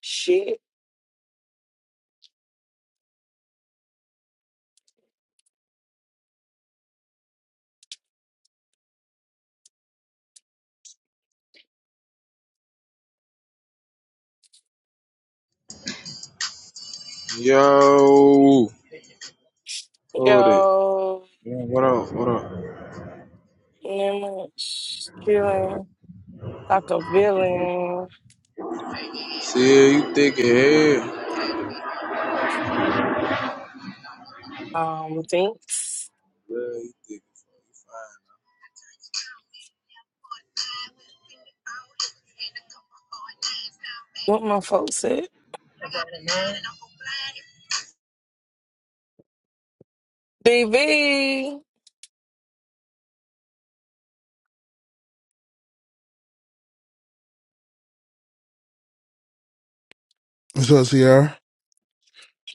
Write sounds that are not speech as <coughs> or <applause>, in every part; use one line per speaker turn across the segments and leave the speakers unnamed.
Shit,
Yo, Cody.
yo,
What up? What up?
man, feeling like a villain.
See, you thick as hell. Yeah,
Um, thanks.
you thick.
What my folks said. BB,
What's up, Sierra?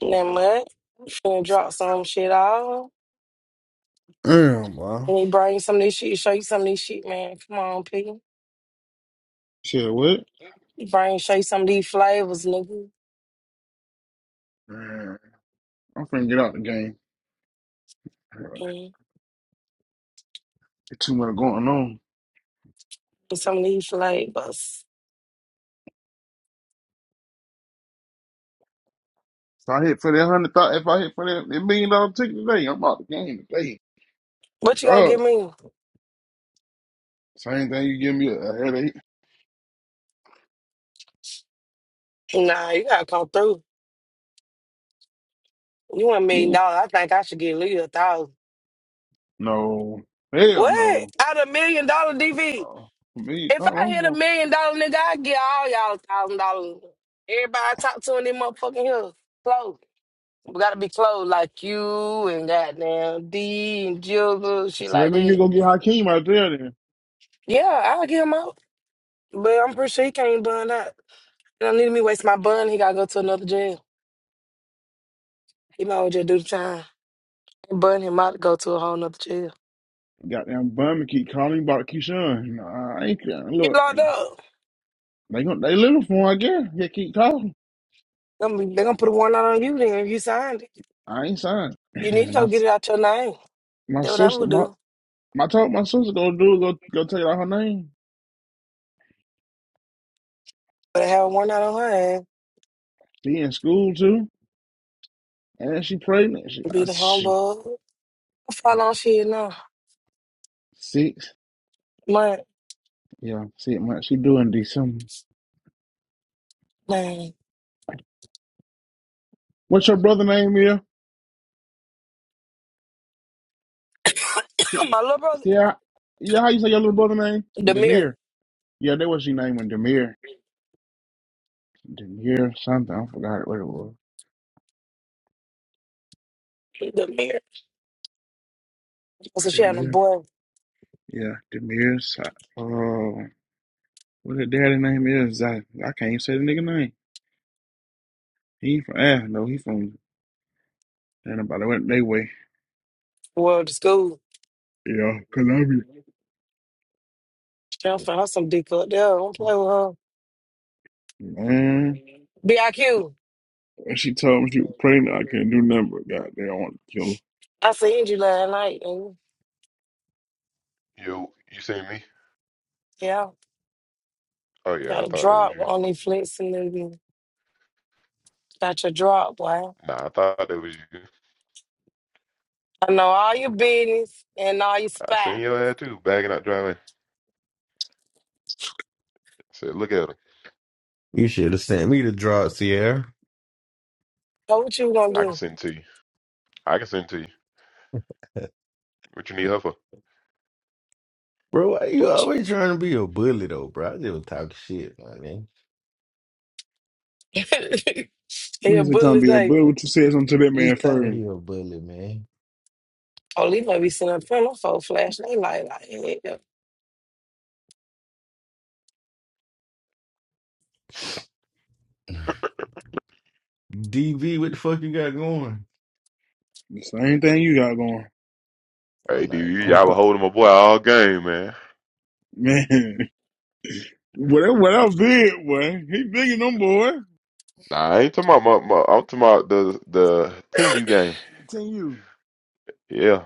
that much. Finna drop some shit off.
Damn, boy.
Let me bring you some of this shit, show you some of this shit, man. Come on, P.
Shit, what?
Bring, show you some of these flavors, nigga.
Man, I'm finna get out the game. There's
Mm,
too much going on.
Some of these flavors.
If I hit for that hundred thousand, if I hit for that that million dollar ticket today, I'm out the game today.
What you gonna give
God,
me?
same thing. You give me a, a headache?
Nah, you gotta come through. You want a million
Yeah.
dollars. I think I should give Lee a thousand.
No. Hell
What?
no.
Out of a million dollar DV?
Uh, for me, I-
If I
I'm
hit a
going.
million dollar nigga, I get all y'all a thousand dollars. Everybody I talk to in them motherfucking hills. Clothes. We gotta be clothes like you and goddamn D and Jill, shit
So that
like
means you
that.
gonna get Hakeem out there then.
Yeah, I'll get him out. But I'm pretty sure he can't bun out. It don't need me waste my bun, he gotta go to another jail. He might as well just do the time. And bun him out to go to a whole nother jail.
Goddamn bum and keep calling about Keyshawn. Nah, I ain't care.
Get
Look,
locked up.
they gon' they little for him, I guess. He keep calling.
They're gonna, they gonna put a warrant out on you then if you signed it.
I ain't signed.
You
<clears throat>
need to go
My
get it out your name.
my
That's what I
sister,
would
my
do.
I told my sister go do go go take out her name.
But I have a warrant out on her ass.
She in school too, and she pregnant. She,
Be
I-
the
she
humble. How long she in now?
six,
My
yeah, six months. She doing December.
man.
What's your brother name here? See,
<laughs> My little brother.
see yeah, how you say your little brother name?
Demir.
Demir. Yeah, that was your name when Demir. Demir something. I forgot what it was.
Demir. So she had a
Demir.
boy
Yeah, Demir. Sa- Uh, what his daddy name is? I, I can't even say the nigga name. He ain't from ah no, he from ain't nobody went they way.
well to school.
Yeah, Columbia.
She done found her some dick up there. Don't play with her.
Man,
BIQ. I Q.
when she told me she was pregnant, I can not do nothing but goddamn I want to kill her.
I seen you last night and
Yo, you seen me?
yeah.
Oh
You
yeah, I
got a
thought that was
drop
you.
on these flicks and then got your drop, boy.
Nah, I thought that was you.
I know all your business and all your
I seen
spot.
your ass too, bagging out driving. I said, look at her.
You should have sent me the draw, Sierra.
So what you gonna
I can
do?
send it to you. I can send it to you. What you need her for?
Bro, why you
What you
always trying to be a bully though, bro? I just talk shit, my man.
<laughs> He
When
a
you say trying to
bully
be a
day.
bully, what you said something to that man
He think
first.
he a bully, man.
Oh, might be sitting up front of folk flashing. They like, like, yeah.
DV, what the fuck you got going?
The same thing you got going.
Oh
Hey,
no, you
I
dude,
don't
y'all
can't.
were
cl-
holding my boy all game, man.
man. <laughs> Whatever whatever big boy. He bigger than them boy.
Nah, I ain't talking about my, my I'm talking about the the ten you game.
Continue.
Yeah,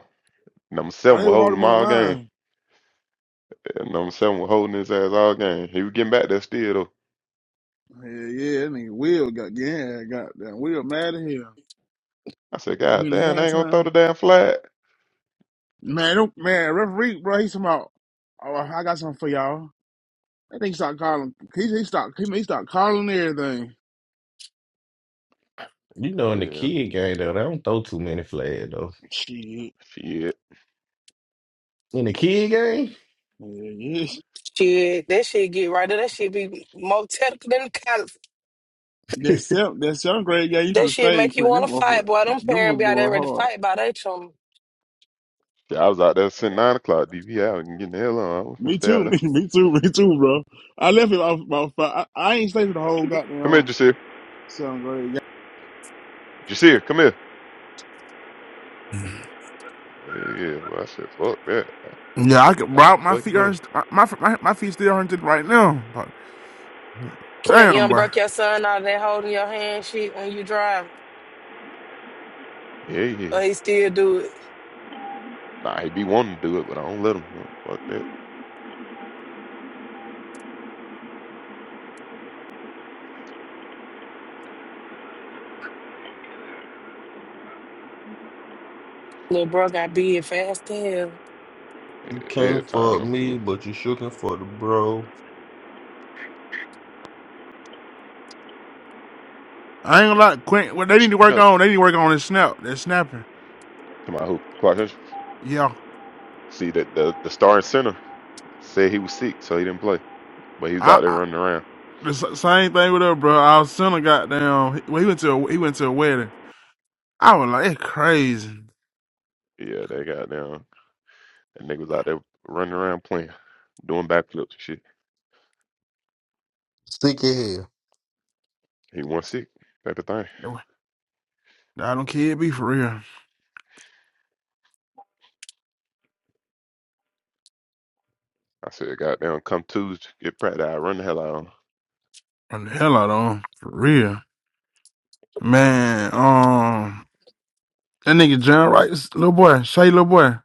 number
Oh,
seven
they
was
would hold
holding
him
him
on the
all game.
line.
Yeah, number seven was holding his ass all game. He was getting back there still though.
Yeah, yeah, that nigga Will got yeah, goddamn Will mad at him.
I said, God
We in
damn, they ain't gonna
halftime.
throw the damn flag.
Man, don't, man, referee, bro, he's talking about, oh, I got something for y'all. I think he start calling, he, he start, he, he start calling everything.
You know, in the
Yeah,
kid game though, they don't throw too many flags though.
Shit. <laughs>
shit.
In the kid game,
Yeah, yeah.
Shit, that shit get right there. That shit be more technical than college.
<laughs>
That seventh, that seventh grade guy, you should
That
have
shit make
stayed,
you
Quentin. Them,
want to fight,
motherfucker-
boy. Them
them little
parents be out
boy
there ready to
hard.
fight by they chum.
Yeah, I was out there since nine o'clock. DV, I was getting the hell on. I was gonna
Me
stay out
too, <laughs>
there.
me, me too, me too, bro. I left him off, about five. I, I ain't stay to the whole
Come here,
goddamn
Jasir.
seventh grade
Jasir, come here.
game.
Yeah, yeah. Well, I said, fuck that.
Yeah, I could,
Time
bro.
to
My
fucking
feet are
go.
my my my, feet still hurting right now. But
Clint
damn,
Young
bro,
broke your son out of that holding your hand shit when you drive,
Yeah, yeah.
but he still do it.
Nah, he be wanting to do it, but I don't let him. huh, Fuck that.
Little bro got big fast as hell.
you
Yeah, yeah,
can't
time
fuck
I'm flew.
me, but you sure can fuck the bro.
I ain't gonna lie. Quint, what they need to work
No,
on, they need to work on is snap. They're snapping.
to my hoop. Quite interesting.
Yeah,
See that the the starting center said he was sick, so he didn't play, but he was
I,
out there
I
running around.
the s- same thing with her, bro. Our son a goddamn. He, well, he went to a, he went to a wedding. I was like, that's crazy.
Yeah, they got down. That nigga was out there running around playing, doing backflips and shit.
Sick of hell.
He wasn't sick. Type of thing.
I don't care. be for real.
I said, goddamn, come Tuesday, get practice. I run the hell out. of him.
And the hell out of him for real, man. Um, that nigga John Wright, this little boy, Shay, little boy.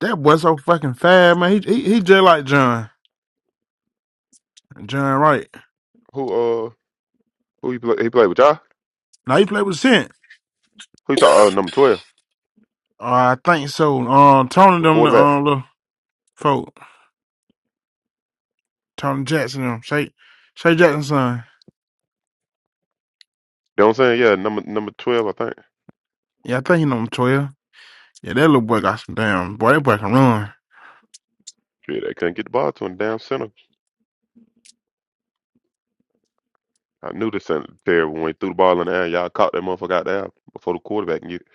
That boy so fucking fast, man. He he, he just like John, John Wright.
Who uh, who he play? He played with y'all.
Now he played with Cent.
Who you talking? Oh, number twelve.
Uh, I think so. Um, Tony
The
them the
quarterback.
um little folk, Tony Jackson them, Shay, Shay Jackson son.
You know what I'm saying? Yeah, number number twelve, I think.
Yeah, I think he number twelve. Yeah, that
Uh,
little boy got some damn boy. That boy can run.
Shit, they couldn't get the ball to him Damn center. I knew this center was terrible when he threw the ball in the air. Y'all caught that motherfucker out there before the quarterback can get it.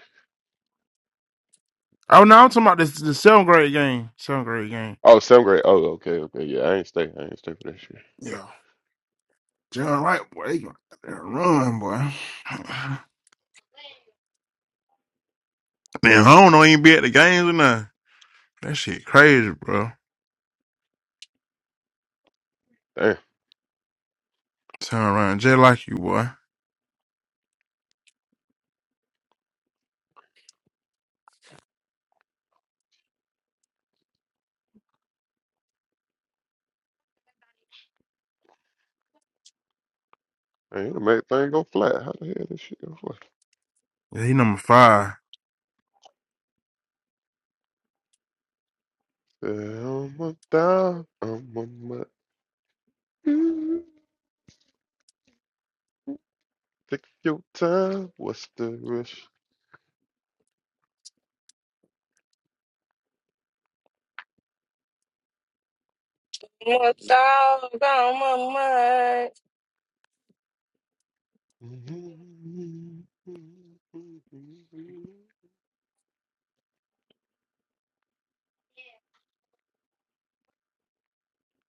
Oh no, I'm talking about this the seventh grade game. Seventh grade game.
Oh, seventh grade. Oh, okay, okay. Yeah, I ain't stay. I ain't stay for that shit.
Yeah, John Wright, boy, they gonna goddamn run, boy. <laughs> Man, I don't know ain't be at the games or nothing. That shit crazy, bro.
Damn.
Turn around, just like you, boy.
Man, it'll make thing go flat. How the hell this shit go flat?
Yeah, he number five.
I'm on down. I'm on my. Take your time. What's the rush?
My dog on my mind.
Mm-hmm.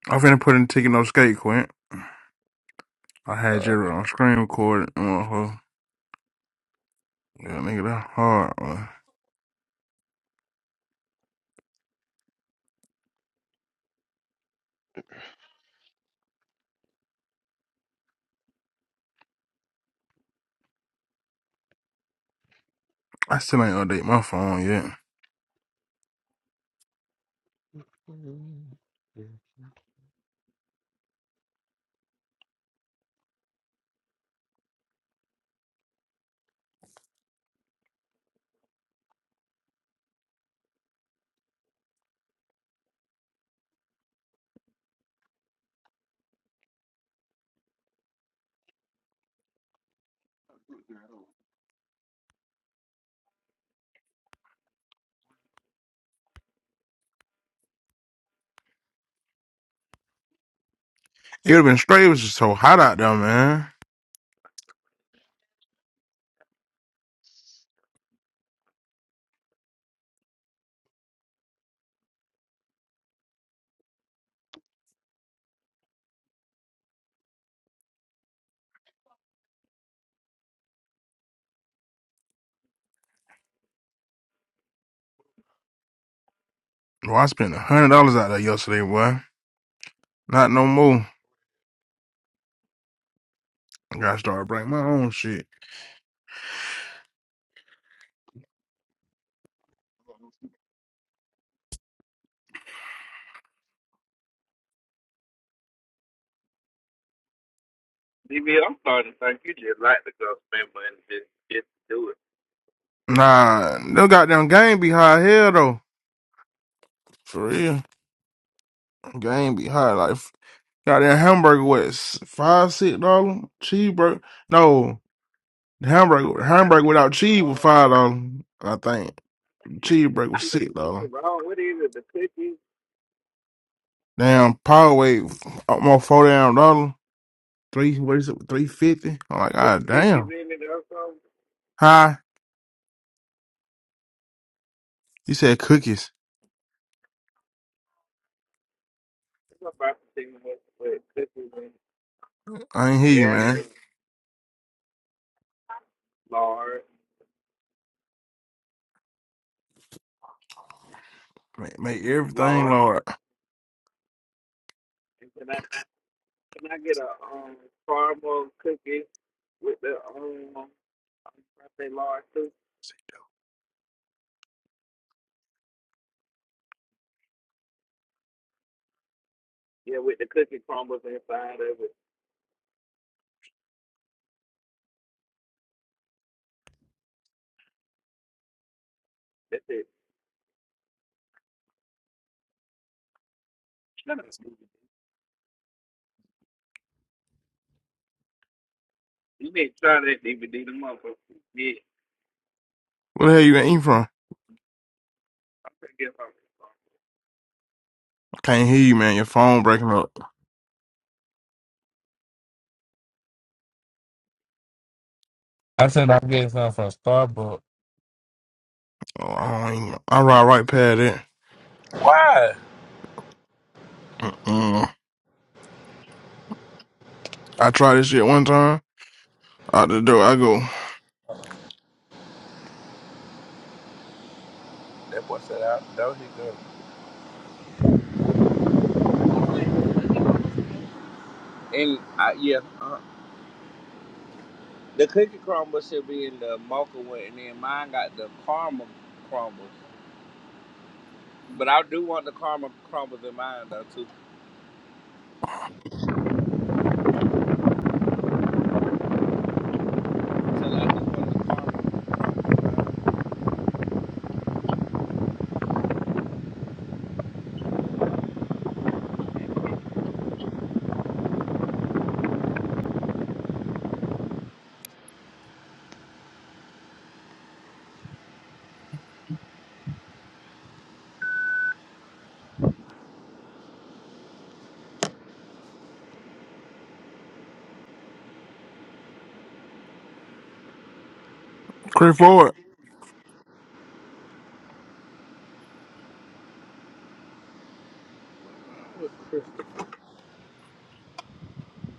I finna put in ticket no skate, Quint. I had
All
Jerry on screen recorded. and all her. Yeah, nigga, that hard. Boy. I still ain't update my phone yet.
right.
It would have been straight. It was just so hot out there, man. Bro, I spent a hundred dollars out there yesterday, boy. Not no more. I gotta start bringing my own shit. Nah, no goddamn game be high hell though. For real. Game be high. Like goddamn hamburger what five, six dollar? Cheeseburger. No, the hamburger hamburger without cheese was five dollar, I think. Cheeseburger was six dollar. Damn power weight almost forty down dollar. Three what is it? Three fifty? I'm like, god damn. Hi. You said cookies. I ain't hear you, man. Make, make everything, Lord. Where the hell you been eating from? Can't hear you, man. Your phone breaking up. Oh, I don't even, I ride right past it. Mm-mm. I tried this shit one time. Out the door, I go,
I, yeah, uh, the cookie crumble should be in the mocha one, and then mine got the caramel crumble. But I do want the caramel crumbles in mine though too. So I just want the caramel.
Chris Ford.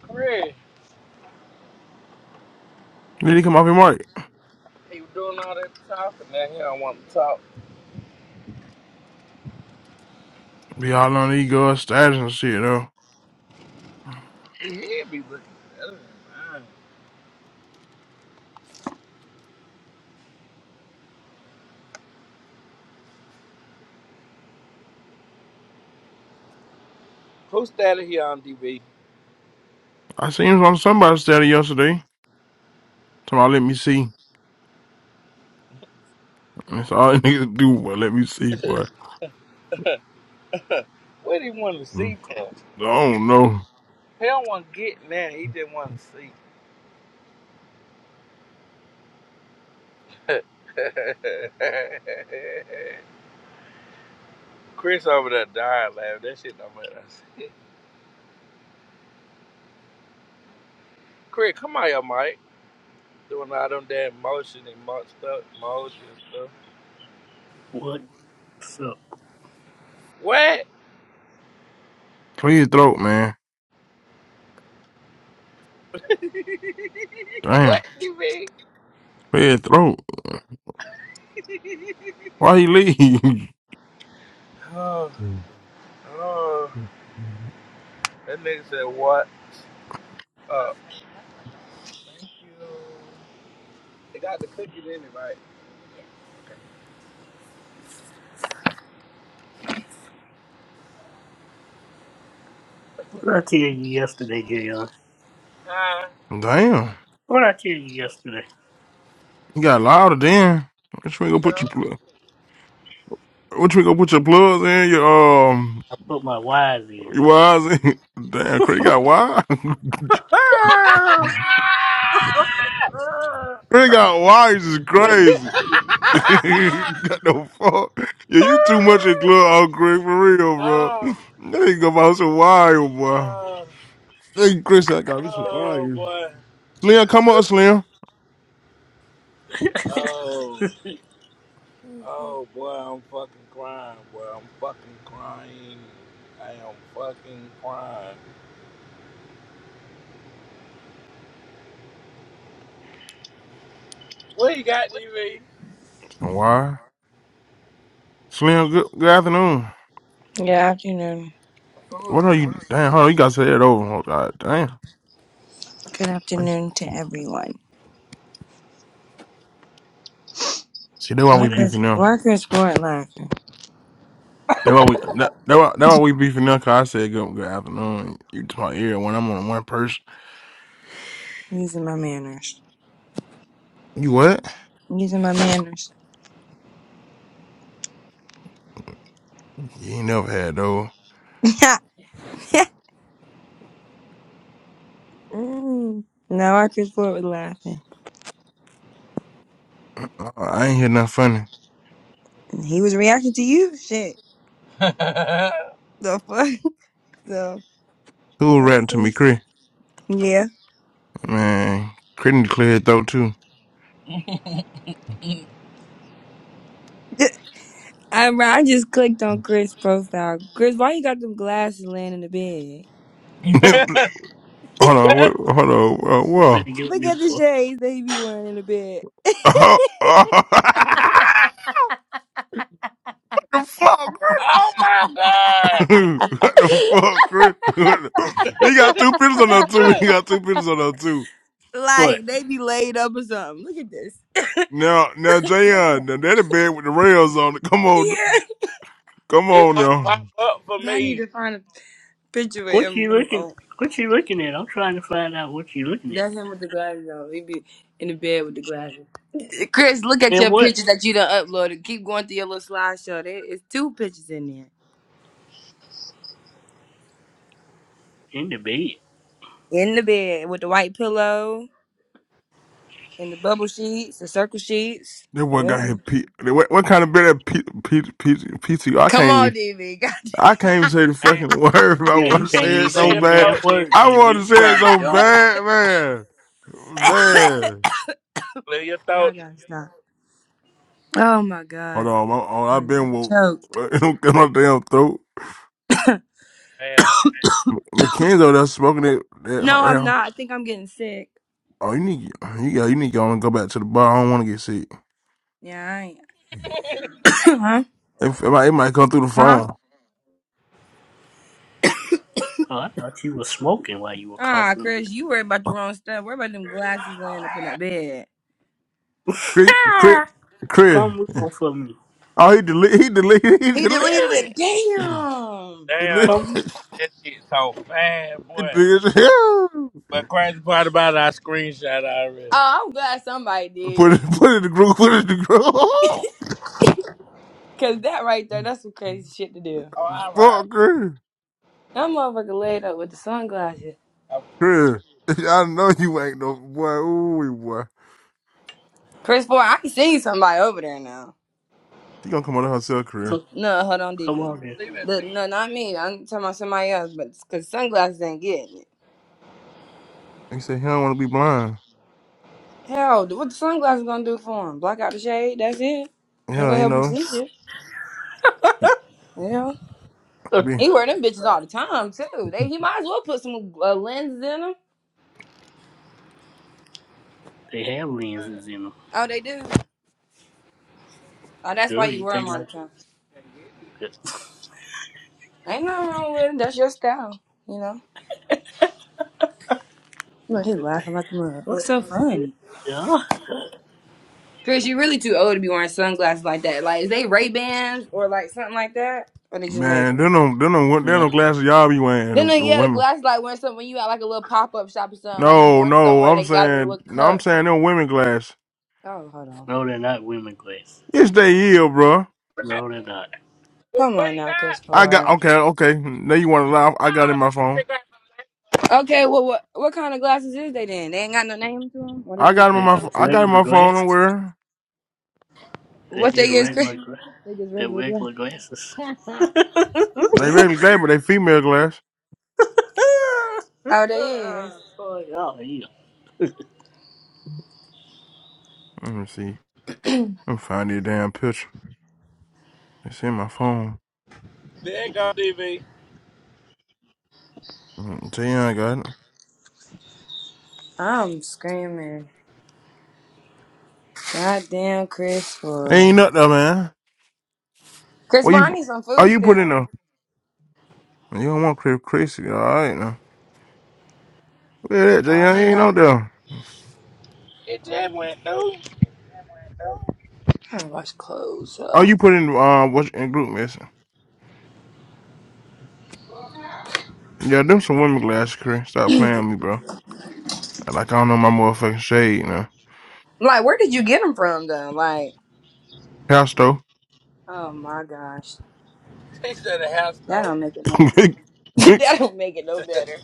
Chris,
Did he come off your mic?
he was doing all that talking. Now he don't want to talk.
Be all on these girls' status and shit, though.
He head be looking better than mine. Who's that here on DB?
I seen him on somebody's status yesterday. Tomorrow, let me see. That's all <laughs> that niggas do, boy. Let me see, boy.
What he want to
Mm.
see from?
I don't know.
He don't want to get now. He just want to see. <laughs> Chris over there dying laughing. That shit don't matter. Chris, come on, your mic. doing all them damn motion and mo- stuff, motion stuff.
What's up?
What?
Clear your throat, man.
<laughs>
Damn.
what you mean?
Clear your throat. Why he leave?
Oh,
<laughs>
oh, that nigga said what? Uh, thank you. It got the cookies in it, right?
What did I tell you yesterday, Jr.?
Huh?
Damn.
What did I tell you yesterday?
He got louder then. Which way go
You
put you? What you gonna put your plugs in? Your um,
I put my wires in.
your wires in? <laughs> Damn,
<laughs>
Craig
Good
got wire. <laughs> Craig got wires is
sure?
crazy.
<laughs>
<laughs> got no fuck. Yeah, you too much in club, out Craig for real, bro. <laughs>
oh,
Now you go buy some wire, boy.
oh,
Hey, Chris, I got me some
oh,
wire.
boy.
Slim, come up, Slim.
Oh,
Some
oh, boy, I'm fucking crying, boy. I'm fucking crying. I am fucking crying. What you got, DV?
wire. Slim, good, good afternoon.
Yeah, afternoon.
What
Oh.
are you? Damn, hold on, you gotta say that over. Oh, God, damn.
Good afternoon to everyone.
See, that's why we
Walker's
beefing now.
afternoon.
Walker's board laughing.
That's why we that, that why, that why we beefing up. Cause I said good, good afternoon. You to my ear when I'm on one person.
Using my manners.
You what?
Using my manners.
You ain't never had though.
<laughs> mm. Now Walker's board was laughing.
I, I ain't hear nothing funny.
And he was reacting to you. Shit.
<laughs>
The fuck. <laughs> So
Who was
yeah.
ratting to me,
sis.
Chris?
Yeah.
Man, Chris need to clear his throat too.
<laughs> I I just clicked on Chris' profile. Chris, why you got them glasses laying in the bed?
<laughs> hold on, what, hold on, uh,
I'm
whoa.
finna get
Look
me
at the
for
shades they be wearing in the bed.
<laughs> Oh, what the fuck,
Oh my God!
Chris? <laughs> what the fuck, Chris? <laughs> What the- he
<laughs>
got two pictures on that too. <laughs> He got two pictures on that too.
what?
Like they be laid up or something. Look at this.
Now, now, Jayon, now that a bed with the rails on it. Come
<laughs>
on.
Yeah.
Come
it
on
won't pop
now.
up for
I need
me.
to find a picture with
What
him
you
with him
looking?
on.
What you looking at? I'm trying to find out what you looking at.
That's him with the glasses on. He be in the bed with the glasses. Chris, look at
And
your
what?
pictures that you done uploaded. Keep going through your little slideshow. There is two pictures in there.
In the bed.
In the bed with the white pillow and the bubble sheets, the circle sheets.
That boy got his
Oh.
P. What, what kind of better P, P, P, PT? I
Come
can't.
on,
even-
DV.
I can't
<laughs>
even say the
Damn.
fucking <laughs> word. but I
Yeah,
want
you
to
can't
say it
even
Clear
so
say
your
the
bad.
damn
thought, DV.
word,
I want
DB.
to
You
say it
trying to
so
joke?
bad, man. Man,
Clear your thought,
Y'all gotta stop.
DV.
Oh my
hold
god.
on. I'm, I'm,
I
I've
got
been woke.
choked.
<laughs> do get my damn throat.
Damn.
Mackenzie over there smoking it. That,
No, I'm
that,
not. I think I'm getting sick.
oh, you need. You got. You need to go and go back to the bar. I don't want to get sick.
Yeah, I ain't. <coughs> huh?
If, it, might, it might come through the
Huh?
phone.
Oh, I thought you was smoking while you were
Ah,
coughing like
Chris, you worry about the wrong stuff. Worry about them glasses laying up in that bed.
Chris, Chris,
that. <laughs>
Chris.
Come move on for me.
Oh, he deleted. He deleted. <laughs>
He deleted it. Damn. Oh,
He
Damn.
deleted it. Deleted.
He
Come,
deleted that shit so fast,
it <laughs>
boy.
big as hell.
But crazy part about it, I screenshot already.
I'm glad somebody
Put
did.
it. Put it in the group. Put it in the group.
Cause that right there, that's some crazy shit to do.
Oh, all
<laughs>
right.
Fuck Chris.
That motherfucker laid up with the sunglasses.
I
Chris. <laughs> I know you ain't no boy. Ooh, boy.
Chris Boy, I can see somebody over there now.
She gonna come out of herself, Chris.
come,
No, hold on,
come
DV.
on, here.
believe that
The,
six
no, not me. I'm talking about somebody else, but it's cause sunglasses ain't getting it.
He said he don't want to be blind.
Hell, what the sunglasses gonna do for him? Block out the shade, that's it. Ain't gonna
Yeah,
members
you
help him
know.
see shit. Yeah.
they
Be-
He wear them bitches all the time too. They he might as well put some uh, lenses in them.
have lenses in them.
Oh, they do. Oh, that's why
Do
you
you
wear them
think
all the
I
time.
can get
could?
Ain't nothing wrong with them. That's your style, you know. Look, he laughing like a mug. What's
<laughs>
so funny?
Yeah.
Chris, you really too old to be wearing sunglasses like that. Like, is they Ray Bans or like something like that, or they just
Man,
regular?
them no, them no, them
Yeah.
no glasses y'all be wearing,
Then
them
like,
them
yeah, the
women.
glasses like when something when you at like a little pop up shop or something. Like you
No,
going
no,
somewhere and
I'm
they got them in a little
saying, no, I'm
cup.
saying them women glass.
Oh, hold on.
No, they're not women glass.
It's they year, bro.
No, they're not.
it.
Come on
Wait,
now, Chris
God.
I got
Ford.
okay, okay. Now you want to laugh?
No,
I got it in
not
my phone.
Craig.
Okay, well, what what kind of glasses is they then? They ain't got no name to them. What
I
is
got him in
They're
my ph-
just
I got it in
regular
my phone. I'm
glasses.
wearing
They're
What they
just
is? Chris?
regular glasses.
They just
They're
regular
regular glasses.
guys.
<laughs>
<laughs>
oh,
they regular glass, but they female glass.
Oh, they is.
y'all, yeah.
Let me see. I'm finding a damn picture. It's in my phone.
There you go, DV.
Mm, Tell you I got it.
I'm screaming. Goddamn, Chris Ford.
Ain't nothing, though, man.
Chris
What
Ford, I
you?
need some
Are
food
you putting
stamp.
the? You don't want Chris Chrissy, all right now. Look at that,
Uh, he ain't
Jay. Ain't
got.
out there.
It just
Mm.
went through.
trying to wash clothes.
Oh,
Huh?
you put in uh what's in group message? Yeah, them some women glasses, Chris. Stop playing with me, bro. Like I don't know my motherfucking shade, you know.
Like, where did you get them from, though? Like,
Pasto.
oh my gosh,
He said the house
that
stole.
don't make it no. <laughs> that don't make it no better.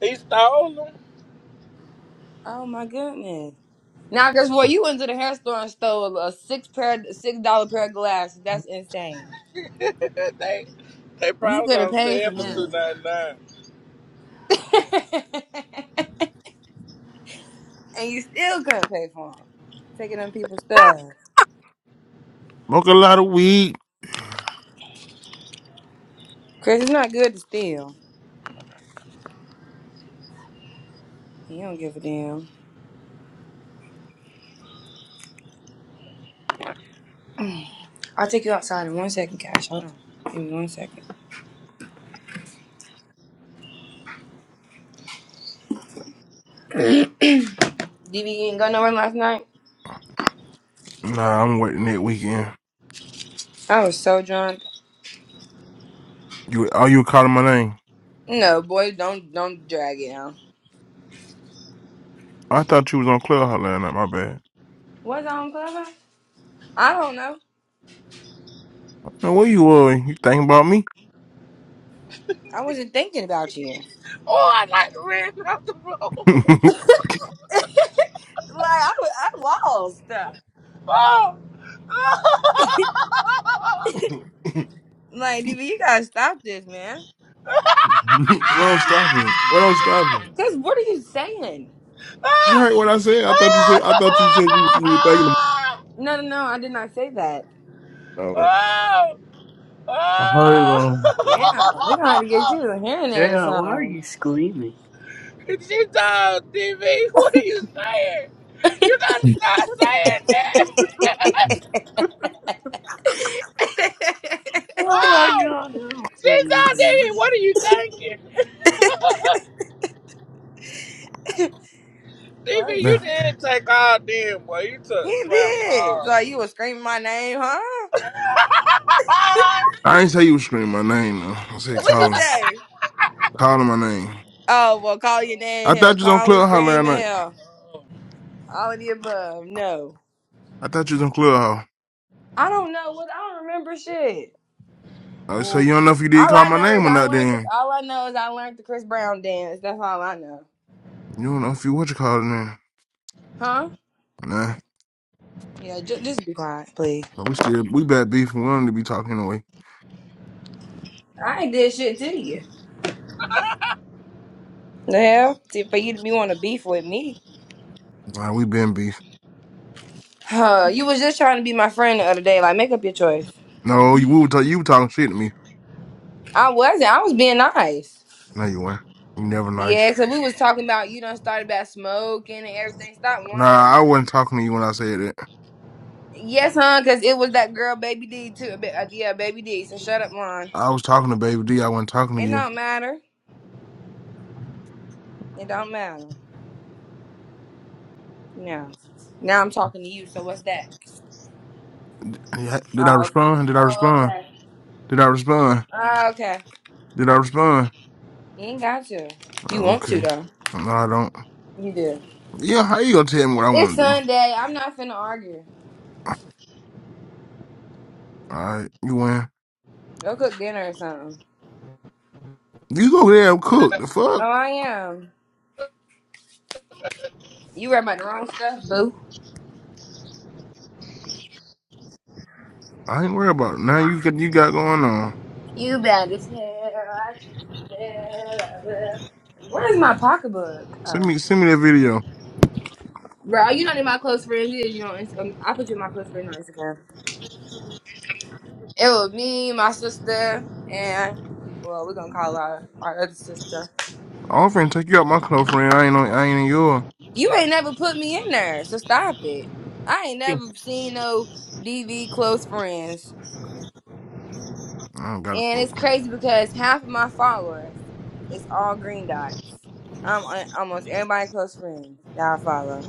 He stole them.
Oh my goodness. Now, Chris Ford, you went to the hair store and stole a six pair, six dollar pair of glasses.
<laughs>
That's insane.
<laughs> they they
You
probably
could have
was on
paid for
sale for two
Uh,
them.
ninety nine.
<laughs> and you still couldn't pay for them. Taking them people's stuff.
Smoke a lot of weed.
Chris, it's not good to steal. He don't give a damn. <clears throat> I'll take you outside in one second, Cash. Hold on. Give me one second. Dv, you ain't go nowhere last night?
Nah, I'm waiting that weekend.
I was so drunk.
You oh you were calling my name.
No, boy, don't don't drag it out.
I thought you was on Clubhouse last night, my bad.
Was I on Clubhouse? I don't know.
Now where you were? You thinking about me?
I wasn't thinking about you. Like,
Oh, I like the red <laughs> off the
<laughs>
road.
I, was, I lost stuff.
<laughs>
what
Like, Dv, you gotta stop this, man.
I'm stopping. What I'm stopping.
Cause what are you saying?
You heard
<laughs> Oh.
what I said? I thought you said I thought you said you, you were thinking
No, no, no, I did not say that.
about oh. I heard it wrong.
Damn, we're gonna
Oh!
have to get you a hearing aid or
yeah, why are
something.
you screaming?
<laughs> She told TV, what are you saying? You gotta stop saying that. <laughs>
Like,
<laughs>
Oh, my
Oh,
God. Oh,
she
please.
told TV, what are you thinking? Even you
Nah.
did take all them, boy. You took
he
slap
did.
all.
Like, you was screaming my name, huh?
<laughs>
I ain't say you was screaming my name though. I said
what you
calling.
say?
Calling my name.
Oh, well, call your name
I
hell,
thought you was on
calling,
Clubhouse last
screaming
night.
hell, all of the above. No,
I thought you was on Clubhouse.
I don't know what I don't remember shit.
I so
Woo,
you don't know if you did
All
call
I
my
know is
name or
I
not
learned. The,
then.
all I know is I learned the Chris Brown dance. That's all I know.
You don't know if you what you call it now.
Huh?
Nah.
Yeah, ju- just be quiet, please.
But we still we bad beef and we don't need to be talking anyway.
I ain't did shit to you. The hell? See, for you to be want to beef with me.
Nah, we been beef.
Huh, you was just trying to be my friend the other day. Like, make up your choice.
No, you we were ta- you were talking shit to me.
I wasn't. I was being nice.
No, you weren't. You never
Yeah,
nice.
cause we was talking about you done started about smoking and everything. Stop
Nah, I
lying.
wasn't talking to you when I said it.
Yes, hon, cause it was that girl, Baby D, too. A bit- uh, Yeah, Baby D. So shut up, lying.
I was talking to Baby D, I wasn't talking to
It
you.
don't matter. It don't matter. No. Now I'm talking to you. So what's that?
Yeah, Did I
Oh, okay.
respond? Did I
Oh,
respond?
okay.
Did I respond?
Oh, okay.
Did I respond?
You ain't got to. You want to
Okay.
though.
No, I don't.
You do.
Yeah, how you gonna tell me what I
It's
wanna do?
Sunday. I'm not finna argue.
Alright, you win.
Go cook dinner or something.
You go there and cook the
Oh,
fuck.
I am. You read about the wrong stuff, boo.
I ain't worried about it. Now you got you got going on.
You better tell I just fell Where's my pocketbook? Oh.
Send me send me that video.
Bro, you know who my close friends is, you know, Inst- um, I put you in my close friends on Instagram. It was me, my sister, and well, we're gonna call our, our other sister.
I'm finna take you out my close friend. I ain't on, I ain't in yours.
You ain't never put me in there, so stop it. I ain't never seen no DV close friends.
I don't got a
And
close
it's
friend.
crazy because half of my followers is all green dots. I'm on almost everybody close friends that I follow.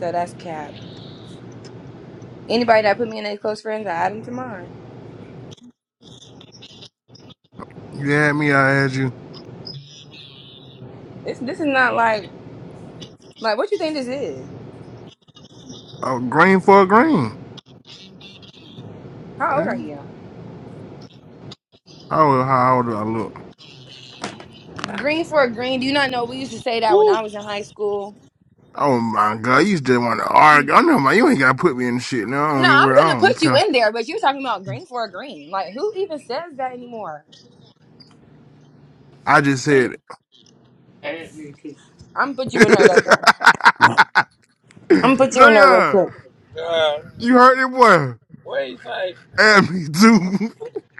So that's cap. Anybody that put me in their close friends, I add them to mine.
You had me, I had you.
This this is not like like what you think this is.
Oh, green for a green.
How old
Yeah.
are you?
How, how old do I look?
Green for a green. Do you not know we used to say that when
woo.
I was in high school?
Oh my god, you just want to
No,
argue. I know my, you ain't gotta put me in shit. No, I don't even
I'm
worry. I
gonna
don't even
put you
care.
in there, but you're talking about green for a green. Like who even says that anymore?
I just
Add
said it.
add me, too.
I'm gonna put you in there though.
<laughs>
Gun. I'm gonna put you in there real
Jayon,
quick.
God,
you heard it, boy.
what you say?
Add me too.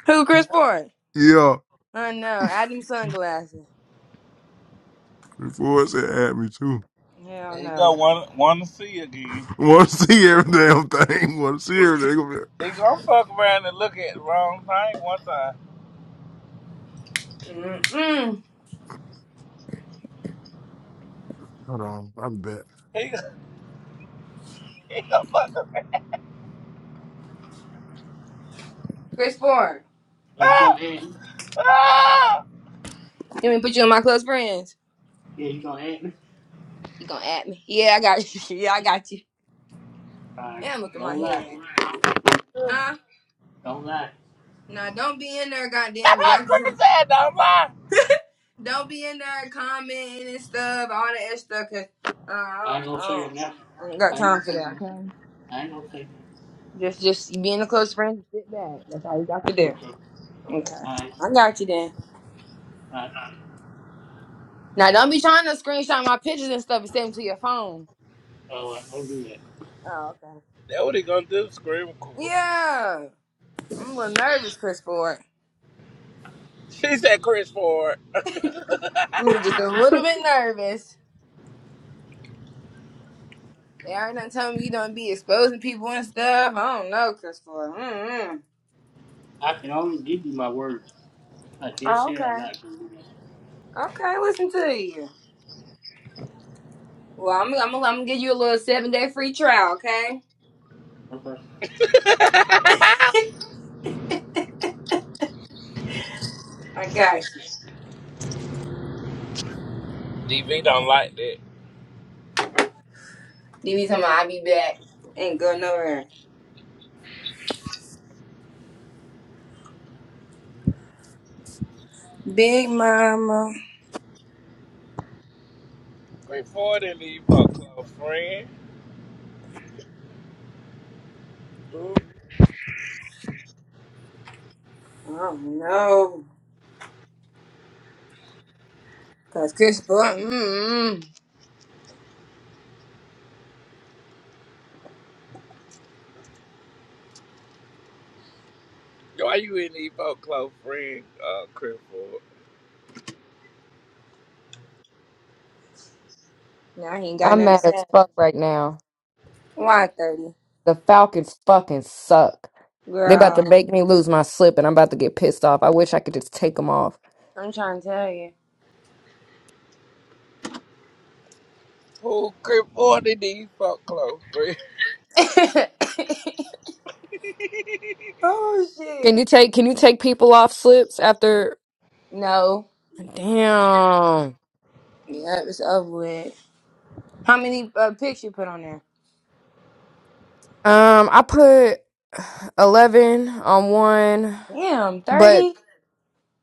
Who Chris Ford?
<laughs> yeah.
I know. Adam sunglasses.
Before I said add me too.
Hell
There you go.
no.
Want want to see you again?
Want to <laughs> see every damn thing. <laughs> Want to see everything.
He gonna fuck around and look at the wrong thing one time.
Mm-mm.
Hold on, I bet.
He <laughs> he gonna fuck.
Chris Ford.
Are you going
Ah,
to add me?
ah,
Let me put you in my close friends.
Yeah, you going to add me?
You gonna add me? Yeah, I got you. <laughs> Yeah, I got you.
All right.
And look at my
Don't lie.
hair. Nah,
Don't lie.
nah, don't be in there,
<laughs>
goddamn
ah,
reacting.
Chris said don't lie.
Don't be in there commenting and stuff, all that extra Cause uh,
I
I,
ain't gonna
don't, I,
say it
don't,
now.
I ain't got
I ain't
time
gonna
for
say it
that.
now.
Okay,
I ain't gonna say it
just just being a close friend, sit back. That's all you got to
now.
do.
Okay.
Okay,
I,
I got you then.
I,
Now don't be trying to screenshot my pictures and stuff and send them to your phone.
oh, I don't do that.
Oh, okay.
That what he gonna do? Scream cool.
Yeah, I'm a little nervous, Chris Ford.
She said Chris Ford.
I'm just a little bit nervous. They already done told me you don't be exposing people and stuff. I don't know, Chris Ford. Mm-mm.
I can only give you my word. I just
Oh,
said I'm
okay.
not gonna do that.
Okay, listen to you. Well, I'm, I'm, I'm gonna give you a little seven day free trial, okay?
Okay.
I got you.
DV don't like that.
You be talking about i be back. Ain't going nowhere. Big Mama.
Chris Ford and leave for a close friend.
Oh no. Cause Chris Buck, mm-mm.
Why you in these folklore friend, uh, Crip Ford?
Now he ain't got
I'm
nothing to
mad
say.
as fuck right now.
Why 30?
The Falcons fucking suck. They about to
Girl,
make me lose my slip, and I'm about to get pissed off. I wish I could just take them off.
I'm trying to tell you.
Who Crip Ford in these folklore friend?
<laughs> oh
Can
shit.
you take Can you take people off slips after?
No.
Damn.
Yeah, it's over with. How many uh, pics you put on there?
Um, I put eleven on one,
Damn,
but
30?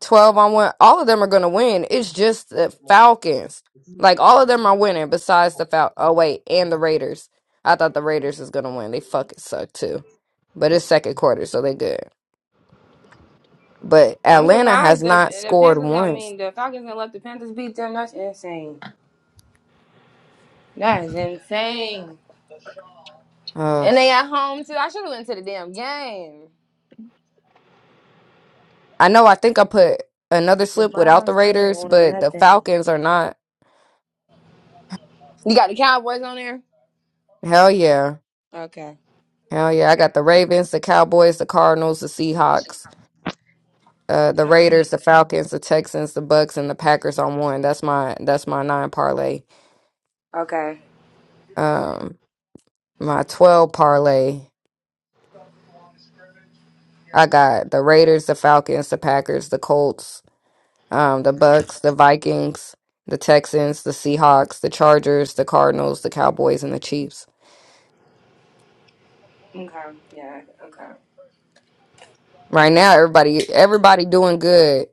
twelve on one. All of them are gonna win. It's just the Falcons. Like all of them are winning, besides the Fal. Oh wait, and the Raiders. I thought the Raiders was gonna win. They fucking suck too. But it's second quarter, so they good. but
I'm
Atlanta has
surprised the
not
the
scored
Panthers. I
once.
mean, the Falcons gonna let the Panthers beat them. That's insane. That is insane.
Uh,
And they at home too. I should have went to the damn game.
I know. I think I put another
The
slip without the
Browns still ain't
Raiders,
won
but the
nothing.
Falcons are not.
You got the Cowboys on there.
Hell yeah,
Okay.
hell yeah! I got the Ravens, the Cowboys, the Cardinals, the Seahawks, uh, the
So-
Raiders, the Falcons, the Texans, the Bucks, and the Packers on one. That's my that's my nine parlay.
Okay.
Um, my twelve parlay. I got the Raiders, the Falcons, the Packers, the Colts. um, the Bucks, the Vikings, the Texans, the Seahawks, the Chargers, the Cardinals, the Cowboys, and the Chiefs.
Okay. Yeah. Okay.
Right now, everybody everybody doing good.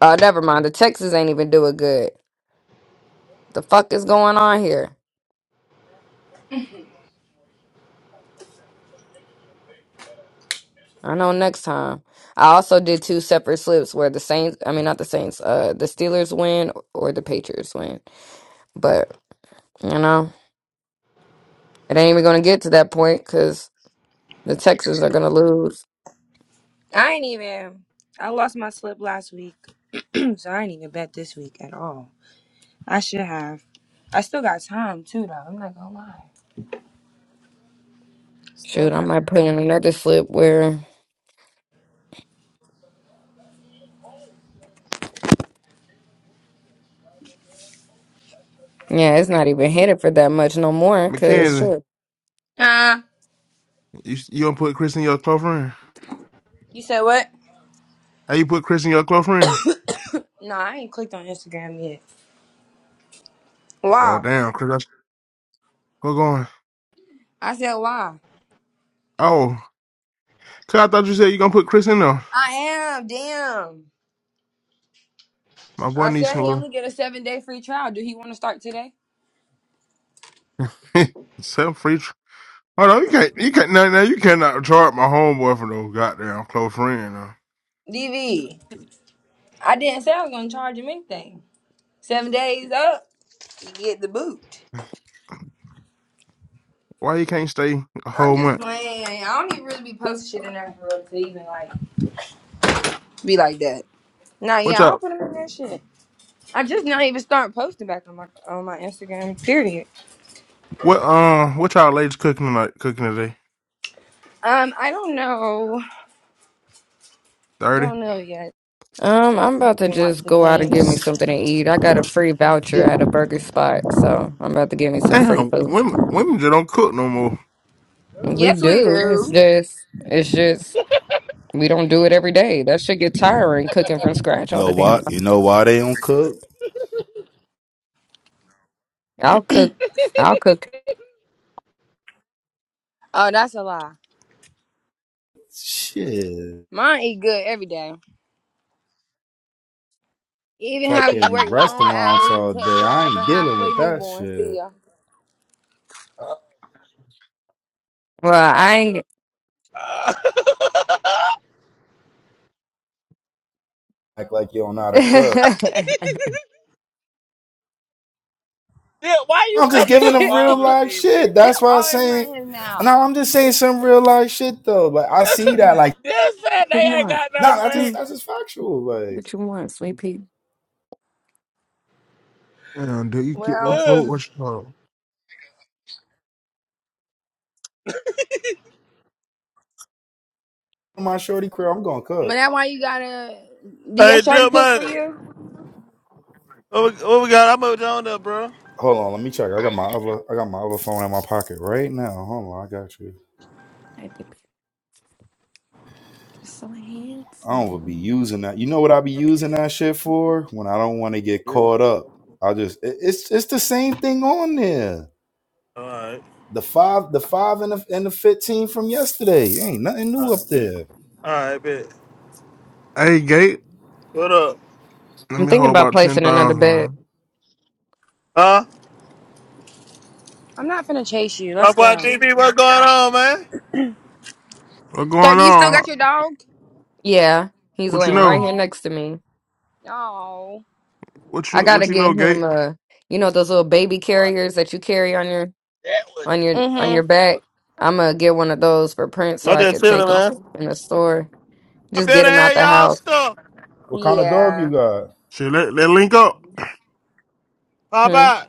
Uh, never mind, the Texans ain't even doing good. The fuck is going on here? I know next time. I also did two separate slips where the Saints, I mean not the Saints, uh, the Steelers win or the Patriots win. But you know, it ain't even gonna get to that point because the Texans are gonna lose.
I ain't even. I lost my slip last week, <clears throat> so I ain't even bet this week at all. I should have. I still got time too, though. I'm not gonna lie. Still
Shoot, I
got time.
might put in another slip where Yeah, it's not even headed for that much no more. Cause
Mackenzie,
sure,
Uh,
you you don't put Chris in your close friend?
you said what?
How you put Chris in your close friend?
No, I ain't clicked on Instagram yet.
Oh
Why?
damn, Chris, that's- what's going?
I said why.
Oh, cause I thought you said you gonna put Chris in there.
I am. Damn.
My boy
I
needs
said
some
he
little
only get a seven day free trial. Do he want to start today?
<laughs> some free. Tr- Hold on, you can't you can't now, now you cannot charge my homeboy for no goddamn close friend. Now.
DV. I didn't say I was gonna charge him anything. Seven days up, you get the boot.
Why you can't stay a
I'm
whole
just
month?
playing. I don't even really be posting shit in there for real to even like be like that. Nah,
What
yeah, I
y'all
put him in that shit. I just not even start posting back on my on my Instagram. Period.
what um what y'all ladies cooking tonight? Cooking today?
Um, I don't know.
Thirty.
Don't know yet.
um, I'm about to
Didn't watch
just
the
go out and get me
games.
something to eat. I got a free voucher at a burger spot, so I'm about to get me some free
Damn,
food.
women women just don't cook no more.
We
Yes, we
do. It's
do.
just, it's just we don't do it every day. That should get tiring cooking from scratch all
know
the damn
why?
time.
You know why they don't cook?
I'll cook. I'll cook.
Oh, that's a lie.
Shit,
Mine eat good every day. Even having to
fucking
work long
restaurants
hours and
all
take
day.
care
I
of
ain't
a
dealing
halfway
with that
newborn
shit.
still.
Uh,
Well, I ain't.
uh.
Act like you don't know how
<laughs>
to cook.
<laughs>
what
yeah, why you
I'm
<laughs> Dip
just
coming
giving
here
them real
bothering
life
these
shit.
people?
That's why I'm
always
saying.
running his mouth.
No, I'm just saying some real life shit though. Like I see that.
you
Like
<laughs> Just said they ain't
want?
got
no,
no
nah, that's
man.
Hmm,
just that's just factual. Like
what you want, sweet pea?
Damn, dude, you get
<sighs>
no
Well,
food.
Ugh.
What's up?
my shorty crib, I'm gonna
but
cook.
that why you gotta do your
Hey,
shorty
Dip,
cook for
man.
you?
What we, what we got? I'm over there, on there, bro.
Hold on, let me check. I got my other I got my other phone in my pocket right now. Hold on, I got you.
I think Just so
I don't even be
handsome.
using that. You know what I be using that shit for? When I don't want to get
Yeah.
caught up, I just it- it's it's the same thing on there.
All right.
The five, the five, and the and the fifteen from yesterday. Ain't nothing
All
new up
right, bet.
there.
All right, bet.
Hey, Gate,
What up?
let
I'm
me
thinking
hold
about
about ten
placing another
thousand,
bed.
man.
Huh?
I'm not finna chase you.
Talk
Let's go.
about DB. What's going on, man?
What going
Thirty, you still
on?
got your dog?
Yeah, he's
What you
laying right
know?
here
Oh.
next to me.
Oh.
What
I
you
gotta
what you
get
know,
him
Gate?
uh you know those little baby
Boy,
carriers that you carry on your
that was
on your on
so
your
Mm-hmm.
back.
fucking funny.
I'm gonna get one of those for Prince so
I'm
I
just
could
chilling,
take him
man.
in the store.
I
Just get
better
him out
have
the
y'all
house.
stuff.
What kind of dog you
Yeah.
got?
Shit, let let link up.
Pop
Hmm.
out.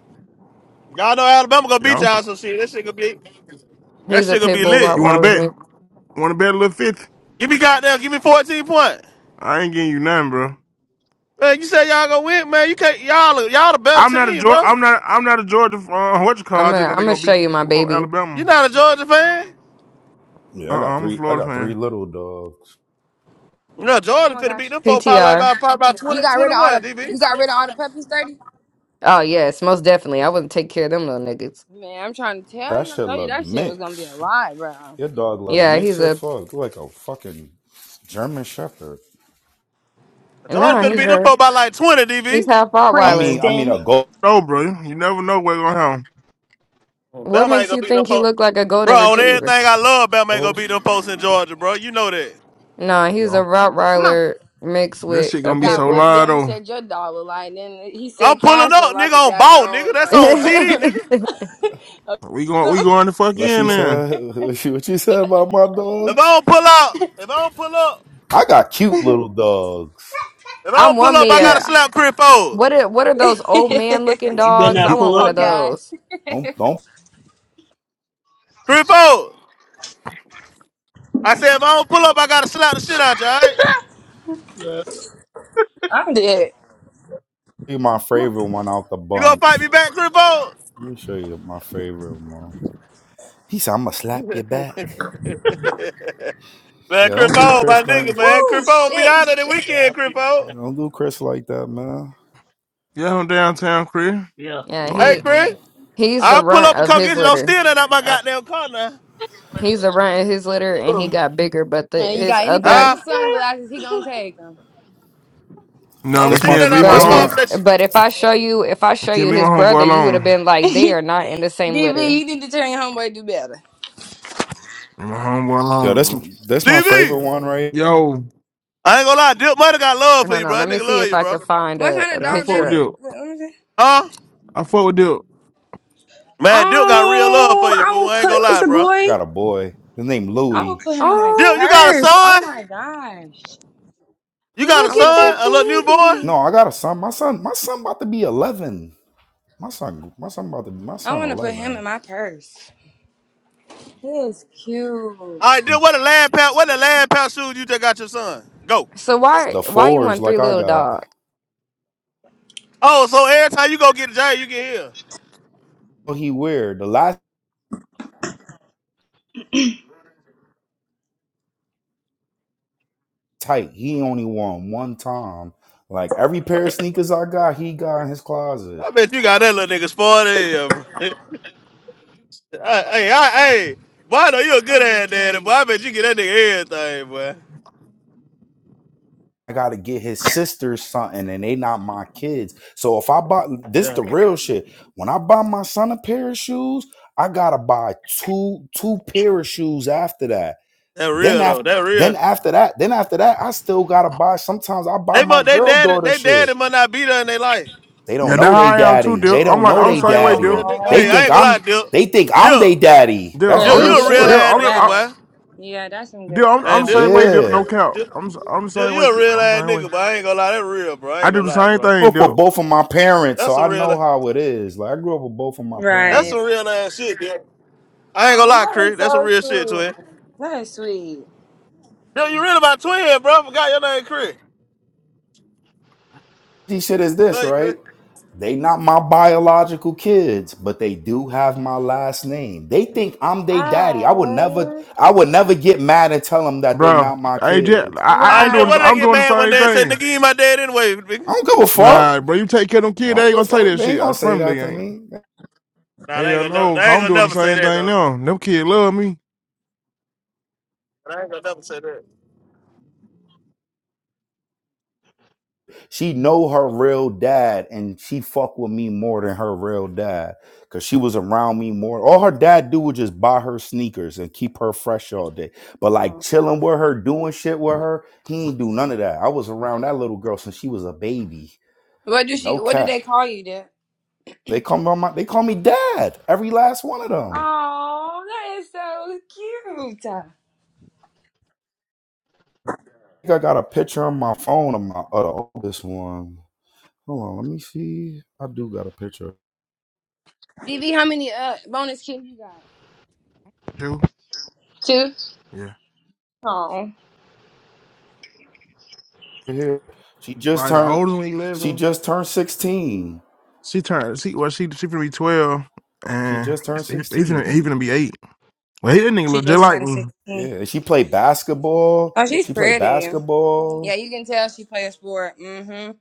Y'all know Alabama gonna beat
Y'all,
y'all some shit. That shit gonna be that
He's a
shit gonna
pit
be
bull
lit.
you want to
Rottweiler
bet?
mix.
Want to bet a little fifty?
Give me goddamn. Give me 14 points.
I ain't getting you none, bro.
Man, you say y'all gonna win, man. You can't. Y'all y'all the better
I'm not a
team,
Georgia.
bro.
I'm not. I'm not a Georgia. Uh, what you call? it,
I'm
I just
gonna
know
I'm
they
gonna
gonna
show
beat
you my
Flo-
baby
You
Alabama.
not a Georgia fan.
Uh,
Yeah,
uh
I got
I'm a
three. I
Florida
got three
fan.
little dogs.
You know
Come
Georgia
on,
finna beat
Cash.
them four probably like
PTR.
by probably about
You
20,
got rid of all
21,
the you got rid of all the
DB.
puppies, thirty?
Oh yes, most definitely. I wouldn't take care of them little niggas.
Man, I'm trying to tell
That
you. I
shit
told you
look
that shit was gonna be a
mixed.
lie, bro.
Your dog look
Yeah, he's
mixed as
a
fuck. Look like a fucking German Shepherd.
Jordan
nah.
finna
He's
beat them
<laughs>
a
folk by like 20,
He's
DV.
half
I mean,
Rottweiler.
I mean
Princeton.
a goat.
No, bro. You never know what's gonna happen.
What
Bama ain't
makes
gonna
you
beat them
think he
folks.
looked like a
Bro,
golden
on everything
retriever?
I love, Bama ain't gonna beat them folks in Georgia, bro. You know that.
No, he's a
Yeah.
Come on.
Rottweiler mixed
This
with
shit
a
gonna be
pit
Got
so
bull.
what
loud
Bama
though.
said your dog look like. Then he said
I'm pulling
Cash look
up,
like a
nigga, on ball, nigga.
<laughs>
That's on
daggone
GD,
uh
nigga.
We
<laughs>
going. We
something.
going the fuck
What
in
she
I
then.
said? <laughs> What she what she said about my
If I
dogs?
don't pull up, if I don't pull up,
I got cute little dogs.
if I don't pull
want
up,
me
I gotta
a
slap Chris Fold.
what? Are, what are those old
<laughs>
man looking
If you better
dogs? I
not
<laughs>
want
pull
Come
one
up,
of
on,
then.
Cash.
those.
Don't don't
Chris Fold. I said, if I don't pull up, I gotta slap the shit out you, alright?
Uh,
I'm dead.
be my favorite one out the
You gonna fight me
bunch.
back, Chris Fold?
Let me show you my favorite one. He said, "I'm gonna slap you back."
Man,
Yeah,
Chris
don't do
Fold,
Chris.
my nigga,
Don't
man.
Woo
Chris Fold be
shit.
out of the
yeah,
weekend,
I'll
Chris
be
Fold.
don't do Chris like that, man.
yeah, I'm downtown, Chris.
out.
Yeah,
No,
Hey,
he
Don't do-
Chris.
he's the
I'll pull
runt
up and
of
come
his
get you. Don't
litter.
steal that out my
Yeah.
goddamn car now.
He's the runt of his litter, and he got bigger. But the
And you
his
got any pair
other,
Huh?
of
I,
sunglasses, he gonna take them.
Don't
That's
steal
my
McKenzie,
that
leave
out
my
my
but
that's
home.
car,
his,
my
bless you.
but if I show you, if I show
McKenzie,
you
leave my
his
homeboy
brother, you would have
alone.
been
<laughs>
like, they
DV,
are not in the same litter.
you need to tell your homeboy do better.
Leave my homeboy
yo.
alone,
That's
bro.
that's my favorite
DB,
one, right? here.
Yo,
I ain't gonna lie, Duke might have got love for
Hold
you, bro.
on, let
That
me
nigga
see
love
if
you,
I
bro.
can find
What
a,
kind
a
of
Yeah, I
dog
fuck
that
with
picture.
is?
Duke.
Wait, Let me see.
Huh?
I fuck with Duke.
Man, Duke got real love for
Oh,
you,
I
fool.
will
I ain't gonna
put. It's
lie,
a
bro.
I
boy.
got a boy. His name
I will
Louis.
put him in my
Oh.
Duke, you got a
purse. Oh
son?
my gosh.
You got a
I
Look
want
at
to
that
put.
son? A little
baby.
No,
newborn?
I got a son. My son, my son about to be eleven. My son, my son about to my
I
son
want to put him in
eleven.
my purse. He is
All right,
cute.
Duke, what the lad pack? What the lad pack shoes you just got your son? Go.
So why
The
why you
fours
want three
like I
little
got.
dogs?
Oh, so every time you go get a job, you get here.
What he weird. The last. tight. He only won one time. Like every pair of sneakers I got, he got in his closet.
I bet you got that little nigga spoiled in here, bro. <laughs> hey, hey, I, hey, boy, I know you a good ass daddy, boy. I bet you get that nigga everything, boy.
I gotta get his sisters something, and they not my kids. So if I buy this,
Yeah.
the real shit. When I buy my son a pair of shoes, I gotta buy two two pair of shoes after that.
That
Then
real though.
after
That
then
real.
after that, then after that, I still gotta buy. Sometimes I buy
They must,
my
they
girl
dad,
daughter
they
shit.
daddy must not be there in their life.
They don't
Yeah, that's
know
how
they
I am too,
daddy. They
Duke. I'm
don't
like
know
I'm
Oh
the
they
boy,
same
you
way,
a real
Duke.
daddy.
nigga.
They
Hey,
Aww.
I
think
ain't gonna lie,
I'm.
Dip.
They think I'm they
Dip,
daddy.
Duke,
That's
Yeah,
Dip,
I'm
you
you'll
real
a
get
real
shit.
Duke.
blessed
ass
for
I'm the-
nigga,
I,
that.
boy.
Yeah, that's some good
Duke. I'm, I'm
And
the
stuff.
same
Dip,
way,
Dip,
Duke.
Yeah.
No
I
Dip,
count.
Dip,
I'm s- I'm the
Dip,
same
you
way.
a
kid.
real
I'm the
ass
same way.
nigga, boy. I ain't gonna lie, that real, bro. I
I
ain't
do
gonna
the
lie,
same
bro.
grew
thing,
up with
Duke.
both of my parents,
That's
so
some
I know
real,
how it is. Like I grew up with both of my
that's
Right.
some
parents.
real ass shit, Dip. I ain't gonna
Oh,
lie,
that is
Chris. That's some
so
real shit, twin.
sweet. That is sweet.
Dip, you real about twin, bro? I forgot your name, Chris.
This shit is this,
Love you, Chris.
right? They not my biological kids, but they do have my last name. They think I'm their daddy. I would never
Oh.
I would never get mad and tell them that they
Bro,
not my
hey Jet,
kids.
I, I
All
I'm
right, Dip.
doing this.
What did they
I'm
get
doing
Right.
the
mad when
same
they said,
thing.
"Nigga, you my dad anyway"?
I
Nigga?
don't give a
Nah,
fuck.
bro, you take care of them
I
kids. They
don't
ain't
give a
gonna say
fuck.
that
They ain't
shit. I
gonna say
promise they
that to
ain't.
me. They
Nah, they
Hell
ain't gonna, nev-
no, 'cause
they ain't
I'm
gonna
doing the
never say
same
that
thing
though.
now. Them kids love me
They ain't gonna never say that.
She know her real dad, and she fuck with me more than her real dad, cause she was around me more. All her dad do was just buy her sneakers and keep her fresh all day. But like
Oh.
chilling with her, doing shit with her, he ain't do none of that. I was around that little girl since she was a baby.
What do she?
No
What do
cap.
they call you, Dad?
They call me my, they call me dad. Every last one of them.
Oh, that is so cute.
I think I got a picture on my phone of my of oldest one. Hold on, let me see. I do got a picture
BB, how many uh bonus kids you got?
too.
Two.
Yeah,
Oh.
here. She just
like the
turned.
oldest one,
She
eleven.
just turned sixteen.
She turned. She well, she she finna be twelve,
She
and
just turned
even
sixteen.
even be eight. Well, he that nigga
She
look just
just
like
turned
me.
Yeah,
sixteen.
and she played basketball.
Oh, she's
She played
pretty. Yeah,
basketball.
you can tell she plays sport. Mm-hmm.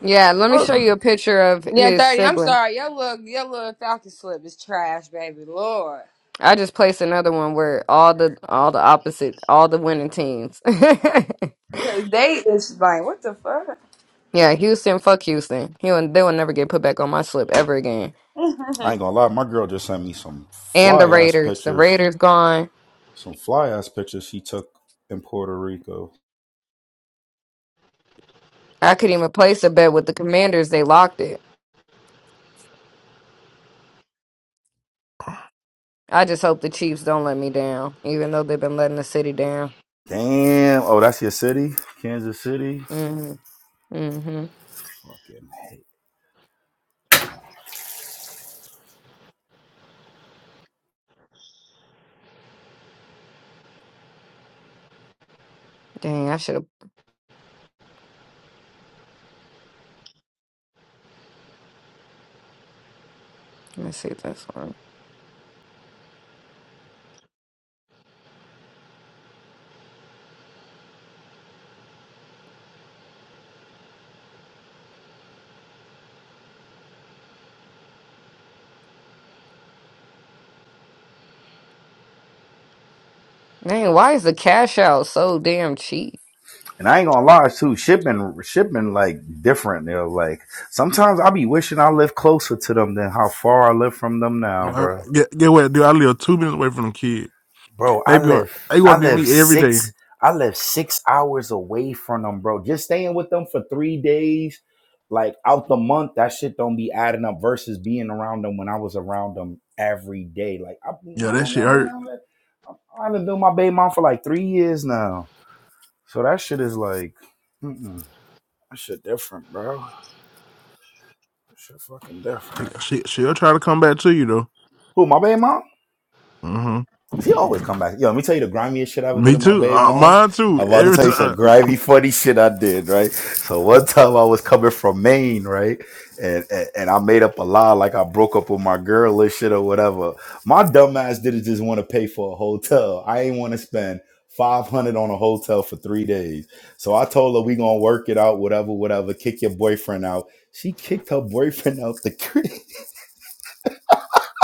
Yeah, let me show you a picture of
<laughs> yeah,
his
thirty. I'm
sibling.
sorry, your little your little Falcon slip is trash, baby. Lord,
I just placed another one where all the all the opposite all the winning teams. <laughs>
'Cause they is like, what the fuck?
yeah, Houston, fuck Houston. He will, they will never get put back on my slip ever again.
<laughs>
I ain't gonna lie, my girl just sent me some
And the
fly ass
Raiders. The
pictures.
Raiders gone.
Some fly ass pictures she took in Puerto Rico.
I could even place a bet with the commanders, they locked it. I just hope the Chiefs don't let me down, even though they've been letting the city down.
Damn. Oh, that's your city, Kansas City.
Mm-hmm. Mm-hmm.
Fucking hate.
Dang, I should have let me see this one. Man, why is the cash out so damn cheap?
And I ain't gonna lie too. Shipping, shipping like different. They're like sometimes I be wishing I lived closer to them than how far I live from them now,
Uh,
bro.
Get, get what, dude? I live two minutes away from them kids.
bro. I
They be
live,
they
I
want to be
live
me every day.
six, I live six hours away from them, bro. Just staying with them for three days, like out the month, that shit don't be adding up. Versus being around them when I was around them every day. Like, I,
Yeah,
how
that
long
shit
I've been
hurt.
out there? I- I've been doing my baby mom for like three years now. So that shit is like, mm-mm, that shit different, bro. That shit fucking different.
She she'll try to come back to you though.
Who my baby mom?
hmm
She always come back. Yo, let me tell you the grimiest shit I ever did
Me
in my
too.
baby
Uh,
mom's.
mine too.
I'm about to
Every
tell you some
time.
grimy, funny shit I did, right? So one time I was coming from Maine, right? And, and and I made up a lie like I broke up with my girl and shit or whatever. My dumb ass didn't just want to pay for a hotel. I ain't want to spend 500 on a hotel for three days. So I told her we gonna work it out, whatever, whatever. Kick your boyfriend out. She kicked her boyfriend out the <laughs> crib.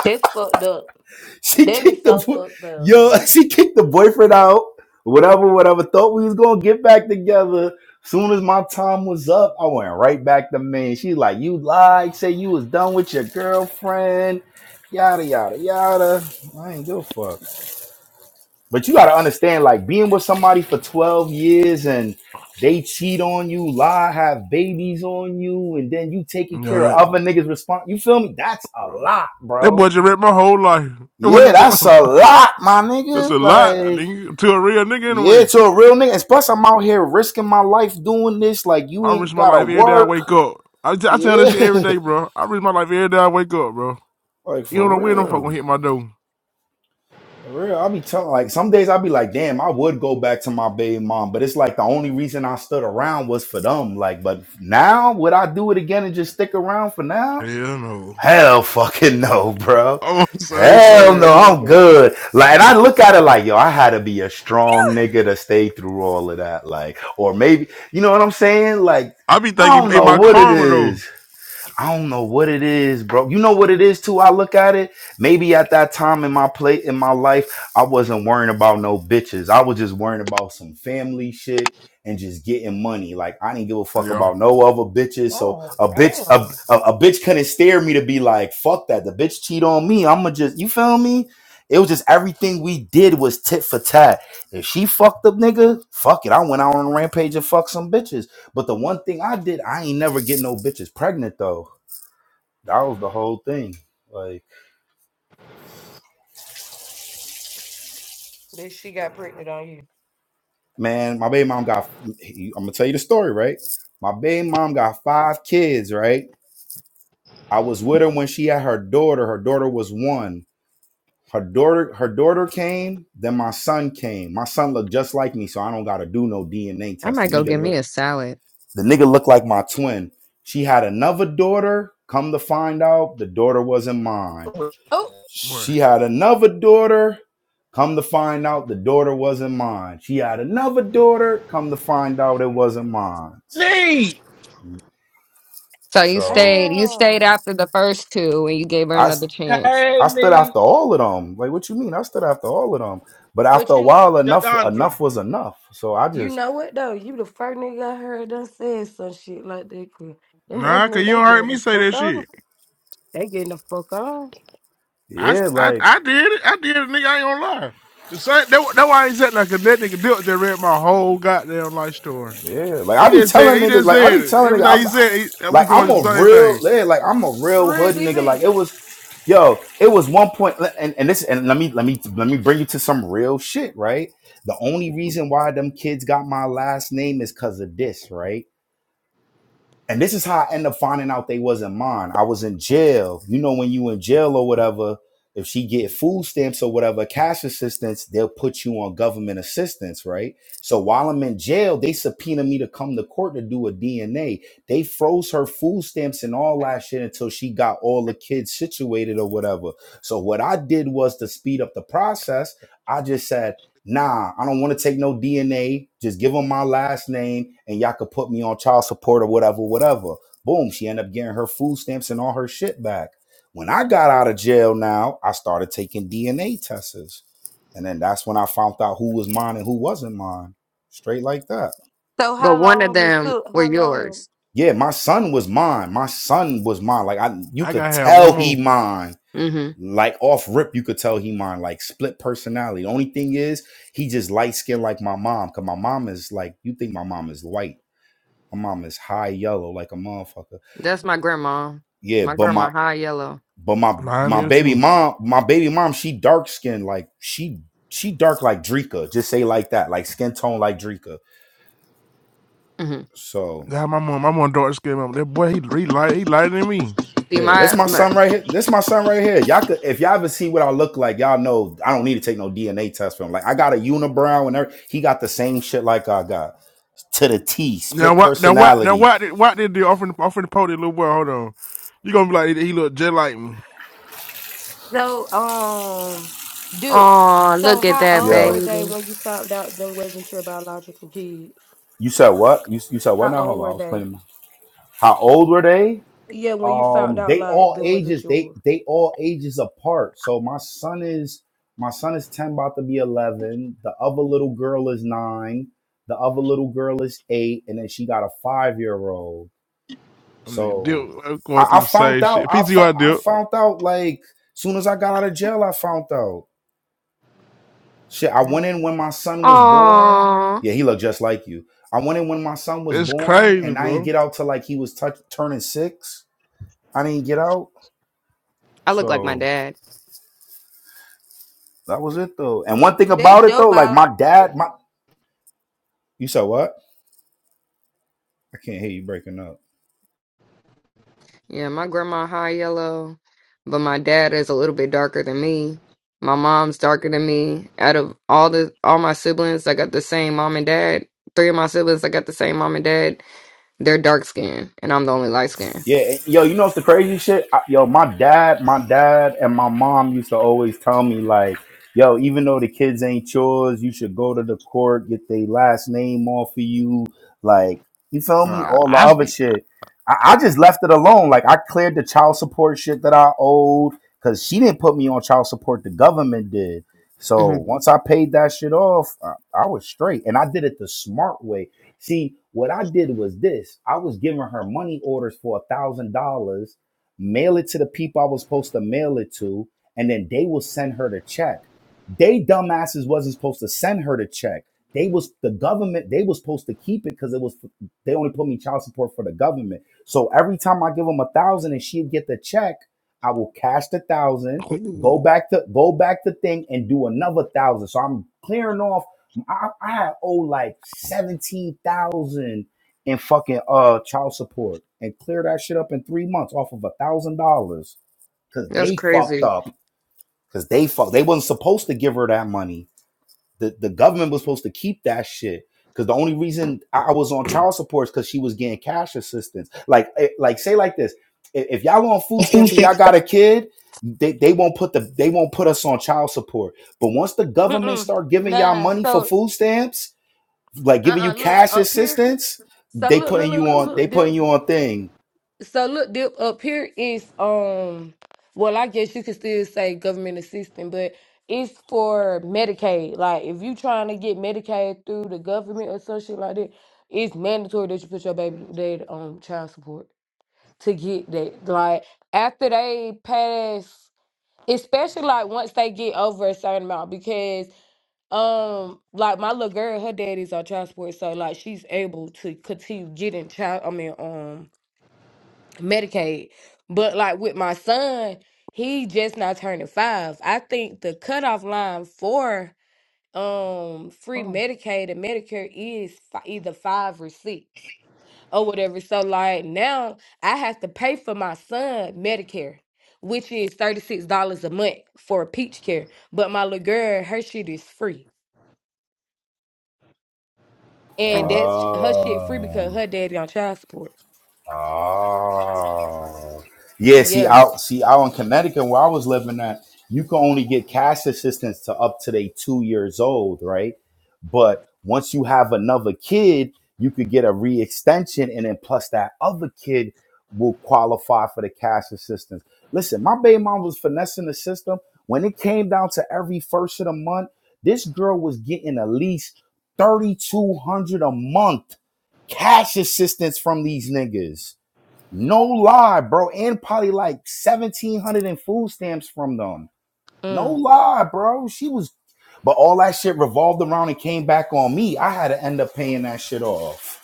That's fucked up.
<laughs> She
That is
kicked the
so fucked up.
yo. <laughs> She kicked the boyfriend out. Whatever, whatever. Thought we was gonna get back together. Soon as my time was up, I went right back to me. She like, you lied. Say you was done with your girlfriend. Yada yada yada. I ain't give a fuck. But you gotta understand, like being with somebody for twelve years and they cheat on you, lie, have babies on you, and then you taking
You
care
know that.
of other niggas' response. You feel me? That's a lot,
That
bro
boy just read my whole life. That boy
yeah,
just said,
that's a lot, my
<laughs> that's a
nigga.
lot,
Like,
nigga. To a real nigga
yeah,
anyway.
to a real nigga. And plus, I'm out here risking my life doing this. Like, you
I
ain't
risk my
gotta
life every day I
work.
wake up. I, t- I tell that
Yeah,
shit every
<laughs>
day, bro. I risk my life every day I wake up, bro.
like
You
for
don't know when them fuck
real,
gonna hit my door.
for real. I be telling, like, some days I be like, damn, I would go back to my baby mom, but it's like the only reason I stood around was for them. Like, but now would I do it again and just stick around for now?
Hell no.
Hell fucking <laughs> no, bro.
<laughs> I'm on the same thing.
Hell no,
Hell
I'm
no.
good. Like, and I look at it like, yo, I had to be a strong nigga to stay through all of that. Like, or maybe, you know what I'm saying? Like,
I be
I
thinking
don't
in
know
my
what it
karma though.
is. I don't know what it is, bro. You know what it is too. I look at it. Maybe at that time in my plate in my life, I wasn't worrying about no bitches. I was just worrying about some family shit and just getting money. Like I didn't give a fuck
Yeah,
about no other bitches. So
Oh
a bitch, a,
damn.
a, a bitch couldn't stare me to be like, fuck that. The bitch cheat on me. I'ma just, you feel me? It was just everything we did was tit for tat. If she fucked up, nigga, fuck it. I went out on a rampage and fucked some bitches. But the one thing I did, I ain't never get no bitches pregnant though. That was the whole thing. Like,
That she got pregnant on you.
man, my baby mom got. I'm gonna tell you the story, right? My baby mom got five kids, right? I was with her when she had her daughter. Her daughter was one. Her daughter, her daughter came. Then my son came. My son looked just like me, so I don't gotta do no DNA
I
test. The
might go
nigga
get me
look.
a salad.
The nigga looked like my twin. She had another daughter. Come to find out, the daughter wasn't mine.
Oh,
boy.
She had another daughter. Come to find out, the daughter wasn't mine. She had another daughter. Come to find out, it wasn't mine.
Lee!
So you
So
stayed you stayed
damn.
after the first two and you gave her
I, I
another chance.
Hey,
stood
Lee.
after all of them. Like, what you mean? I stood after all of them. But after
But
a
you
while, enough
Shadandra.
enough was enough. So I
you
just
know what though? You the first nigga I heard that said some shit like that. 'cause Them other
Nah, cause
niggas,
you
they
don't heard
getting the
me say
fuck
that
on.
shit.
They getting the fuck on.
I,
yeah,
st- I,
like
I did it. I did it, nigga. I ain't gonna lie. The same. That, that why I ain't said nothing. 'cause That nigga Dilt just read my whole goddamn life story.
Yeah, like I
He
be
just
telling
said. He
niggas,
just
like I
said
be
it.
telling niggas,
Everything
I'm,
he
I-
said. He, that we
like
going
I'm
through the
a
same
real,
thing.
yeah, like I'm a
For
real
real,
hood nigga.
DB.
Like it was, yo, it was one point, and and this, and let me let me let me bring you to some real shit, right? The only reason why them kids got my last name is because of this, right? And this is how I ended up finding out they wasn't mine. I was in jail. You know, when you in jail or whatever, if she get food stamps or whatever, cash assistance, they'll put you on government assistance, right? So while I'm in jail, they subpoena me to come to court to do a DNA. They froze her food stamps and all that shit until she got all the kids situated or whatever. So what I did was to speed up the process. I just said, Nah, I don't want to take no DNA. Just give them my last name and y'all could put me on child support or whatever, whatever. Boom, she ended up getting her food stamps and all her shit back. When I got out of jail now, I started taking DNA tests. And then that's when I found out who was mine and who wasn't mine. Straight like that.
So
But
how
one of
long it
them
took?
were
How long?
yours.
Yeah, my son was mine. My son was mine. Like I you
I
could
gotta have
tell
one
he
more.
mine
hmm
like off rip, you could tell he mine like split personality. The only thing is he just light skinned like my mom. Cause my mom is like, you think my mom is white. My mom is high yellow like a motherfucker.
That's my grandma.
Yeah,
My
but my
grandma high yellow.
but my
Mine
my
there
baby
too.
mom, my baby mom, she dark skinned, like she she dark like Drika. Just say like that, like skin tone like Drika.
hmm
So
Nah, my mom. My mom dark skin. mama. That boy. He, he light. He lighter than me.
See
yeah, that's
my
my
my
son right here. That's my son right here. Y'all could if y'all ever see what I look like, y'all know I don't need to take no DNA test for him. Like I got a unibrow and everything. He got the same shit like I got. to the T.
Now
Split
what? Now what? Now
personality.
what? Did what did the offering offering the pole? That little boy. Hold on. You gonna be like he look just like me.
So um, dude.
oh
So
look at
how
that
old
Yeah.
were they
baby.
when you found out them wasn't your biological kids?
You said what? You, you said what
How
now?
old
Hold on. I
were
was
they?
playing. my- How old were they?
Yeah, when you found
Um,
out,
they
like,
all
then was it
ages. They
yours?
they all ages apart. So my son is my son is ten, about to be eleven. The other little girl is nine. The other little girl is eight, and then she got a five year old.
I'm nigga Dip
So
I'm going
I, I
through the
found
same
out.
shit.
I fo-
PTR
I
Dip.
found out like soon as I got out of jail. I found out. Shit, I went
Wow.
in when my son was born.
Oh
Yeah, he looked just like you. I went in when my son was
That's
born,
crazy,
and I didn't
bro.
get out till like he was touch turning six. I didn't get out,
I look like my
so
dad.
that was it though. And one thing
That's
about it
your
though, like
body.
my dad, my you said what? I can't hear you breaking up.
Yeah, my grandma high yellow, but my dad is a little bit darker than me. My mom's darker than me. Out of all the all my siblings, I got the same mom and dad. Three of my siblings, I got the same mom and dad. They're dark skinned, and I'm the only light skinned.
Yeah, yo, you know what's the crazy shit? I, yo, my dad, my dad, and my mom used to always tell me like, yo, even though the kids ain't yours, you should go to the court, get their last name off of you, like, you feel me?
Uh,
All the
I s-
other shit. I, I just left it alone. Like, I cleared the child support shit that I owed because she didn't put me on child support. The government did. So
hmm
once I paid that shit off, I, I was straight, and I did it the smart way. See, what I did was this I was giving her money orders for a thousand dollars, mail it to the people I was supposed to mail it to, and then they will send her the check. They dumbasses wasn't supposed to send her the check. They was the government, they was supposed to keep it because it was they only put me child support for the government. So every time I give them a thousand and she'd get the check, I will cash the thousand, go back to go back to thing and do another thousand. So I'm clearing off I, I owe like seventeen thousand in fucking uh child support and clear that shit up in three months off of a thousand dollars because
That's
they fucked
crazy.
up because they fuck, they wasn't supposed to give her that money. The the government was supposed to keep that shit because the only reason I I was on child support is because she was getting cash assistance. Like eh, like say like this if if y'all on food stamps and y'all got a kid. They, they won't put the they won't put us on child support. But once the government
Mm-mm.
start giving y'all
Nah,
money for
so
food stamps, like giving you
uh-uh, look
cash
up here.
assistance,
So
they
look, look,
putting
look,
you
look,
on they
look,
putting
dip.
you on thing.
So look, dip up here is um. Well, I guess you could still say government assistance, but it's for Medicaid. Like, if you trying to get Medicaid through the government or some shit like that, it's mandatory that you put your baby dad on child support to get that. Like, after they pass. especially like once they get over a certain amount because um like my little girl her daddy's on child support so like she's able to continue getting child i mean um medicaid but like with my son he just not turning five i think the cutoff line for um free
Oh.
medicaid and medicare is fi- either five or six or whatever. So like now I have to pay for my son Medicare, which is $36 a month for a peach care. But my little girl, her shit is free. And
oh.
that's her shit free
Oh.
because her daddy on child support.
Oh. Yeah, see
Yeah.
out see out in Connecticut where I was living at, you can only get cash assistance to up to they two years old, right? But once you have another kid, you could get a re-extension and then plus that other kid will qualify for the cash assistance. Listen, my baby mom was finessing the system. When it came down to every first of the month, this girl was getting at least 3200 a month cash assistance from these niggas. No lie, bro. And probably like 1700 in food stamps from them. No
Mm.
lie, bro. She was, but all that shit revolved around and came back on me. I had to end up paying that shit off.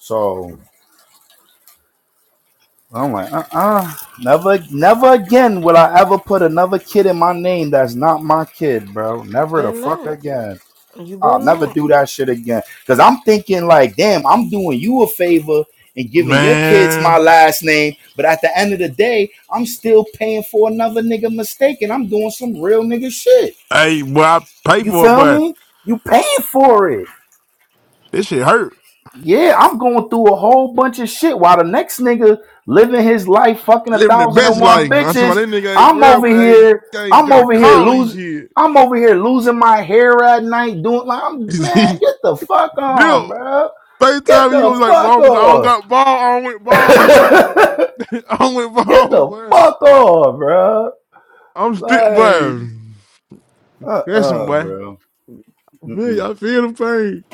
So I'm like, uh uh Never, never again will I ever put another kid in my name that's not my kid, bro. Never the
Better
fuck
not.
again.
You better
I'll never
not.
do that shit again. Cause I'm thinking like, damn, I'm doing you a favor and giving your kids my
man,
last name, but at the end of the day, I'm still paying for another nigga mistake, and I'm doing some real nigga shit.
hey, boy, I pay
You
for it,
feel
but
me? You paying for it?
this shit hurt.
Yeah, I'm going through a whole bunch of shit while the next nigga living his life fucking a
Living the
thousand and
best
one
life. I'm talking about
bitches.
that nigga ain't
I'm
worried
over
about
here.
anything.
I'm
Gotta
over here
call these
losing.
kids.
I'm over here losing my hair at night, doing like, I'm, man, get the fuck
<laughs>
on,
Dip.
bro.
First
Get
time you gonna
the
be like,
fuck
well, I don't I don't
off.
got ball. I don't with ball, boy.
<laughs>
<laughs> I don't with
Get
ball,
the
boy.
fuck off, bro.
I'm still,
Like,
boy.
uh,
Listen,
uh
boy. I
bro.
feel,
Mm-mm.
I feel the pain.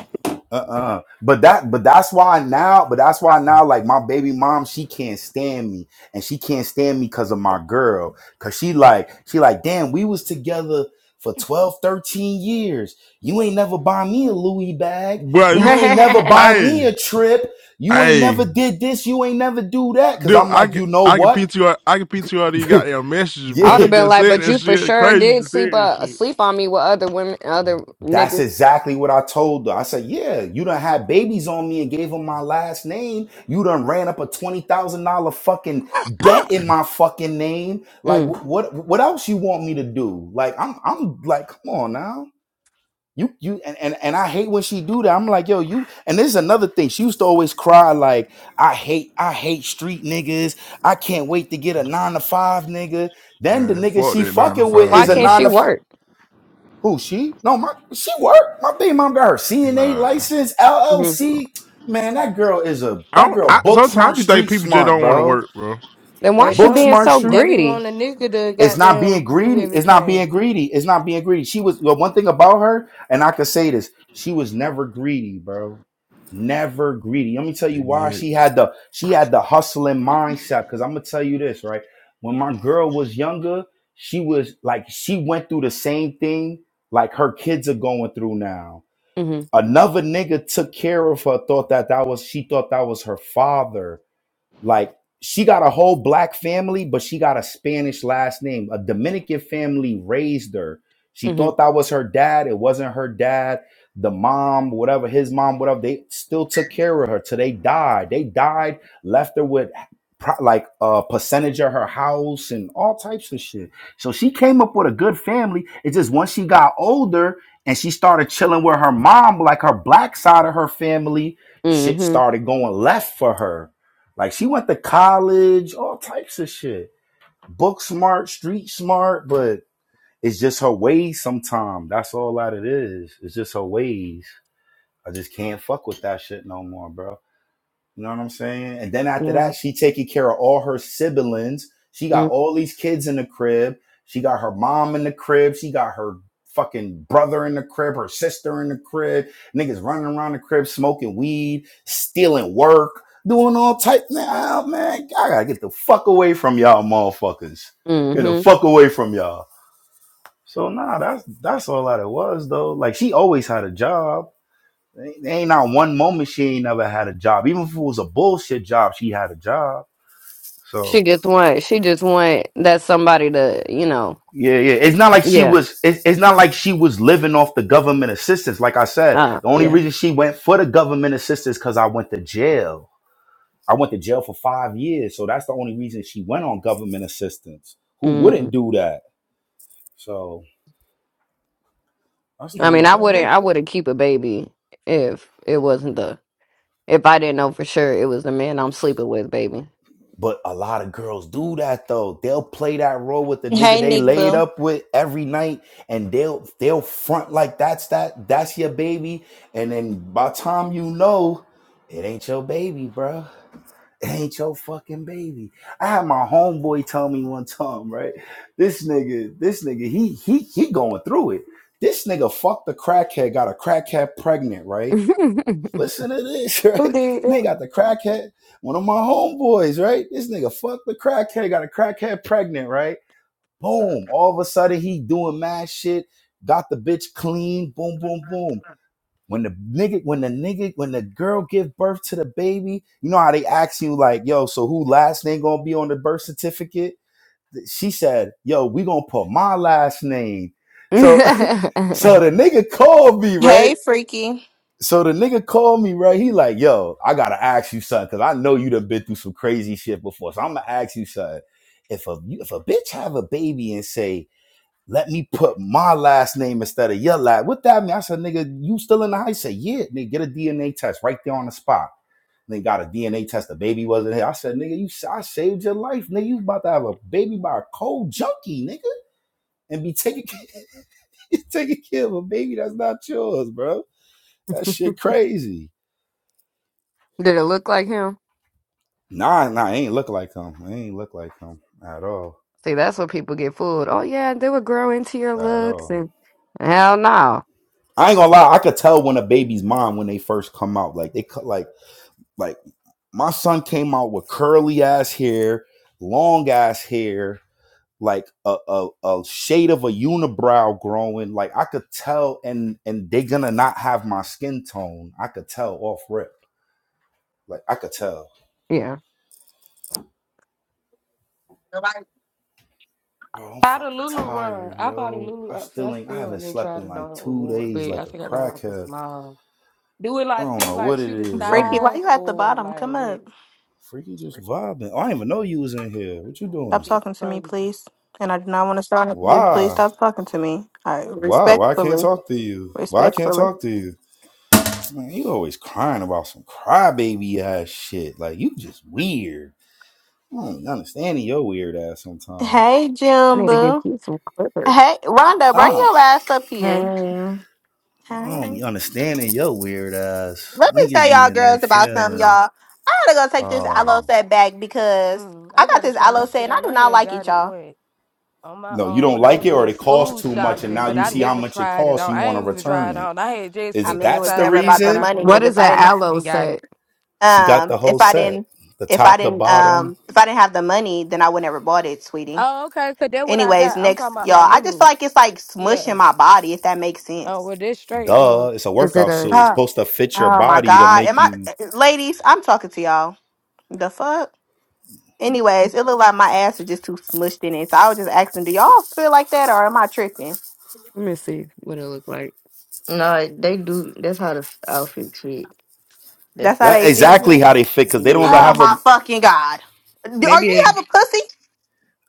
Uh-uh. But that, but that's why now, but that's why now, like my baby mom, she can't stand me, and she can't stand me because of my girl, cause she like, she like, damn, we was together for 12, 13 years. You ain't never buy me a Louis bag.
Boy, you,
You
f-
ain't never
<laughs>
buy me
hey,
a trip. You ain't
hey.
never did this. You ain't never do that. Cause
Dude,
I'm
I
like,
can
you know
I can
what?
PTR I can PTR these
<laughs>
goddamn messages,
I
bro.
would
Yeah,
have
She
been
just
like,
said
but
that
you for
shit.
sure
Crazy
did
to say
sleep
that
uh,
shit.
sleep on me with other women, other
that's
niggas.
exactly what I told her. I said, "Yeah, you done had babies on me and gave them my last name. You done ran up a twenty thousand dollar fucking debt in my fucking name. Like,
Mm.
wh- what what else you want me to do? Like, I'm I'm like, come on now." You, you and, and and I hate when she do that. I'm like, yo, you and this is another thing. She used to always cry like, I hate, I hate street niggas. I can't wait to get a nine to five nigga. Then the
Man,
nigga
fuck
she
that nine to
fucking with
five,
Why
is a
can't
nine
she
nigga.
to
work?
Who she? No, my she worked. My baby mom got her CNA
Nah,
license,
hmm
I
LLC. Man, that girl is a that
don't.
girl
I
book
sometimes I
smart,
be think
street
people just
smart,
don't want to
bro.
work, bro.
Then why
They
she
Book
being
don't.
smart,
so
street.
They be
greedy?
wanting a nigga to
It's not being
goddamn do
greedy. It's not being
everything.
greedy. It's not being greedy. She was the one thing about her, and I could say this: she was never greedy, bro. Never greedy. Let me tell you why.
Yeah.
She had the she had the hustling mindset. Because I'm gonna tell you this, right? When my girl was younger, she was like she went through the same thing like her kids are going through now.
hmm
Another nigga took care of her. Thought that that was she thought that was her father like she got a whole black family, but she got a Spanish last name. A Dominican family raised her. She
hmm
thought that was her dad. It wasn't her dad. The mom, whatever, his mom, whatever, they still took care of her till they died. They died, left her with pro- like a percentage of her house and all types of shit. So she came up with a good family. It's just once she got older and she started chilling with her mom, like her black side of her family, shit
hmm
started going left for her like she went to college, all types of shit. Book smart, street smart, but it's just her ways sometimes. That's all that it is. It's just her ways. I just can't fuck with that shit no more, bro. You know what I'm saying? And then after
Yeah.
that, she taking care of all her siblings. She got all these kids in the crib. She got her mom in the crib. She got her fucking brother in the crib, her sister in the crib. Niggas running around the crib smoking weed, stealing work, doing all types. Now, man, I gotta get the fuck away from y'all motherfuckers. Get the
Mm-hmm.
fuck away from y'all. So nah, that's that's all that it was though. Like she always had a job Ain't ain't not one moment she ain't never had a job. Even if it was a bullshit job, she had a job.
She
So
just want. She just want that somebody to, you know.
yeah, yeah. It's not like she
Yeah.
was. It's, it's not like she was living off the government assistance. Like I said,
Uh.
the only
Yeah.
reason she went for the government assistance because I went to jail. I went to jail for five years, so that's the only reason she went on government assistance. Who wouldn't
Mm.
do that? So that's the
I
only
mean, I
<laughs>
wouldn't.
thing.
I
Who
wouldn't keep a baby if it wasn't the If I didn't know for sure it was the man I'm sleeping with, baby.
But a lot of girls do that though. They'll play that role with the nigga
Hey,
they
Nick
laid
Boo.
up with every night, and they'll they'll front like that's that that's your baby. And then by the time you know, it ain't your baby, bro. It ain't your fucking baby. I had my homeboy tell me one time, right? This nigga, this nigga, he he he going through it. This nigga fucked the crackhead, got a crackhead pregnant, right?
<laughs>
listen to this, <laughs> right?
did
And they
that?
got the crackhead, one of my homeboys, right? This nigga fucked the crackhead, got a crackhead pregnant, right? Boom. All of a sudden he doing mad shit, got the bitch clean, boom, boom, boom. When the nigga, when the nigga, when the girl give birth to the baby, you know how they ask you like, yo, so who last name gonna be on the birth certificate? She said, yo, we gonna put my last name. So <laughs> so the nigga called me, right?
Hey, Freaky.
So the nigga called me, right? He like, yo, I gotta ask you something, cause I know you done been through some crazy shit before. So I'm gonna ask you something. If a if a bitch have a baby and say, let me put my last name instead of your last, what that mean? I said, nigga, you still in the house? He said, yeah, nigga, get a DNA test right there on the spot. They got a DNA test. The baby wasn't here. I said, nigga, you I saved your life, nigga. You about to have a baby by a cold junkie, nigga, and be taking <laughs> taking care of a baby that's not yours, bro. That shit crazy.
Did it look like him?
Nah, nah, he ain't look like him. He ain't look like him at all.
See, that's what people get fooled. Oh yeah, they would grow into your
At
looks
all.
and hell no.
I ain't gonna lie, I could tell when a baby's mom when they first come out. Like they cut like like my son came out with curly ass hair, long ass hair, like a, a a shade of a unibrow growing. Like I could tell and and they gonna not have my skin tone. I could tell off rip. Like I could tell.
Yeah.
Nobody.
Bro, I'm
Bought
fucking
a Lulu one.
tired,
I bought a
yo.
Lulu
I
outfit. I
still ain't I
still I
haven't
didn't
slept
try
in
it on
like two
award,
days
but
like
I
a
think I got like a
crackhead.
small. Do it
I
like
don't
fit
know
like
what it
true to
is. I've
Freaky,
been
why
size
you at the
or
bottom?
like
Come
what?
up.
freaky just vibing. I didn't even know you was in here. What you
Stop
doing?
It's
talking to me,
crazy.
please. And I do not want to start up this. Please
Why?
stop talking to me. All right,
Why? Why I can't
respectfully.
talk to you? Why I can't
Respectfully.
talk to you? Man, you always crying about some crybaby ass shit. Like you just weird. I don't be understanding your weird ass sometimes.
Hey,
I
Jim
need to get
Boo.
you some clippers.
Hey, Rhonda, bring
I,
your ass up here.
Hey.
don't, I
Hey.
don't be understanding your weird ass.
Let me
Niggas
tell
be
y'all
in they
girls about something,
feeling.
y'all. I gotta go take this
Oh
aloe
my.
set back because
Mm,
I
I
got
gotta
this
try
aloe
my
set
shit
and I
on.
do
I
not
had
like it,
got it
y'all.
what on my
No, you
own
don't
when I
like
was
it or
doing
it
school
costs too much and
shopping,
now
but
you
I
see how
never
much it
tried it
costs,
on.
you
I
want to
ain't even tried
return
it
it.
on. I had just
I
Is
picked
mean,
up a
it
that's
was
the
size
never
that I
about the
thought
reason?
I
money
can
What
wear
because
is
if I
that
didn't have
aloe
and got
set?
it.
She got
Um,
the whole
if I
set,
didn't,
the
if I
top, the
didn't,
bottom.
um, if I didn't have the money, then I would never bought it, sweetie.
Oh, okay. So that's what I
Anyways,
got. I'm
next,
talking about my
y'all. I just
Lulu.
feel like it's like
Yeah.
smushing my body, if that makes
Oh,
sense.
well, that's straight then.
Duh, it's a
Is it
workout
a
suit. It's
Huh.
supposed to fit your
Oh my
body to
God, am
make
I,
you
ladies? I'm talking to y'all. The fuck.
let
Anyways, it looked like my ass was just too smushed in it. So I was just asking, do y'all feel like that, or am I tripping?
me see what it look like.
No, they do. That's how the f- outfit fit. They
That's how
fit
that
they
pretty.
exactly
feel.
how they fit because they don't even
Oh
Yeah,
have a.
my fucking God. Do, are
Maybe
do you
it,
have a pussy?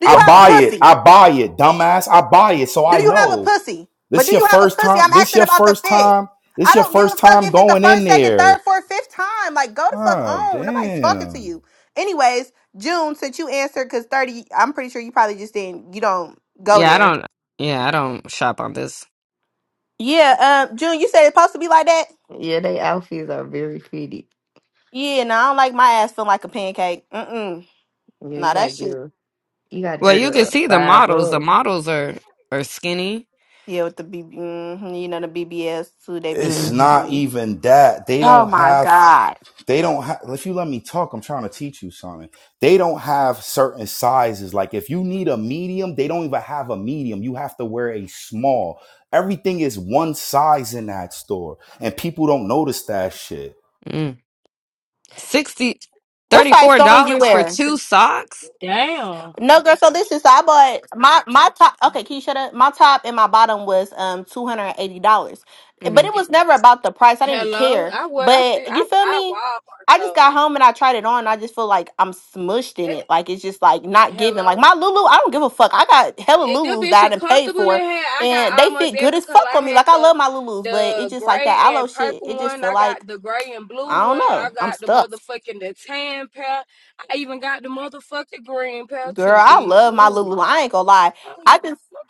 Do
I
you have a
buy it.
pussy?
I buy it, dumbass. I buy it, so I
Do you have a
know.
pussy? But
This
do
your
you have a
first
pussy?
time.
I'm
This
asking
your
about the
first
fit.
time.
I
This your
don't give
first
a fuck
time
if it's the
going in
first, second, third,
there.
fourth, fifth time. Like, go the fuck
Ah,
on. Nobody's talking to
damn.
you. Anyways, June, since you answered, because 30, I'm pretty sure you probably just didn't, you don't go
yeah, I
there.
don't yeah, I don't shop on this.
Yeah, um, June, you said it's supposed to be like that?
yeah. They outfits are very fitted.
Yeah, no, I don't like my ass feeling like a pancake. Mm-mm.
Yeah, you
Nah,
gotta
that
get
shit.
a, you gotta
Well
get
you can
a
see the
size
models.
up.
The models are are skinny.
Yeah, with the BB, mhm, you know, the BBS, too, they be.
It's
Mm-hmm.
not
mhm.
even that. They
Oh
don't
my
have.
God.
they don't have if you let me talk i'm trying to teach you something they don't have certain sizes like if you need a medium they don't even have a medium you have to wear a small everything is one size in that store and people don't notice that shit
Mm. Sixty
What size
thirty-four
song you
dollars for
wear?
two socks?
Damn.
No, girl. So this is so I bought my my top. Okay, can you shut up? My top and my bottom was um two hundred and eighty dollars, but
Mm-hmm.
it was never about the price. I didn't
Hello.
care.
I wear I still
But
I
you feel
buy
me?
Walmart
I just got
clothes.
home and I tried it on. And I just feel like I'm smushed in
That
it. Like it's just like not giving. Like
hello.
my Lulu, I don't give a fuck. I got hella
It, this
Lulus that
bitch
I
is
didn't
comfortable in
for,
here. I
and
got
they
almost
fit good
every
as
color.
fuck
I
on me.
had
Like I
the
love my Lulus, but it's
the
just like
gray
that aloe
and
shit.
purple
It just
one.
feel
I
like
got the gray and blue
I
one.
don't
I
know. I'm
got the
stuffed,
motherfucking the tan pair. I even got the motherfucking green pair
girl.
too,
I
bitch.
love my
Ooh.
Lulu. I ain't gonna lie.
I don't give
I
a
just
fuck.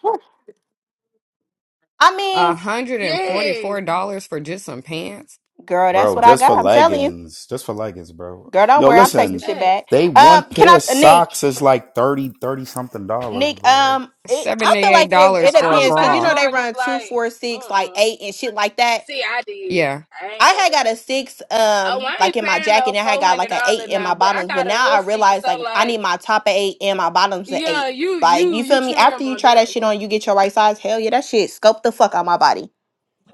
I
one
mean.
hundred and
Yeah.
forty-four dollars for just some pants.
Girl, that's
bro
what I
just for
got. I'm telling you.
leggings just for leggings bro
Girl, don't
yo
worry. I'll take the
listen
shit
Thanks.
back.
they one
Um, can
pair
I,
of
uh, Nick?
socks is like 30, 30 something dollars
Nick,
bro
um, it, I feel
Seventy-eight
like it,
dollars
it
I
for a
don't
depends because
buy
you
bra.
know they run
Jordans
two,
like
four, six, like
uh-uh.
eight and shit like that.
See, I did.
Yeah.
I ain't
I
gonna
had got
lie.
a six,
Oh,
um,
I
like
ain't
in my
paying
jacket,
no
and I had
four
got
hundred
like an eight
dollars
in
now,
my
but I
bottoms. But
got a
now
little
I
feet,
realize
so
like I
like
need my top at eight and my bottoms at
yeah,
eight.
you
Like
you
you
you
feel me? After
trim
you
on
try
that.
that shit on, you get your right size. Hell yeah, that shit scope the fuck out my body.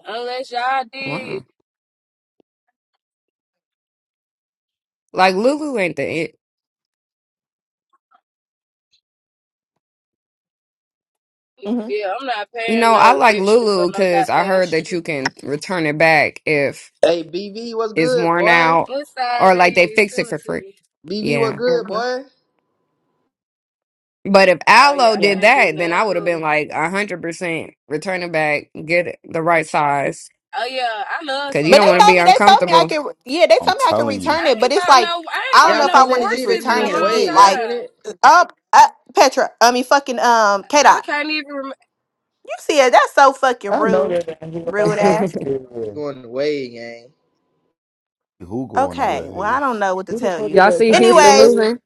Unless y'all did,
Wow. Like Lulu ain't the it.
hmm
yeah, I'm not
You
paying
know, I
no
like
extra for
Lulu
no
because I
goddamn
heard that
shit.
you can return it back if
Hey, BV, what's
it's
good,
worn
boy?
out
What side
or like they
they is?
fix it
Send it
for
to
free.
me.
BV, what's
Yeah.
good,
hmm
boy?
But if
Oh
Aloe
yeah, I
Yeah.
did
can't do
that, then I
nothing
would have
with them.
been like 100% return it back, get it the right size
Oh yeah, I love
because you
some
But
don't
they
want to
dump.
told
be
me they told me I
uncomfortable.
could yeah, they
i'm
told me I could
telling you
return
I
it, but
ain't
it's
bought
like
no, I ain't
I don't
bought
Y'all
know if
no
I
seen
want to
that
just
shit? They
forces
just
in
return
a
went
it and
long
away.
get
Y'all
like
seen
time.
it?
um uh, Petra, I mean fucking um K
I
dot.
can't even. Rem-
You see it, that's so fucking
I know
rude.
that ain't who I
Rude
think
ass.
<laughs>
it is.
Going away, gang.
who going a
Okay, well I don't
wave
know what to
Who the
tell
fuck
you.
did
Y'all
that,
see Houston
Anyways,
Santeria?
losing?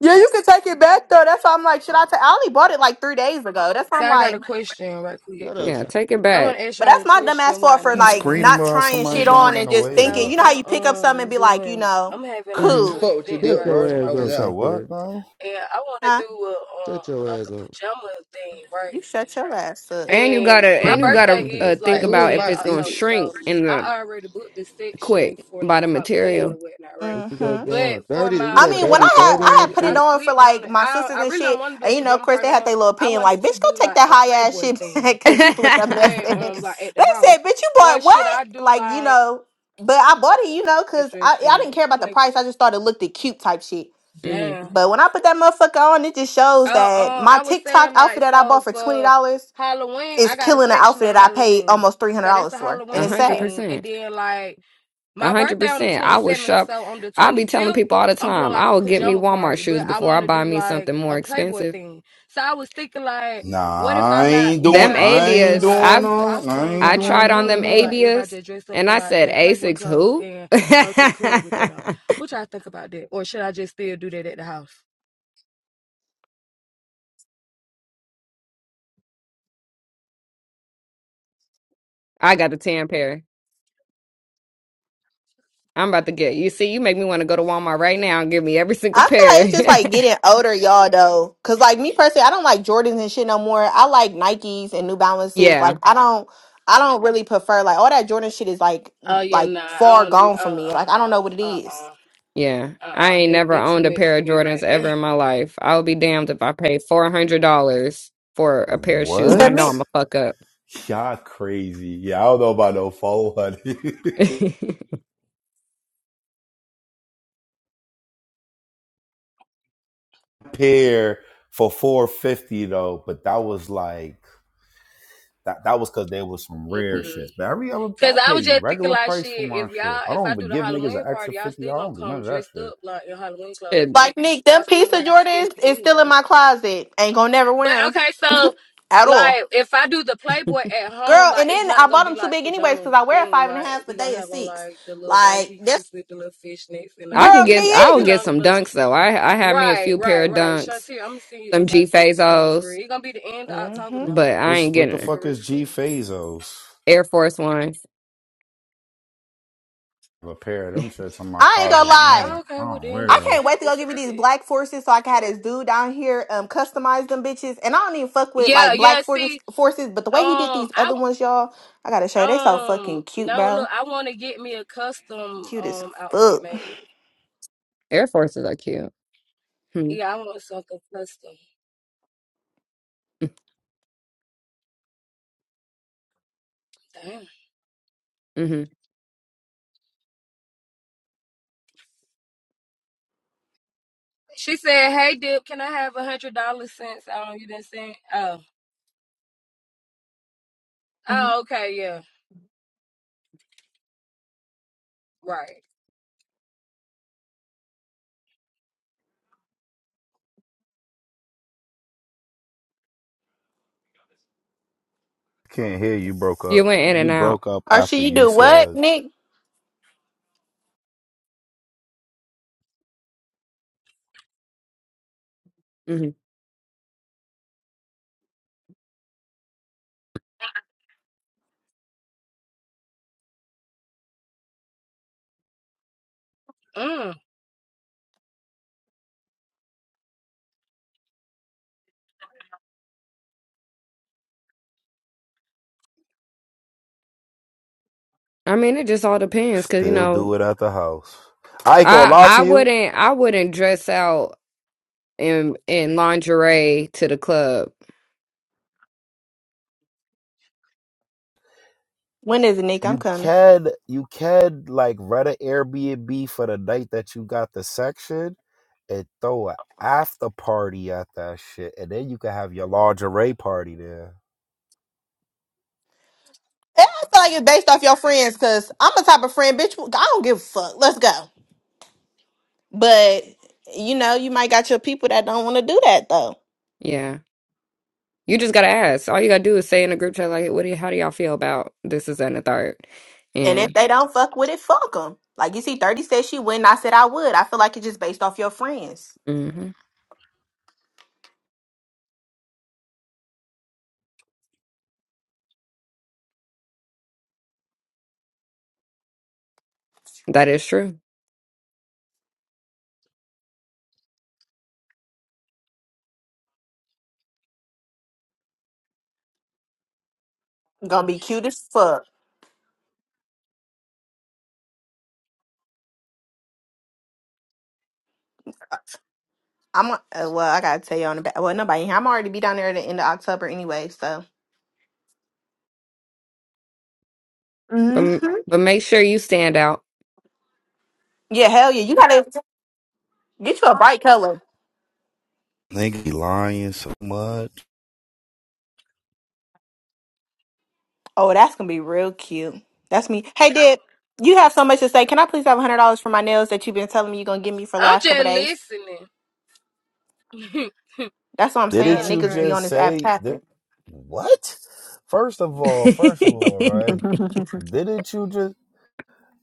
yeah, you can take it back though. That's why I'm like, should I take I only bought it like three days ago. That's why
so
I'm
I got a
like
question right quick.
Shut up,
Yeah,
San-
take it
I want
back.
to ask
but
y'all
that's
a
my dumb ass
question. Why
fault
ain't
for
you
nobody in
like
here?
screaming
not
about
trying
somebody
shit
<laughs>
going
on
in
and
a
just thinking,
so
wave
you know how you
I'm
pick up something and
um
be like, you
doing.
know,
I'm having like
hmm
I
two
cool.
fuck with you,
events
Shut
Dip,
right
your
for
bro.
my
ass
No
you
was
up,
said
out.
birthday,
what
Santeria.
bro
and I want to do
Huh?
a
Shut
um
your
like
ass
a
up.
pajama thing right.
You shut your ass up.
And you
And
gotta
my
and
<laughs>
you
birthday
gotta uh,
is
think
Hey,
like
who
the
is
about if
end
my
it's
of
gonna
October,
secret?
so
shrink in the
I already booked the section
quick
for like
by the
Halloween or
material.
whatnot, right?
what you
Mm-hmm.
got
But
going?
for
30? We
my
I
got
mean, when I
dirty
pajama
had
30
I
in this
had
party,
put
bitch?
I
it on for
slipped
like
wanted
my
I
sisters
I
and
really don't
shit,
want to do a
and you know, of
pajama
course
party
they
no
had
more.
their little
I
opinion, like,
wanted to
"Bitch, go
do
take
like
that
a
high ass
Playboy
shit <laughs> back
thing,
<laughs>
because you put that mess
but
in
mm-hmm.
it."
um like at the
They said,
house,
"Bitch, you
or
bought
should
what?"
I do
Like, you
like
know, but I bought it, you know, because
dress
I I
and
didn't care about the price.
Playboy?
I just thought it looked it cute type shit.
Damn.
But when I put that motherfucker on, it just shows
Oh,
that
um,
my
I was
TikTok
saying
outfit
like
that I
so
bought for twenty
for
dollars
Halloween, I
is
got a
killing the
section
outfit
on
that I paid
Halloween,
almost three hundred
so that's
dollars
a
for, and
A
it's
Halloween
hundred
sad.
theme, and
percent.
then like.
A
My
hundred
birthday on the
percent. I would
27th,
shop.
so on the
I be telling
25th,
people all the
I'm doing
time. I
like a
will get me
pajama
Walmart
party,
shoes
but I
before I
want to
buy
do
me
like
something more
a Playboy
expensive.
thing. So I was thinking like, what if
Nah, I
I'm not,
ain't
we
Them
doing.
not
I
dressed up
ain't
in
Avias.
doing
like
I
none. I
costumes
ain't
I
on
tried
doing
on
none
Halloween
them
of
and like
that.
everybody
Avias,
just dressed up
and
in
I
like
said
their Playboy
Asics
clothes
who?
and
<laughs>
go to the club with
I
that on? What y'all think about that? Or should I just still do that at the house?
got the tan pair. I'm about to get. You see, you make me want to go to Walmart right now and give me every single
I feel like
pair.
it's just like getting older, y'all. Though, cause like me personally, I don't like Jordans and shit no more. I like Nikes and New
<laughs>
Balances.
yeah.
Like I don't, I don't really prefer like all that Jordan shit is like
Oh yeah,
like
nah, I
far
don't do.
gone from
Oh,
me.
uh, uh,
Like I don't know what it
uh,
is.
uh,
Yeah,
uh,
I
uh.
ain't
That
never
that too
owned a
much
pair
for
of
me
Jordans
right
ever
there.
in my life. I'll be damned if I pay four hundred dollars for a pair of
<laughs>
shoes. I know
Me-
What?
I'm a fuck up.
Y'all crazy. Yeah, I don't know about no four hundred
<laughs> Shit.
<laughs> pair for four fifty though. But that was like that. That was because there was some rare
<laughs>
shits. But every other, I
Cause I was
pay
just thinking
regular
like
price for
shit,
my
if
shit.
y'all
I
if
don't
I
even
do the
give niggas
Halloween
an extra
party, y'all
fifty.
still
dollars. I
gonna
don't do none
come
of that
dressed
shit.
up like in Halloween clothes and
like Nick,
y'all
them
still
piece
gonna
of
be
Jordans
skimpy
is still in
anyway.
my closet. Ain't gonna never
But
wear them
okay, so
at all,
like if I do the Playboy at home,
girl.
like
And
it's
then I
not gonna
bought
be
them too
like
big anyways,
pajama
cause I wear a
theme.
five and a
Like
half,
we
but
gonna
they a
have on
six.
like the little one
Like
pieces
this,
with the little fishnets and
I
our
can
girl,
little
get,
me
I'll
you
either.
get
know, the
some
little
dunks though. I I had me a
Right,
few pair
right,
of
right.
dunks,
Shantir, I'm gonna send you
some G
invite so you can come for
Fazos,
real. It's gonna be the end of October
hmm
now.
but I ain't
What's what the
getting her.
For
fuck
real,
is
for
G
real.
Fazos?
Air Force Ones.
a pair of them shits in my
I ain't
closet
gonna
in a
lie.
Oh,
minute.
Okay,
I
well
don't
then
wear
I
that's a
those.
can't
bit.
wait to go
It's a
give me
bit.
these black forces so I can
For
have this
real.
dude down here um customize them bitches. And I don't even fuck with
Yeah,
like
yeah.
black
See,
forces, forces, but the way he did
Um,
these
I
other ones, y'all, I gotta show you. They so
um
fucking cute,
no look,
bro.
I want to get me a custom
Cute as
um outfit
fuck.
made.
Air Forces are cute. Hmm.
Yeah, I want something custom.
Mm-hmm.
Damn.
mm-hmm.
She said, "Hey, Dip, can I have a hundred dollars since um you didn't send?" Oh,
Mhm.
oh, okay, yeah, right.
Can't hear you broke
You
up.
went in
You
and out.
broke up
Archie,
after
you
you
do what,
said
Nick?
hmm
Mm,
I mean, it just all depends, cause you
still
know,
do it at the house. I ain't gonna
I
lie
I
to you.
wouldn't I wouldn't dress out in in lingerie to the club.
When is it, Nick? I'm
You
coming.
can you can like rent an Airbnb for the night that you got the section and throw a after party at that shit and then you can have your lingerie party there.
And I feel like it's based off your friends, cause I'm the type of friend, bitch. I don't give a fuck. Let's go. But you know, you might got your people that don't want to do that though.
Yeah. You just gotta ask. All you gotta do is say in a group chat, like, what do you, how do y'all feel about this, is that, and the third?
And if
And
they don't fuck with it, fuck them. Like you see, Thirty said she wouldn't. I said I would. I feel like it's just based off your friends.
mhm, that is true.
Gonna be cute as fuck. I'm uh, well. I gotta tell you on the back. Well, nobody. I'm already be down there at the end of October anyway. So. hmm
But but make sure you stand out.
Yeah, hell yeah. You gotta get you a bright color.
Nigga you lying so much.
Oh, that's gonna be real cute. That's me. Hey, Deb, you have so much to say. Can I please have hundred dollars for my nails that you've been telling me you're gonna give me for the
I'm
last couple
just
days?
listening. <laughs>
That's what I'm saying.
Didn't
y'all
you
Niggas be
crazy.
on
just
this app
say that
tapping.
what? First of all, first of all,
<laughs>
<laughs>
right? Didn't you just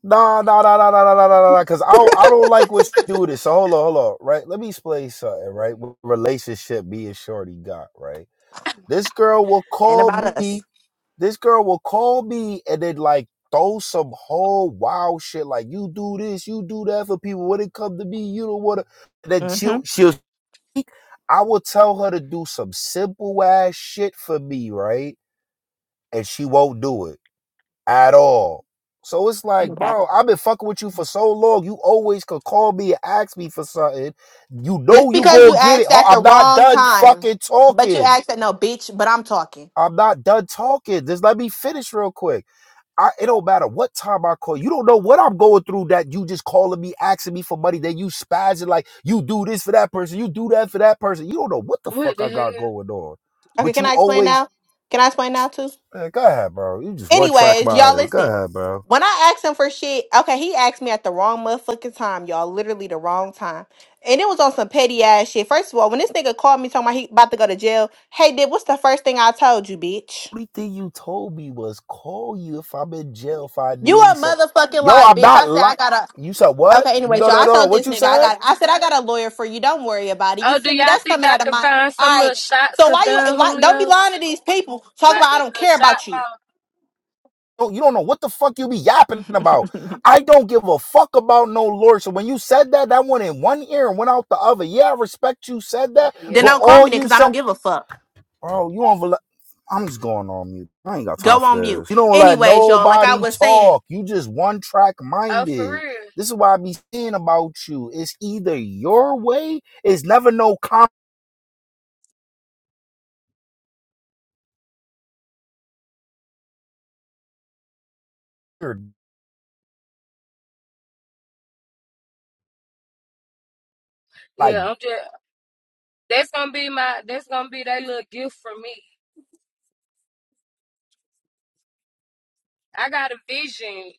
Nah, nah, nah, nah, nah, nah, nah, nah, nah. nah, Cause I don't, I don't like what you do this. So hold on, hold on. Right, let me explain something. Right, what relationship me and Shorty got. Right, this girl will
And
call
about us.
me. This girl will call me and then like throw some whole wild shit. Like you do this, you do that for people. When it come to me, you don't want to. And then she'll,
Mm-hmm.
she'll. I will tell her to do some simple ass shit for me. Right, and she won't do it at all. So it's like,
Okay.
bro, I've been fucking with you for so long. You always could call me and ask me for something. You know
Just
you
because
go
you
get it.
asked
Oh,
at the
I'm not
wrong
done
time,
fucking
but you
talking.
asked at no bitch, but I'm talking.
I'm not done talking. Just let me finish real quick. I, it don't matter what time I call. You don't know what I'm going through that you just calling me, asking me for money. Then you spazzing like you do this for that person. You do that for that person. You don't know what the
What
fuck
the
I got
hell?
going on.
Okay,
But
can
you
I explain
always,
now? Can I explain now too?
man, go ahead, bro. You just one track
Anyways,
mind.
y'all
it. Go
listen.
ahead, bro.
When I asked him for shit, okay, he asked me at the wrong motherfucking time, y'all. Literally the wrong time. And it was on some petty ass shit. First of all, when this nigga called me talking about he about to go to jail, hey, did what's the first thing I told you, bitch?
only thing you told me was call you if I'm in jail if I
You
need
a
something.
motherfucking
Yo,
lie,
I'm
bitch.
not
I said I got a
li You said what?
Okay, anyways,
No,
y'all,
no,
I
no, no.
told
What
this
you
nigga I
said?
got I said I got a lawyer for you. Don't worry about it. You
Oh, do
feel me?
y'all
That's
think
coming
I
out of
could
my
find some
all
little
right.
shots
So
of
why you
Don
why don't be
Julio,
lying to these people? Talk
like
about I
the
don't
the
care
shot
about you.
ball?
No, you don't know what the fuck you be yapping about.
<laughs> then
I don't give a fuck about no lord. So when you said that, that went in one ear and went out the other. Yeah, I respect you said that, but
Yeah.
don't call
all
me then
you
because I don't
said,
give a fuck.
bro, you on I'm just going on mute. I ain't got time
Go
for
on mute.
this. You don't let
Anyways, y'all, like I
nobody
was saying,
talk. You just one track
Oh, for
minded.
real?
This is why I be saying about you. It's either your way, it's never no counter. Like
Yeah, I'm just That's gonna be my that's gonna be that little gift for me. I got a vision.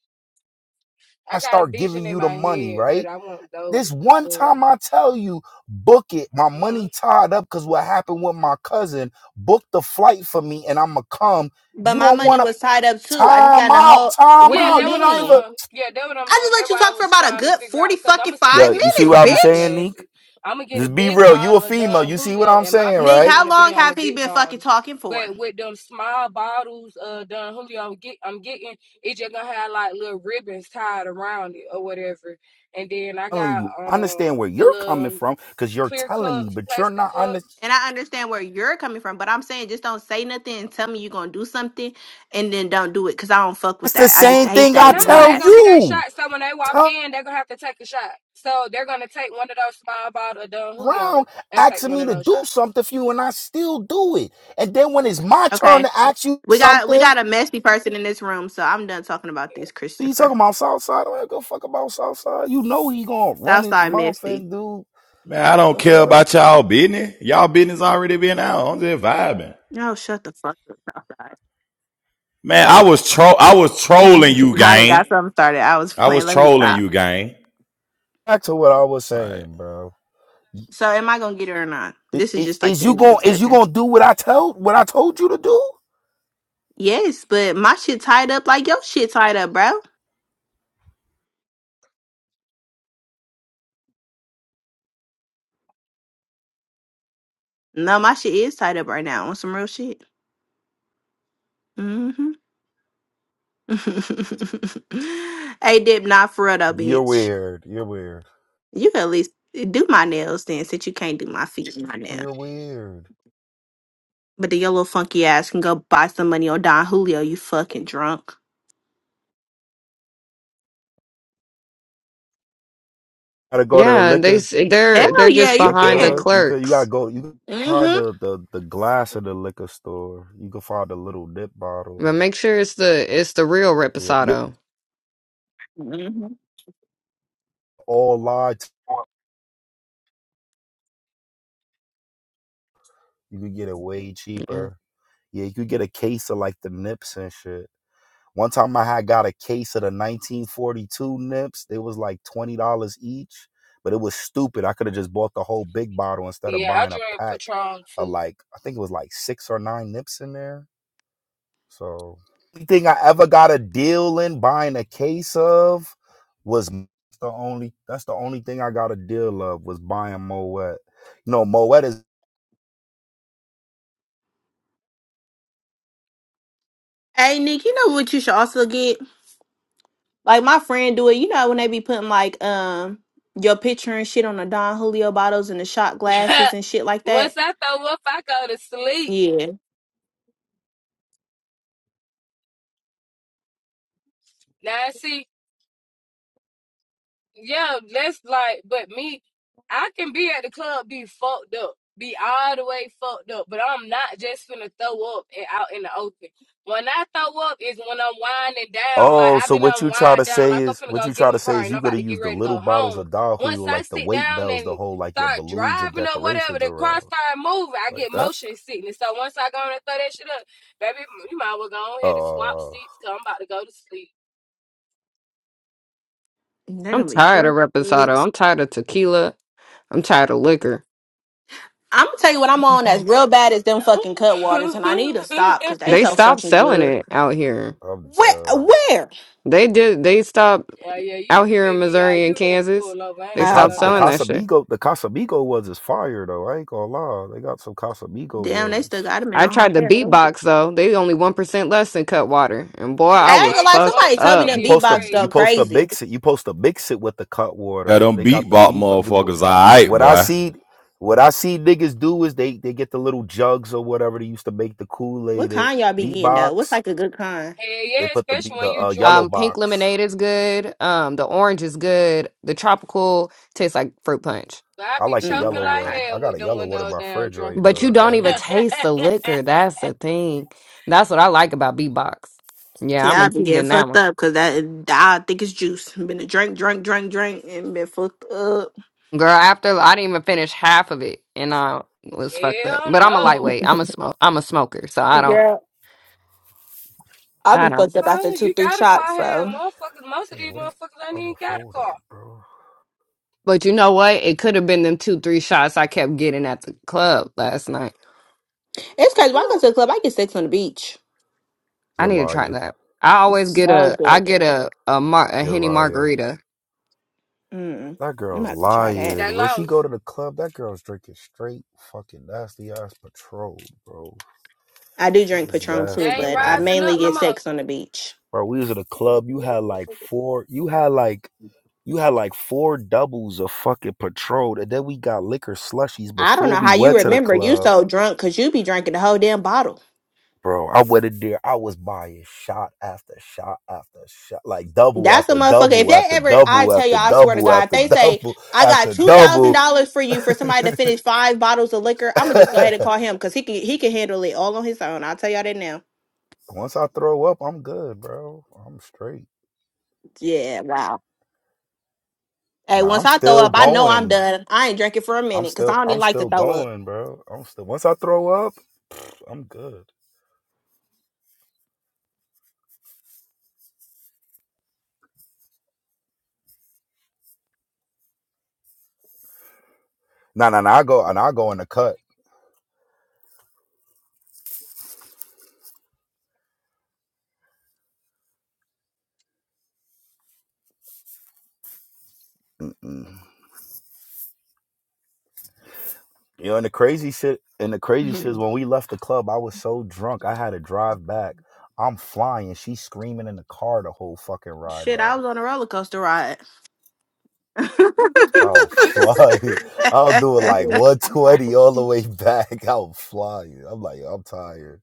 I
I got a
start
vision
giving
in
you the
my
money,
head, but
right?
I want those.
This one
Well,
time I tell you, book it. My
mhm.
money tied up because what happened with my cousin. Book the flight for me and I'ma come.
but
You
my
don't
money
wanna
was tied up too. I just got
time
in a
out,
whole
time
what do
Yeah,
you
out.
that's
You
what I'm
not even
mean?
doing. Yeah, that's what I'm
I
doing.
just
That's
let you
why I
talk for
was
about a
trying to
good
figure out
forty
because I'm
fucking
gonna still
Yeah,
five
get the
you see
little
minutes,
what I be
shot
saying,
bitch.
Nick?
glasses. I'm gonna get a
Just be
big
real. You a
bottle of
female.
Don
You see what
Julio,
I'm
and my
saying,
Nick,
picture's
right?
how
gonna be
long
on
have
the
he
big
been fucking
bottle.
talking for?
But with them small bottles of Don Julio, I'm, get, I'm getting it just gonna have like little ribbons tied around it or whatever. And then I
telling
got
you. Understand
um
where
the
you're coming
little
from because you're
clear
telling me,
cups,
but you're
plastic
not under.
cups.
And I understand where you're coming from, but I'm saying just don't say nothing and tell me you're gonna do something and then don't do it because I don't fuck
It's
with
the
that. I just
same
hate
thing
that.
I
and You
No,
know
tell
they're
that.
gonna be their
you.
shot. So when they walk
Turn
in, they're gonna have to take a shot. So they're gonna take one of those small bottle of Don Julio
around
and take
asking
one
me
of
to
those
do
shots.
something for you, and I still do it. And then when it's my turn
Okay.
to ask you
We got we
something,
got a messy person in this room, so I'm done talking about this,
what you
Christopher.
talking about Southside? I don't go fuck about Southside. You know he gonna run his
Southside
mouth
messy.
and do
Man, I
like
don't
the
care
fuck.
about y'all business. Y'all business already been out. I'm just vibing.
No, shut the fuck up,
Man, I was tro- I was trolling
Southside. <laughs>
you,
I done
gang.
got something started. I was
I was
playing. Let me
trolling
stop.
you, gang.
Back to what I was
All right.
saying, bro.
So am I gonna get her or not? This is
Is,
just like
is
the
you
end of the
gonna is you
discussion.
gonna do what I told what I told you to do?
Yes, but my shit tied up like your shit tied up, bro. No, my shit is tied up right now on some real shit. Mm-hmm. <laughs> hey, Dip, not for real though,
You're
bitch.
weird. You're weird.
You can at least do my nails then, since you can't do my feet and my
Oh,
nails.
You're weird.
But then your little funky ass can go buy some money on Don Julio. You fucking drunk.
Gotta go to the
Yeah, they
liquor.
s- they're
Hell
they're
yeah,
just
You
you
behind the
could.
can.
You could. You gotta
clerks.
go. You could find
Mm-hmm.
the, the, the glass of the liquor store. You can find the little nip
But
bottles.
make sure it's the it's the real
Yeah. You
reposado.
mm-hmm.
all lied. You could get it way
Yeah.
cheaper. Yeah. You could get a case of like the nips and shit. One time I had got a case of the 1942 nips. They was like $20 each, but it was stupid. I could have just bought the whole big bottle instead
Yeah,
of
yeah I
buying a
drink
pack
Patron
of
too.
like, I think it was like six or nine nips in there. So, only thing I ever got a deal in buying a case of was the only, that's the only thing I got a deal of was buying Moet. You know, Moet is
Hey, Nick, you know what you should also get? Like my friend do it. You know when they be putting like um your picture and shit on the Don Julio bottles and the shot
<laughs>
glasses and shit like
Once
that.
I throw up, I go to sleep.
Yeah,
Now see, Yeah, that's like, but me, I can be at the club, be fucked up, be all the way fucked up, but I'm not just finna throw up and out in the open. When I throw up is when I'm winding down, like
Oh,
I've
so
been
what you try to
unwind down,
say
like I'm
is
finna
what
go
you
get
try
in
to
the
say
car
is
and
you
I'm about
gotta
to get
use the
ready to
little
go
bottles
home.
of
Once
Dahu
I
like the
sit
weight
down
bells to
and
hold like your
start
balloons and
driving or whatever,
decorations
the car
around.
start moving, I
Like
get
that?
motion sickness. So once I go on and throw that shit up, baby, you might as well go on here to swap
Uh
seats, cause I'm about to go to sleep.
they're
I'm
gonna be
tired of
fucked. up.
reposado. I'm tired of tequila. I'm tired of liquor.
I'm gonna tell you what I'm on that's
Mhm.
real bad is them fucking cutwaters, and I need to stop
No.
because
<laughs>
they
They
so
stopped
fucking
selling
good.
it out here.
I'm
Where?
done.
Where?
They did. They stopped
Yeah, yeah,
out
you to
here in
pick me out.
Missouri and
You had to
Kansas.
pull over. I
The
They
ain't even
Oh,
stopped
Cas
gonna
the
okay.
selling
lie.
that shit.
Casamigo the Casamigo ones is fire though. I ain't gonna lie. They got some Casamigo
Damn, they
ones.
still got them in
I
Ohio.
tried the
I ain't
beatbox though. They only one percent less than Cutwater, and boy, I
But
gonna
was
one
lie,
fucked
one
somebody told me
twenty
up.
You
them
is
post a
beatbox go
you
crazy.
post to
crazy.
mix it. You post to mix it with the cut
Yeah,
water.
them
They got the
beatbox
beat but the,
motherfuckers, all right,
what I
boy.
see what I see niggas do is they they get the little jugs or whatever they used to make the
What
Kool-Aid in,
kind y'all be getting though? What's
beatbox
like a good kind?
Hell yeah,
They put the be-
especially when
the
you
uh, yellow
drunk.
Um, pink
box.
lemonade is good. Um, the orange is good. The tropical tastes like fruit punch,
But I
I
be
like the
Mm,
choking
yellow
okay,
like
one.
okay.
I
hell
got
with
a
them
yellow one in
window
my
down,
fridge
drunk
right
as
but you
now.
don't even
Right?
taste the
fuck.
liquor. That's the thing. That's what I like about beatbox. Yeah,
See,
I'm gonna
I've been
keep
getting
getting that
fucked
one,
up because that I think it's juice. Been a drink, drink, drink, drink, and been fucked up.
girl. After I didn't even finish half of it, and I
<laughs>
was fucked up.
hell
But I'm a
no.
lightweight. I'm a smoke. I'm a smoker, so I don't.
Girl, I'll
I
be
don't.
fucked up after
So
two,
you
three
got a car,
shots.
hell,
So
motherfuckers. Most of
Damn,
these
what a
motherfuckers ain't
other
even got a car.
folder, bro.
But you know what? It could have been them two, three shots I kept getting at the club last night.
it's
<gasps>
crazy. When I
Whew.
go to the club, I get sex on the beach.
I
You're
need to try
lying.
that. I always
It's
get
so
a, I
good.
get a a, mar- a
You're
henny
lying.
margarita.
Mm,
That
I'm
girl's
about to try that.
lying.
they
When she
lost.
go to the club, that girl's drinking straight fucking nasty ass patrol, bro.
I do
Shit
drink
is
Patron
They
too,
nasty,
ain't
but I
bro.
rising
mainly
up no
get
more.
sex on the beach.
Bro, we was at a club. You had like four. You had like you had like four doubles of fucking patrol, and then we got liquor slushies
I don't
before
know
we
how you
went to the
remember you
club
so drunk because you be drinking the whole damn bottle.
Bro, I went in there. I was buying shot after shot after shot, like double
That's a
after
motherfucker. If
double
they
after
ever, I
double
tell
after
you, I swear to
double
God, if
after
they say,
double
I got
after double.
$2,000 for you for somebody to finish five bottles of liquor, I'm going to just go ahead
<laughs>
and call him because he can, he can handle it all on his own. I'll tell y'all that now.
Once I throw up, I'm good, bro. I'm straight.
Yeah, wow. Hey,
Nah,
once
I'm
I throw
still
up, I know I'm
going.
done. I ain't drinking for a
I'm
minute because I
still,
don't even
I'm
like to
still
throw up.
going, bro. I'm still. Once I throw up, I'm good. Nah, nah, nah. I go and I go in the cut. Mm-mm. You know, and the crazy shit, and the
<laughs>
crazy shit is when we left the club, I was so drunk, I had to drive back. I'm flying. She's screaming in the car the whole fucking ride
Shit, I
back.
was on a roller coaster ride.
Oh fuck! <laughs> I'll do it like
<laughs>
120 all the way <laughs> back. I'll fly you. I'm like, I'm tired.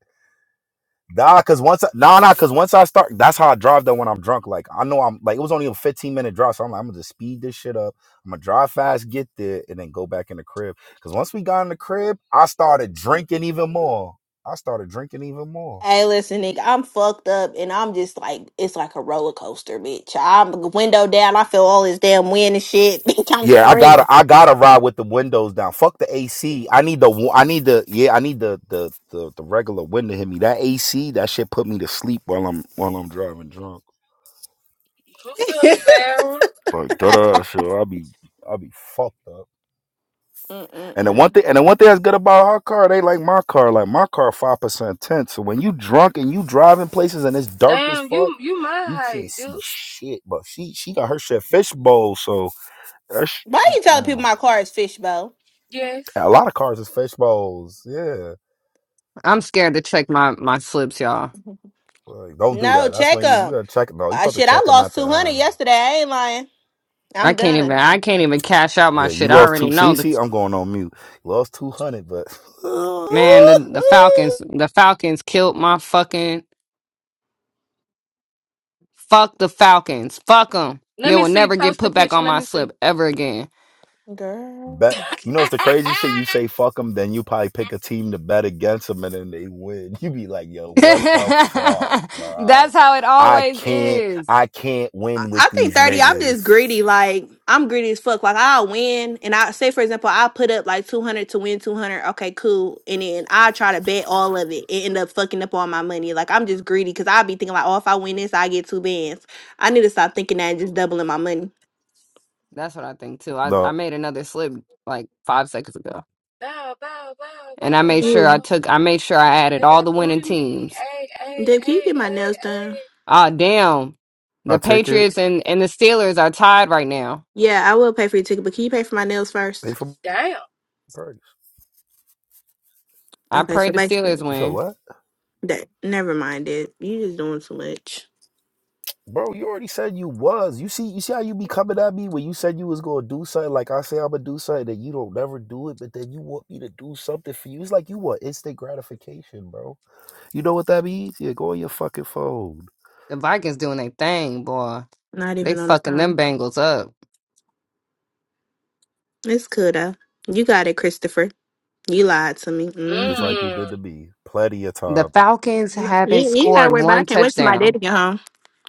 Nah, cause once I, nah, nah, cause once I start, that's how I drive though when I'm drunk. Like I know I'm like it was only a 15 minute drive, so I'm like I'm gonna just speed this shit up. I'm gonna drive fast, get there, and then go back in the crib. Cause once we got in the crib, I started drinking even more. I started drinking even more.
Hey, listen, nigga, I'm fucked up and I'm just like, it's like a roller coaster, bitch. I'm window down. I feel all this damn wind and shit. <laughs> Bitch, I'm
Yeah, I gotta,
screaming.
I gotta ride with the windows down. Fuck the AC. I need the, wa- I need the, yeah, I need the, the, the, the regular wind to hit me. That AC, that shit put me to sleep while I'm, while I'm driving drunk.
What's up,
<laughs>
Sarah?
Like, da da, so I'll be, I'll be fucked up. And the
Mm-mm-mm.
one thing, and the one thing that's good about our car, they like my car. Like my car, five percent tint. So when you drunk and you driving places and it's dark as
Damn,
fuck,
you you my
you can't
height,
see
dude.
shit. But she she got her shit fishbowl. So that sh-
Why you telling people
mm-mm.
my car is fishbowl?
Yes.
a lot of cars is fishbowls. Yeah,
I'm scared to check my my slips, y'all.
like, don't do
No,
that. That's
check
when you you
'em.
gotta check. No, you
I
supposed to
shit, I
check them at
lost
the
200
um.
yesterday. I ain't lying.
I
I'm
can't even,
done.
I can't even cash out my
Yeah, you
shit. I
lost
already
two. See,
know that.
see, I'm going on mute. Lost two hundred, but
Man, the the
<laughs>
Falcons, the Falcons killed my fucking. Fuck the Falcons. Fuck them.
Let
They
me
will
see.
never get
Post a
put back
picture.
on
Let
my
me see.
slip ever again.
Girl.
Bet you know it's the crazy shit. You say fuck them, then you probably pick a team to bet against them, and then they win. <laughs> You be like, yo,
<laughs>
what the fuck,
That's
bro?
how it
I
always
can't,
is.
I can't
I
win with
I think
these
Mm.
30, I'm just
niggas.
greedy. Like, I'm greedy as fuck. Like, I'll win. And I say, for example, I'll put up like 200 to win 200. Okay, cool. And then i try to bet all of it and end up fucking up all my money. Like, I'm just greedy because I'll be thinking, like, oh, if I win this, I get two bands. I need to stop thinking that and just doubling my money.
That's what I think too. I, I
No,
made another slip like five seconds ago.
Bow, bow, bow,
And I
bow,
made sure I
Mm.
bow.
took I made sure I added
It
all
done
the winning
booted me.
teams.
Hey, hey,
Deb, can you
hey,
get my
hey,
nails done?
Ah damn.
I
The
take it.
Patriots and, and the Steelers are tied right now.
Yeah, I will pay for your ticket, but can you pay for my nails
They
first?
for
hey.
perks.
I
Okay,
pray
so
the
basically,
Steelers
You said
win.
what,
that never mind it. You just doing too much.
bro? You already said you was. You see, you see how you be coming at me when you said you was gonna do something. Like I say, I'm gonna do something, that you don't never do it, but then you want me to do something for you. It's like you want instant gratification, bro. You know what that means? Yeah, go on your fucking phone.
The Vikings doing their thing, boy.
Not
They
even on the
fucking them
phone.
Bengals up.
It's cool though. You got it, Christopher. You lied to me.
Damn.
just
Mm-hmm.
like you did
Mm.
to me, plenty of
The
time.
Falcons
You,
haven't
you ain't gotta
scored
worry about it. I
one
can't wait till my
touchdown.
daddy get home.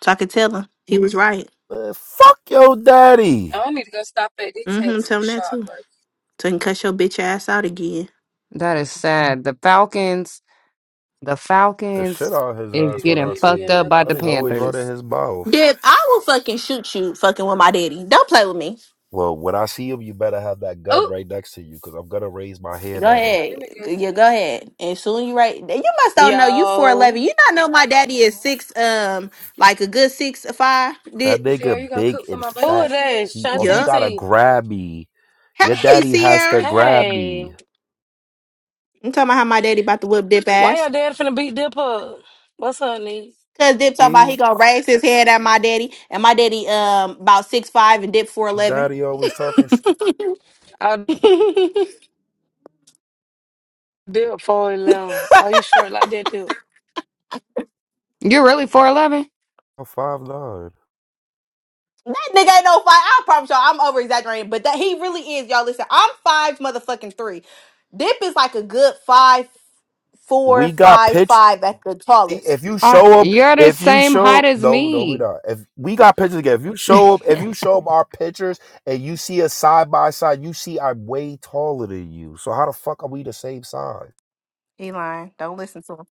So I could tell him. He was right.
Man, fuck your daddy.
I need to go stop at the
Mm-hmm. Tell
tattoo
him that
shop,
too.
bro.
So he can cuss your bitch ass out again.
That is sad. The Falcons The
The
Falcons
shit out his
I
is
need
ass
to go
when
getting
I
get me
see
fucked up
him.
another
by
That
the
nigga always
nose
running
ring.
Panthers.
his mouth.
Dip, I will fucking shoot you fucking with my daddy. Don't play with me.
Well, when I see him, you better have that gun
Oh,
right next to you because I'm gonna raise my hand
Go
at him.
let
ahead.
me go
G- Yeah,
see.
go ahead. And soon you right. You must don't know you four
Yo,
eleven. You not know my daddy is six um like a good six five.
That
Did
nigga
Sierra, you gonna
big
cook for
and
my
who
birthday,
it
fat.
Sierra?
is?
He oh he
Shanti
yup.
gotta
T.
grab me.
<laughs>
Your
Hey
daddy has to
Sierra.
grab
Hey,
me.
I'm talking about how my daddy about to whip dip
why
ass.
your dad finna beat Dip up? What's up, Nee?
Cause Dip talking about he
He,
gonna raise his head at my daddy, and my daddy um about six five and Dip four eleven.
daddy always talking shit.
I
<laughs> that nigga
Dip 411. Oh, you short like that, Dip?
You're really 4'11?
on Five nine.
ain't no five. I promise y'all, I'm over exaggerating, but that he really is. Y'all listen, I'm five motherfucking three. Dip is like a good five four
We got
five
pictures.
five at the tallest.
If you
I,
show up,
you're the
if you
same
show
height
up,
as
no, no, we
me.
not. If we
See,
got pictures together, if you
<laughs>
show up, if you show up our pictures and you see us side by side, you see I'm way taller than you. So how the fuck are we the same size?
he lying. Don't listen to him.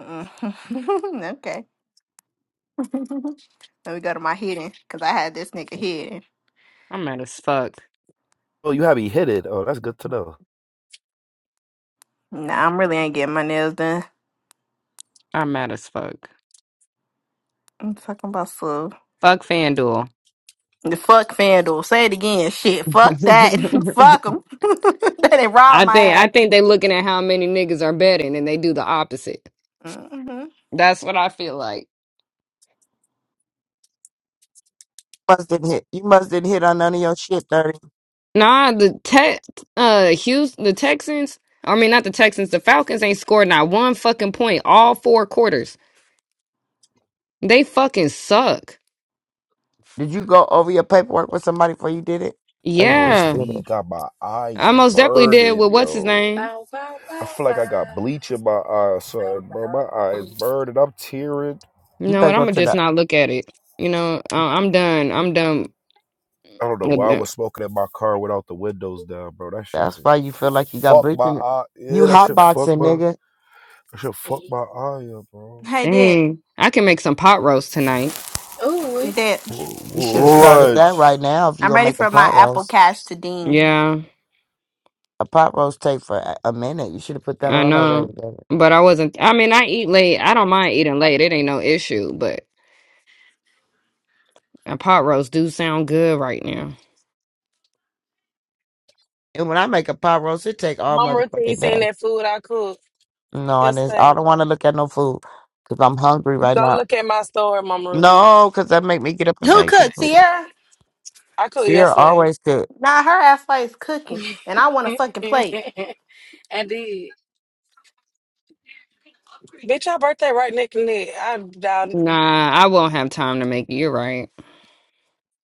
Mm-mm. <laughs> okay. <laughs> Let me go to my hidden, cause I had this nigga hidden.
I'm mad as fuck.
Oh, you have me hit it. Oh, that's good to know.
Nah, I'm really ain't getting my nails done.
I'm mad as fuck.
I'm talking about slow.
Fuck FanDuel.
The fuck FanDuel. Say it again. Shit. Fuck that. <laughs> fuck
<laughs>
them. <laughs> they robbed
I
my
think I
ass.
think they looking at how many niggas are betting and they do the opposite.
hmm
That's what I feel like.
must did hit. You must didn't hit on none of your shit, dirty.
Nah, the Tex, uh, Hughes, the Texans. I mean, not the Texans. The Falcons ain't scored not one fucking point all four quarters. They fucking suck.
Did you go over your paperwork with somebody before you did it, or you
Bro,
just
this
Yeah.
did it?
weed got my eyes
I most definitely did
burning,
with what's his
yo.
name.
bow, bow,
I
bow,
feel like
bow.
I got bleach in my eyes,
Bow,
son, bro. My
bow.
eyes burning. I'm tearing.
You
You
know
better
what? I'm
go
gonna
to
just
the.
not look at it. You know, I- I'm done. I'm done
I don't know
with
why I
that.
was smoking in my car without the windows down, bro. That shit
That's
just
why you feel like you got
fucked
bleach
my
in your.
eye.
You
Yeah, that shit fucked
hotboxing,
my.
nigga.
That shit fucked
Mm.
my eye up, bro.
Hey, Dip.
Dang, I can make some pot roast tonight.
Ooh.
Dip.
Wh- wh-
You should have started
What?
that right now if you
I'm
gonna
ready
make a
for my
pot
Apple
roast.
Cash to ding.
Yeah,
A pot roast take for a a minute. You should have put that
I
on already,
know,
baby.
but I wasn't. I mean, I eat late. I don't mind eating late. It ain't no issue. But a pot roast do sound good right now.
And when I make a pot roast, it take all
Mama Ruth
motherfucking
ain't seen
day.
that food I cooked
No, and just I
yesterday.
don't want to look at no food because I'm hungry right
Don't
now.
look at my store, Mama Ruth.
No, because that make me get up and
Who
make some
cooked?
food.
Sierra?
I cooked
Sierra
yesterday.
always cook.
Nah, her ass is cooking, and I want
<laughs>
a
I
fucking plate.
did.
Bitch, your birthday right neck and neck. I down.
Nah, I won't have time to make it. You're right.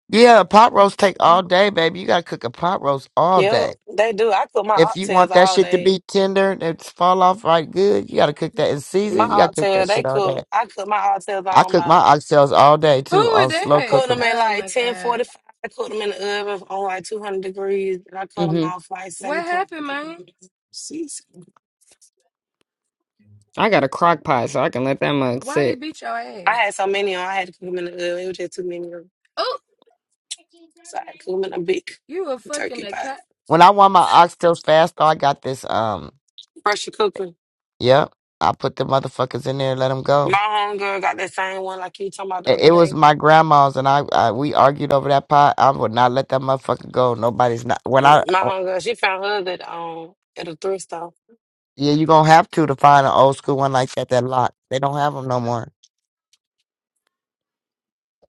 Yeah, pot
Ooh,
roast take all day, baby. You gotta cook a pot roast all
Yep,
day.
they do. I cook my
If you want
oxtails
that
all
shit to
day.
be tender and it fall off right good, you gotta cook that in
My
season. You gotta cook
oxtail,
that
they
shit all day.
cook. I cook my oxtails
I
on
cook my
about.
oxtails all day
Who
too
was
on slow
I
that?
cook
cook
them
'em.
at
Oh
like
my
ten
god.
forty five. I cook them in the oven on like two hundred degrees, and I cut them
hmm
off like
What
seven o'clock.
happened, man?
Jeez.
I got a crock pot, so I can let that mug
Why he
sit.
beat your
I
ass?
had so many on. I had to cook them in the oven. It was just too many. of 'em.
Oh.
So I had to cook them in a big
You a fucking
turkey
a
pot.
cat.
When I want my oxtails fast, though, I got this. Um,
Pressure cooker.
yep, I put the motherfuckers in there and let them
My
go.
homegirl got that same one like you talking about the
It,
other
it was
day.
my grandma's, and I, I we argued over that pot. I would not let that motherfucker go. Nobody's not when I.
My
oh,
homegirl, she found hers at um at a thrift store.
Yeah, you gonna have to to find an old school one like that that lock. They don't have them no more.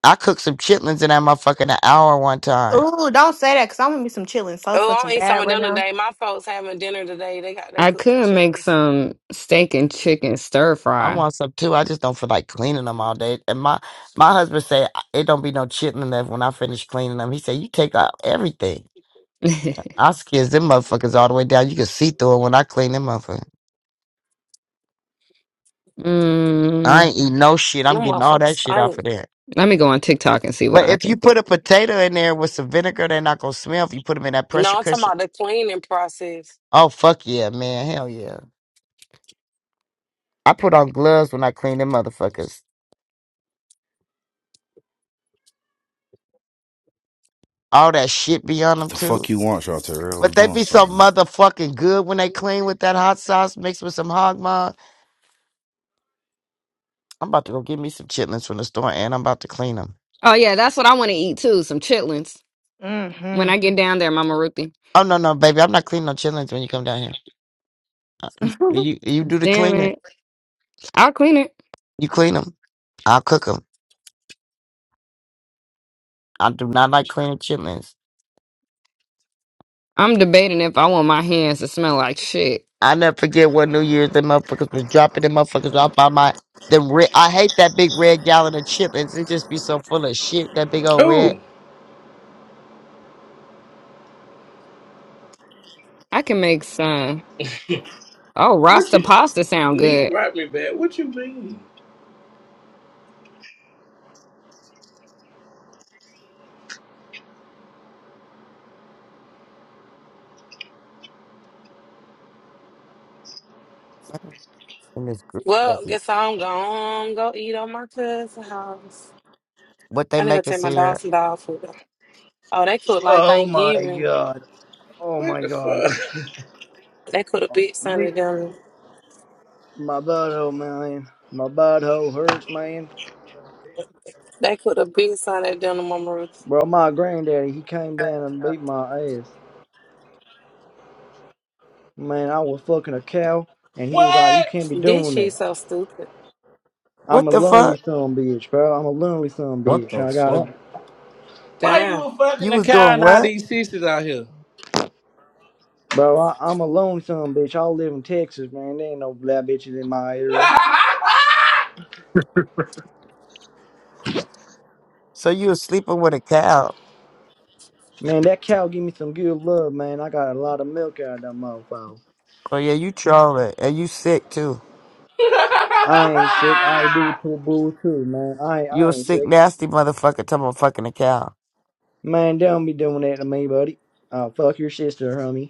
I cooked some chitlins in that motherfucker in an hour one time.
don't say that, cause I'm gonna be some chilling so
Oh, I
fucking
don't eat some
bad
of
right
them
now.
today. My folks having dinner today. They got they
I
cooked
could make
chitlins.
some steak and chicken stir
I
fry.
want some too. I just don't feel like cleaning them all day. And my my husband said it don't be no chitlin left when I finish cleaning them. He said you take out everything.
<laughs>
I skids them motherfuckers all the way down. You can see through it when I clean them motherfuckers.
Mm.
I ain't eating no shit. I'm
Them
getting all
motherfuckers
that shit off
stink.
of there.
Let me go on TikTok and see what
But
I
if you
can cook.
put a potato in there with some vinegar, they're not gonna smell. If you put them in that pressure
No, I'm talking
cushion,
about the cleaning process.
oh fuck yeah, man, hell yeah. I put on gloves when I clean them motherfuckers. All that shit be on
What
them
the
too.
fuck you want, Charter? I was
But they
doing
be so
something.
motherfucking good when they clean with that hot sauce mixed with some hog maw. I'm about to go get me some chitlins from the store and I'm about to clean them.
Oh yeah, that's what I want to eat too. Some chitlins
hmm
when I get down there, Mama Ruthie.
Oh, no, no, baby. I'm not cleaning no chitlins when you come down here. Uh,
<laughs>
You, you, you do the
Damn
cleaning.
it, I'll clean it.
You clean them. I'll cook them. I do not like cleaning chitlins.
I'm debating if I want my hands to smell like shit.
I never forget what New Year's them motherfuckers was dropping them motherfuckers off by my them red. I hate that big red gallon of chip chitlins. It just be so full of shit. That big old red.
Oh,
I can make some. Oh,
what
Rasta
you...
pasta sound
Lee,
good.
write me back. What you mean?
in this group chat.
Well, guess I'm gone. Go eat on my cousin's house.
What they
I need to go
make
take
us
my dog
here?
some dog food. Oh, they cook like
Oh my
Thanksgiving.
god. Oh
What
my
the
god.
fuck?
They cook a big Sunday dinner.
My butthole, man. My butthole hurts, man.
They cook a big Sunday dinner, Mama Ruth.
Bro, my granddaddy, he came down and beat my ass. Man, I was fucking a cow, and
<laughs>
he was like, You
What?
can't be
This
doing
shit
that.
so stupid.
I'm
What
a
the fuck?
lonely son of a bitch, bro. I'm a lonely son of a
What
bitch.
the
I
fuck?
gotta.
Why you
Damn.
were
You
fucking a
was
cow
doing
and all
what?
these sisters out here?
Bro, I, I'm a lonely son of a bitch. I live in Texas, man. There ain't no black bitches in my
<laughs>
area.
So you was sleeping with a cow.
Man, that cow give me some good love, man. I got a lot of milk out of that motherfucker.
Oh yeah, you trolling. And you sick too.
I ain't sick. I do it to a bull too, man. I
You
I
a
ain't
sick,
sick.
nasty motherfucker talking about fucking a cow.
Man, don't be doing that to me, buddy. I'll fuck your sister, homie.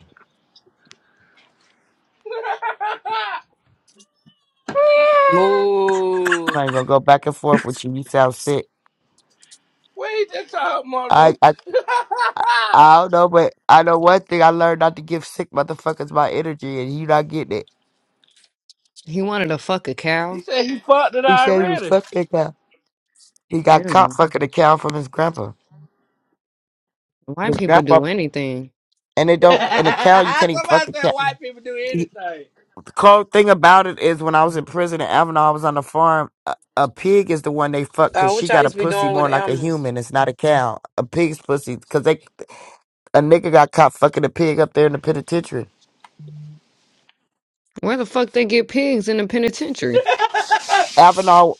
I'm not
Move.
even gonna go back and forth with you. You sound sick.
Wait, that's all my
I
Ruth.
I
<laughs>
I don't know, but I know one thing I learned not to give sick motherfuckers my energy and you not getting it.
He wanted to fuck a
he
cow.
said he fucked it
He said he was
already.
fucking a cow. He got
Yeah,
caught fucking a cow from his grandpa.
white
His
people
grandpa
do anything.
and they
<laughs>
don't
Somebody
and a cow you can't even fuck a
said white people do
cow.
anything.
Cold thing about it is when I was in prison in Avenal, I was on the farm. A, a pig is the one they fuck
Uh,
because
what
she
y'all
got a
used to be
pussy
doing with
more like a
animals?
human. It's not a cow. A pig's pussy because they a nigga got caught fucking a pig up there in the penitentiary.
Where the fuck they get pigs in the penitentiary?
Avenal,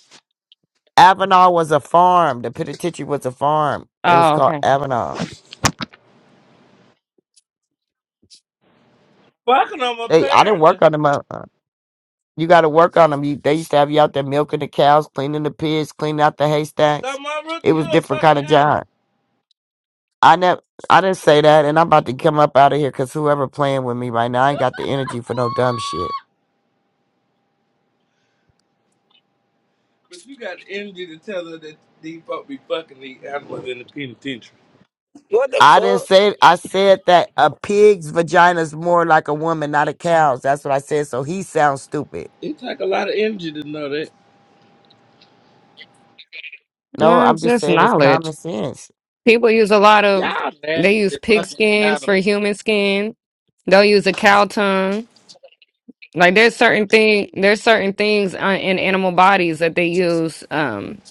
Avenal was a farm. The penitentiary was a farm. It was
Oh,
called
okay.
Avenal.
Fucking them
They, I didn't
apparently.
work on them. uh, uh, You got to work on them. You, they used to have you out there milking the cows, cleaning the pigs, cleaning out the
So
haystacks.
my Ruth,
It
you
was
a
different
fucking
kind of job.
animal.
I never, I didn't say that, and I'm about to come up out of here because whoever playing with me right now, I ain't got the energy for no dumb shit.
But you got the energy to tell her that these folk be fucking these animals in the penitentiary.
What the
I didn't
fuck?
say. I said that a pig's vagina is more like a woman, not a cow's. That's what I said. So he sounds stupid.
It take a lot of energy to know that.
No,
No,
I'm
it's
just
just
saying it's
knowledge.
common sense.
People use a lot of.
Y'all
They use
nasty
pig
fucking
skins for
animals.
human skin. They'll use a cow tongue. Like there's certain thing there's certain things on, in animal bodies that they use um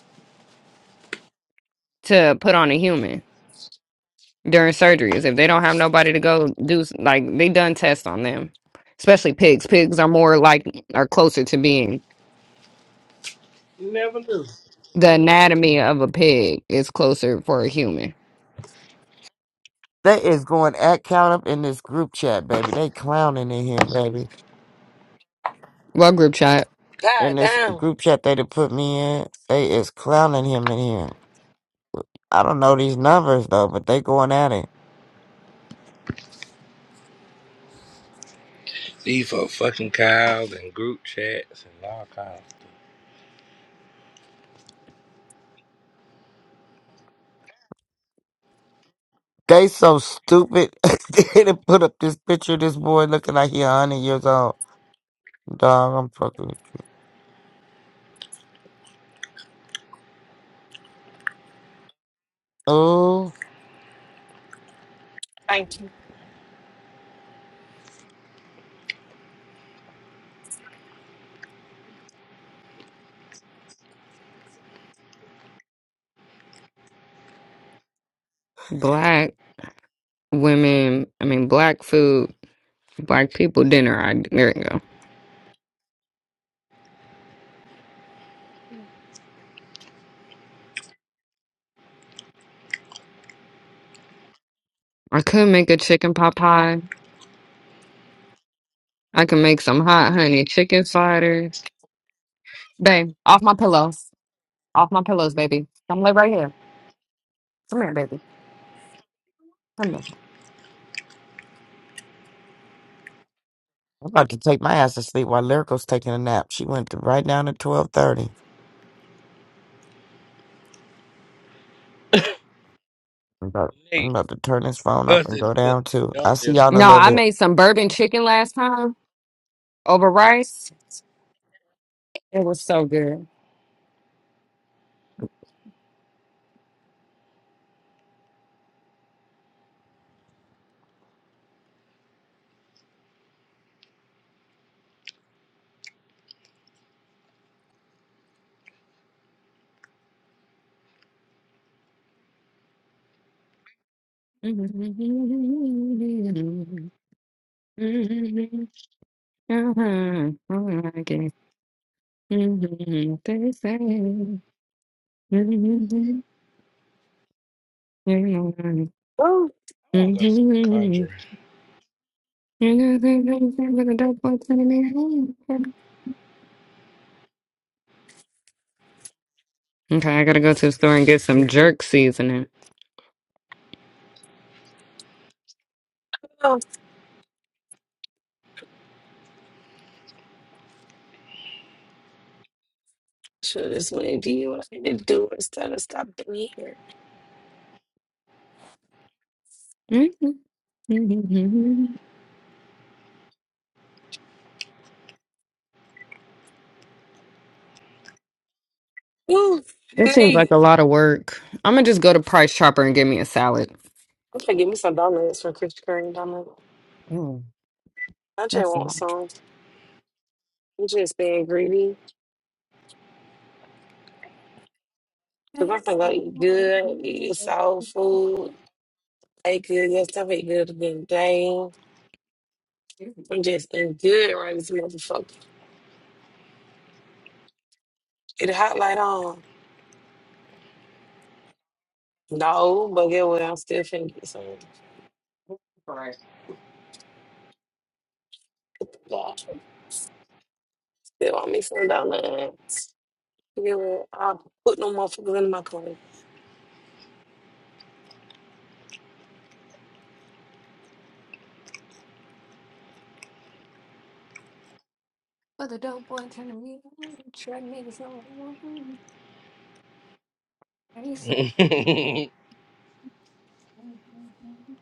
to put on a human during surgeries if they don't have nobody to go do s- like they done tests on them especially pigs pigs are more like are closer to being
You never knew.
the anatomy of a pig is closer for a human
They is going at count up in this group chat, baby. They clowning in here, baby.
well group chat
In
God
this
damn.
group chat they done put me in, they is clowning him in here. I don't know these numbers though, but they going at it.
These for fucking cows and group chats and all kinds.
They so stupid. <laughs> they done put up this picture of this boy looking like he a hundred years old. Dog, I'm fucking. Oh,
black women I mean black food black people dinner I there you go I could make a chicken pot pie I can make some hot honey chicken cider Babe, off my pillows. Off my pillows, baby. Come lay right here. Come here, baby. Come here.
I'm about to take my ass to sleep while Lyrical's taking a nap. She went to right down to twelve thirty. I'm about, I'm
Nate,
about to turn this phone off
Gus
and
said
go
you look
down too.
like
I'll see
young nigga.
y'all in a
No,
little
I
bit.
made some bourbon chicken last time over rice. It was so good. <laughs>
Ooh.
I wanna go see the conjuring.
Okay, I gotta go to the store and get some jerk seasoning.
Oh, sure, this what I did. What I need to do instead of stop being here.
Mm-hmm.
Ooh,
It seems like
neat.
a lot of work. I'm gonna just go to Price Chopper and get me a salad.
I'm gonna give me some donuts from Krispy Kreme donuts.
Ooh,
I just
that's a
want
lot.
some. I'm just being greedy. Cause I'm gonna go eat good, eat soul food, eat good, get stuff, eat good again. Dang. I'm just in good right this motherfucker. Get a hot light on. No, but get what I'm still finna get some. Nah. Still want me some donuts. Get what? I'll put no motherfuckers in my plate.
But the dope boy turned to me Track niggas on. And he said, mm,
<laughs>
mm, mm, mm,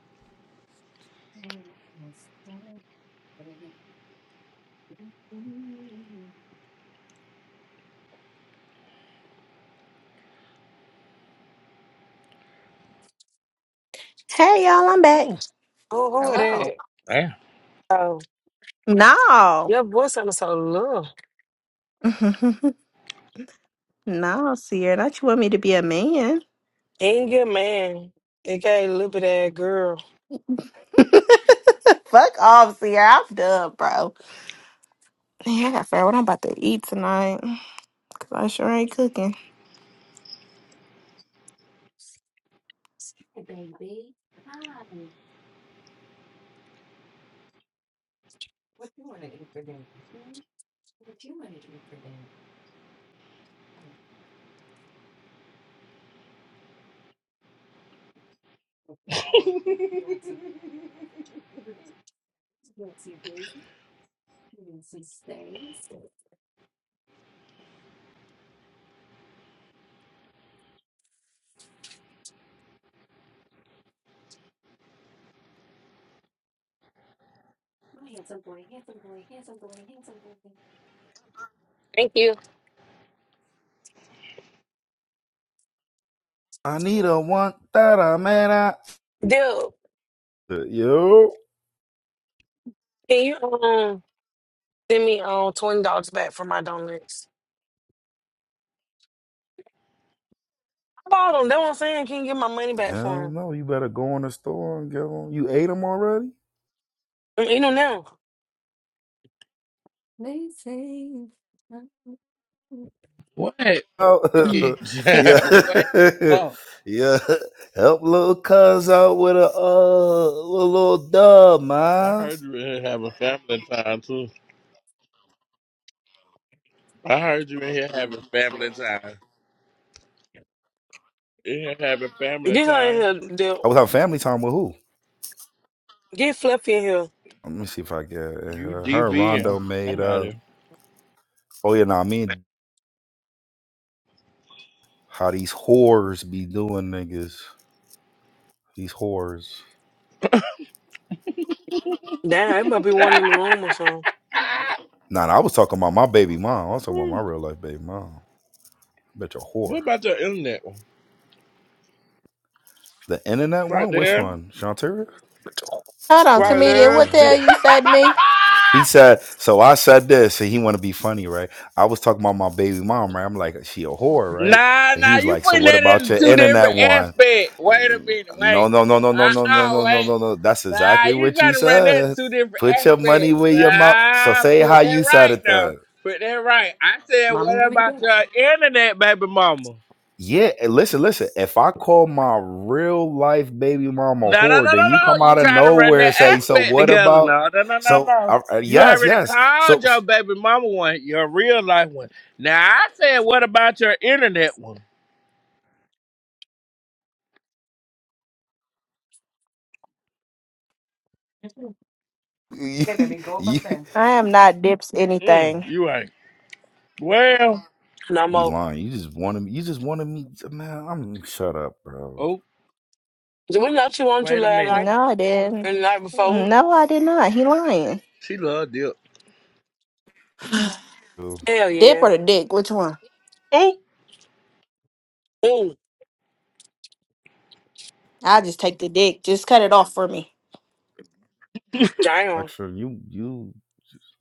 mm, yes, mm, mm, mm.
hey, y'all. I'm back.
Mm,
Oh, who are
Hello.
that?
Damn.
Oh,
No.
your boy sounded so little.
<laughs> no, Sierra. Not you want me to be a man.
Ain't good man. It got a little bit that girl.
<laughs> Fuck off, Sierra. I'm done, bro. Yeah, I gotta figure out what I'm about to eat tonight. Cause I sure ain't cooking.
Hey, baby. Hi. What you want to eat for dinner? Hmm? What you want to eat for dinner? I want some
<laughs>
steak. You want some? you Yes, you do. You want some steak? My handsome boy, handsome boy, handsome boy, handsome boy.
Thank you.
I need a one that I man. I...
Dude,
Uh, Yo.
can you um send me um twenty dollars back for my donuts? I bought them. That's what I'm saying. Can you get my money back
Hell
for
no, you better go in the store and get them. You ate them already?
them? Eat them now. <laughs>
They say,
what bitch?
Mm.
Oh, <laughs>
Mm.
yeah.
<laughs> what
<laughs>
Oh,
yeah. Help little cuz out with a, uh, little dub,
I
man.
heard you in here having family time too. I heard you in here having family time. In here having family
Get her in
time.
here, dude.
I was having family time with who?
Get Fluffy in here.
Let me see if I get
You
uh, her and
DBM.
Rondo made up.
Somebody.
Oh, yeah, nah, me and How these whores be doing niggas. These whores.
Damn, it must be one in the room or something.
Nah, nah, I was talking about my baby mom. I was talking about my real life baby mom. I bet you're a whore.
What about your internet one?
The internet
Right
one? Which
there.
one? Shantira?
Hold on,
Right
comedian.
there.
What the
Nah.
<laughs>
hell you say to me?
<laughs>
He said, so I said this, and he want to be funny, right? I was talking about my baby mom, right? I'm like, she a whore, right?
Nah,
And he
nah,
was
you
like, so
putting
what
that
about
in
your
two
internet
different
one?
aspects. Wait a minute,
No,
wait.
no, no, no, no, no, no,
Uh-uh,
no, no,
wait.
no, no. That's
Nah,
exactly
you
what you
trying to run that in
said.
two different
Put your money
aspects.
where your mouth. So
Nah,
say how
put
you
that
said
right
it then.
now. Put that right. I said,
Mommy
what
will be
about
back.
your internet, baby mama?
Yeah, and listen, listen. If I call my real life baby mama a
No, no, no,
whore, then you
no, no.
come out
You
of
trying to run
nowhere and say,
that
"So
aspect
what
together.
about?"
No, no, no, no,
So
no.
uh, uh,
You
yes,
already
yes. So
called your
s-
baby mama one, your real life one. Now, I said, what about your internet one?
<laughs> you
Hey, baby, go up on
you
the bed.
I am not dips
Mm,
anything.
you ain't. Well,
no
be
more.
lying. You just wanted me. You just wanted me, man. I'm shut up, bro.
oh,
Did we not you on to
wait a
last
minute.
night
No, I
and the
didn't.
night before?
No, I did not. He lying.
She love dip.
Yo,
Hell
Dip
yeah.
or the dick? Which one?
Ooh,
I'll just take the dick. Just cut it off for me.
damn.
Lecture, you you.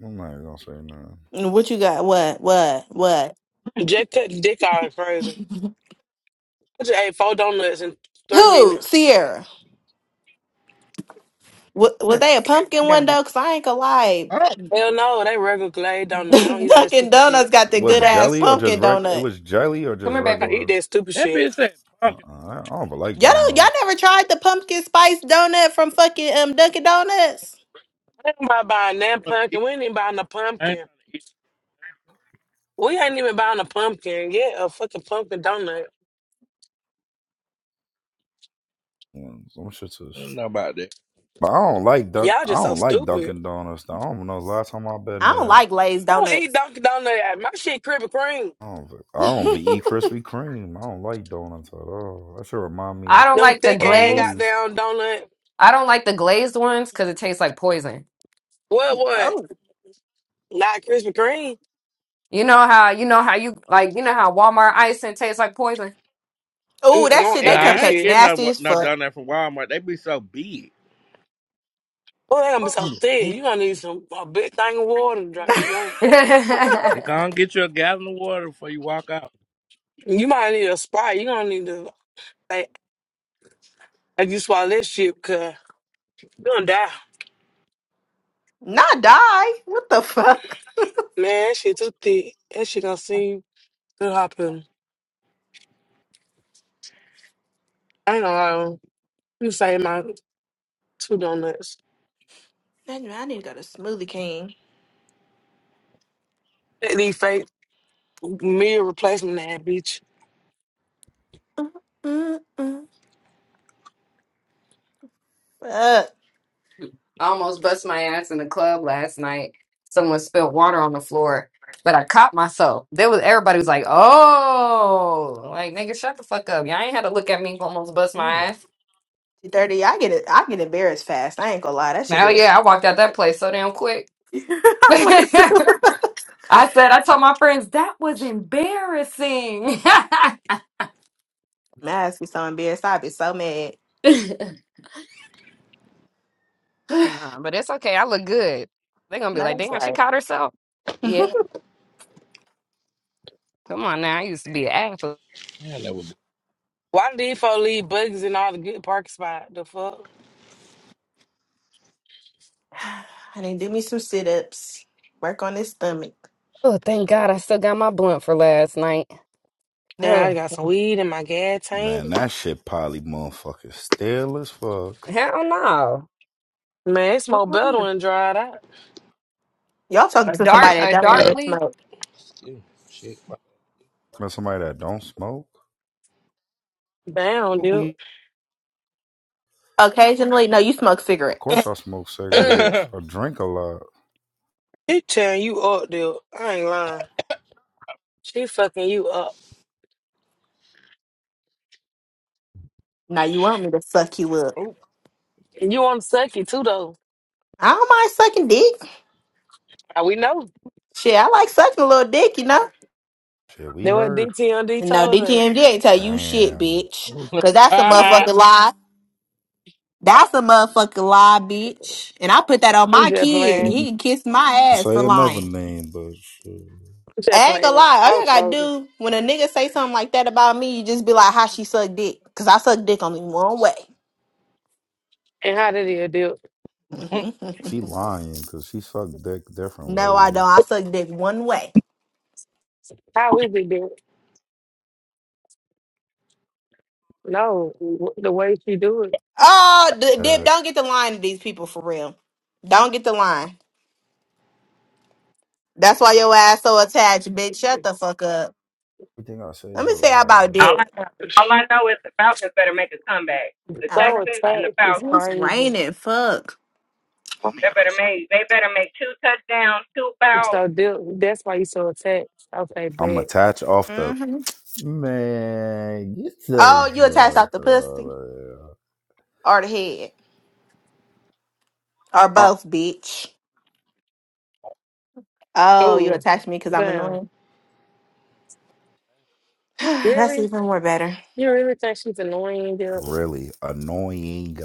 I'm not even gonna say nothing.
And What you got? What? What? What?
Jack cut the dick out crazy. I just ate four donuts in three minutes.
Who? Sierra. Wa- Was
Here,
they a
sit
pumpkin
down.
one
dog.
though? Cause I ain't gonna lie,
Oh,
Hell no, they regular glazed
<laughs>
donut. I don't eat all that
Dunkin'
stupid
Donuts
shit.
got the
Come here,
Was
good
it
baby.
ass
jelly or just
pumpkin
regular? It
donut.
was jelly or
Come
just
here,
I
baby.
regular.
eat that stupid
that
shit.
bitch said
Uh-uh,
pumpkin.
I I don't even like
Y'all don't, y'all
donuts.
never tried the pumpkin spice donut from fucking um Dunkin' Donuts?
I ain't about buying that
I
pumpkin. We ain't even buying a
ain't trying to
pumpkin.
eat.
We ain't even buying a pumpkin. Yeah, a fucking pumpkin donut.
Mm, Some shit
I
is.
don't know about that.
But I don't like Dunk.
Y'all
I
just so
don't like
stupid.
Dunkin' Donuts. though. I don't know the last time I've been
I don't
there.
like glazed
I don't eat
donuts.
Dunkin' Donut. My shit Krispy Kreme.
I don't. v-
<laughs>
I don't v- eat Krispy Kreme. I don't like donuts at all. That should remind me
I
of
don't
Them
like the
thick ass
glazed.
police.
goddamn donut.
I don't like the glazed ones because it tastes like poison.
What what?
oh,
Not Krispy Kreme.
You know how you know how you like you know how Walmart icing tastes like poison.
oh,
Mm-mm, I
that
don't
shit.
Nah,
They
eat that
I ain't
cupcakes
shit.
getting no,
nasty
what-
as
no
fuck.
done that from Walmart. They be so big.
Oh, they gonna be so
Mm-hmm.
thick. You gonna need some a big thing of water to
<laughs>
drink. You know,
<laughs> I
They gonna get you a gallon of water before you walk out.
you might need a sprite. You gonna need to like if you swallow that shit, cause you gonna die.
Not die. What the fuck?
Man, that shit too thick. That shit gonna seem to happen. I ain't gonna lie. You say my two donuts.
Damn, I need to go to Smoothie King.
That these fake meal replacement ad, bitch.
Mm-mm. Fuck.
almost bust my ass in the club last night. Someone spilled water on the floor, but I caught myself. There was everybody was like, "Oh, like nigga, shut the fuck up." Y'all ain't had to look at me almost bust my
Mm,
ass.
Thirty. I get it. I get embarrassed fast. I ain't gonna lie. That shit
Now,
is.
yeah, I walked out that place so damn quick.
<laughs>
<laughs> I said, I told my friends that was embarrassing. <laughs>
My ass be so embarrassed. I'd <laughs> be so mad. <sighs> no,
Nah, but it's okay. I look good. They're gonna be like,
that's
damn, she
right.
caught herself.
<laughs>
Yeah, come on now. I used to be an athlete.
yeah, that would be
Why did these folks leave bugs in all the good parking spot? The fuck?
<sighs> I Honey, do me some sit ups. Work on this stomach.
Oh, thank God I still got my blunt for last night.
And
Oh,
I got some weed in my gas tank.
Man, that shit probably motherfucking stale as fuck.
hell no.
Man, it smell better when it dried out.
Y'all talking
A
to
dark,
somebody that
a
don't even
darkly.
smoke.
skinny. Shit.
Man, somebody that don't smoke.
Down,
Smoke
dude.
weed.
Occasionally, no, you smoke
Of course
cigarettes.
I smoke
Mm.
cigarettes.
<laughs>
I drink a lot.
He tearing you up, dude. I ain't lying. She fucking you up.
Now you want me to suck you up.
Oh.
And you want to suck it too, though.
I don't mind sucking dick.
Ah, We know.
Shit, I like sucking a little dick, you know?
Shit, we
That what D
heard.
T and D
No,
told us.
DGMD ain't tell you shit,
Damn.
bitch.
<laughs>
Cause that's a
<laughs>
Ah,
motherfucking lie. That's a motherfucking lie, bitch. And I put that on
I'm
my
just
kid.
playing.
He can kiss my
Don't
ass for
Say another
lying.
name, but shit.
I'm just
I ain't gonna
playing.
lie. All
I was
y'all gotta
trolling.
do when a nigga say something like that about me, you just be like, "How she suck dick?" Cause I suck dick only one way.
And how did it do?
<laughs>
she lying because she sucked dick different
no, I
ways.
don't. I suck dick one way.
How is it do? No, w- the way she do it,
Oh, D- Dip,
Bad.
don't get the line to these people for real. Don't get the line. That's why your ass so attached, bitch. Shut the
it's
fuck up.
Everything I say
Let
is a
me say about
lie.
All I
Dip.
know, all I know is the Falcons better make a comeback. The
I know
so
that's
Texans
right.
and the
attached.
Falcons,
It's
Oh, It's
crazy.
raining. Fuck.
they better make they better make two touchdowns, two
It's
fouls.
so deep. That's why you so attached. Okay,
I'm
bet.
attached off the
hmm
man. Get
Oh,
the
you attached off
fuck
the
out
pussy
of
or the head or
here.
both, bitch. Oh, you
Oh,
attached me because I'm
damn.
annoying. <sighs> That's
Really?
even more better.
You really think she's annoying? Dude?
Really annoying.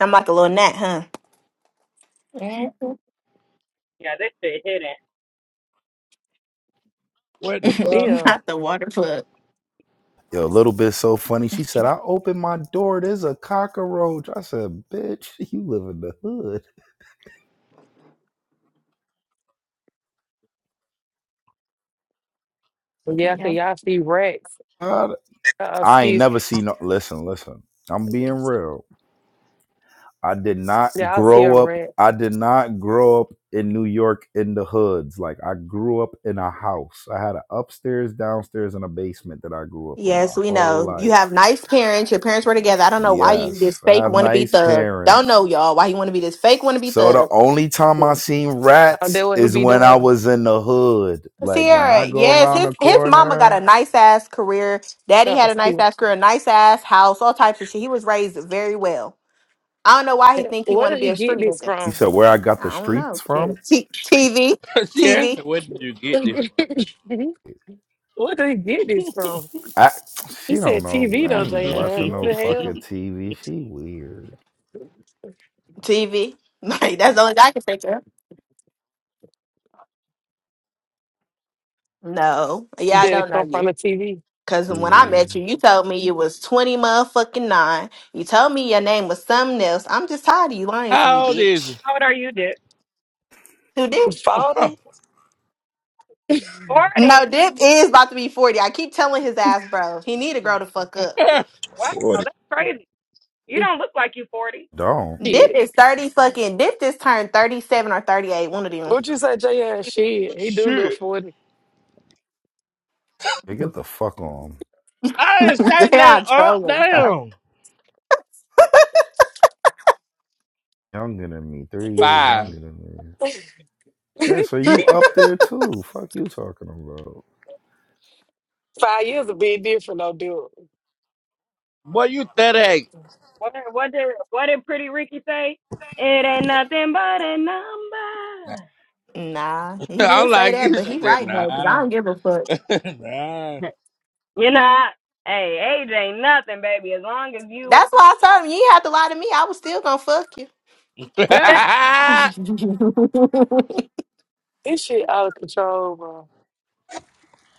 I'm like a little gnat, huh? Mhm.
Yeah, this shit hitting.
what the
<laughs>
fuck?
Yeah.
Not the water plug.
Yo, a little bit so funny. She said, "I opened my door. There's a cockroach." I said, "Bitch, <laughs> you live in the hood."
Yeah, cause
Yeah.
y'all see rats.
God,
Uh,
I ain't
excuse.
never seen no. Listen, listen. I'm being real. I did not
Y'all see a
grow up.
rat.
I did not grow up in New York in the hoods. Like I grew up in a house. I had an upstairs, downstairs, and a basement that I grew up in my
Yes, we
whole
know. You have
life.
nice parents. Your parents were together. I don't know why you
Yes,
this
I
fake
have
want to be
nice
thug. Don't
parents.
know y'all why you want to be this fake want to be
So the
thug.
only time I
Oh,
seen
that
rats
what he
is
be
when I
doing.
was in the hood. Like when
Sierra,
I go
yes,
around
his
the
his mama got a
corner.
nice ass career. Daddy
Oh,
had a nice
excuse.
ass career, nice ass house, all types of shit. He was raised very well. I don't know why he think he
Where
want to
did
be
he
a
get
street
this
nigga.
You
from?
said where I got the
I don't
streets
know.
from?
Shit. T- TV,
<laughs> she asked
TV,
me, where did you
<laughs>
get
Where did
this?
he get this from?
I she
He
don't
said
know.
TV
I
though,
<laughs>
ain't
Jayon.
watching
What
no
the hell?
fucking TV. She weird.
TV. <laughs> Like that's the only thing I can think of. No, yeah,
Did
I
it
don't know
come from
you.
the TV?
Cause when I met
TV.
you, you told me you was twenty motherfucking nine. You told me your name was something else. I'm just tired of you lying to me,
How old is
bitch.
How old are you, Dick?
Who did?
Falling?
No,
Forty.
Dip is about to be forty. I keep telling his ass, bro, he need to grow the fuck up.
it?
Wow,
Boy,
that's crazy. You don't look like you forty.
Don't.
Dip
Shit.
is thirty fucking. Dip just turned thirty seven or thirty eight. One of them.
What you say, Jayon? Shit.
<laughs>
He do look
Shit.
40. <laughs>
Yeah, get the fuck on.
I ain't
<laughs>
say
yeah,
nothing.
I'm
Uh,
trolling, bro.
damn.
Younger than me, three years
Five.
younger than me. Yeah, so
<laughs>
you up there too? Fuck you talking about?
Five years a bit different though, dude.
Boy, you 38.
What what did what did Pretty Ricky say? It ain't nothing but a
<laughs>
number.
Nah, he
I'm
did say
like, you
that, but he
just said,
right
nah. <laughs>
though. Cause I don't give a fuck.
nah.
<laughs> you know, I, hey, age ain't nothing, baby. As long as you,
That's why I told him you ain't have to lie to me. I was still gonna fuck
<laughs>
<laughs>
you. <laughs>
<laughs> This shit out of control, bro.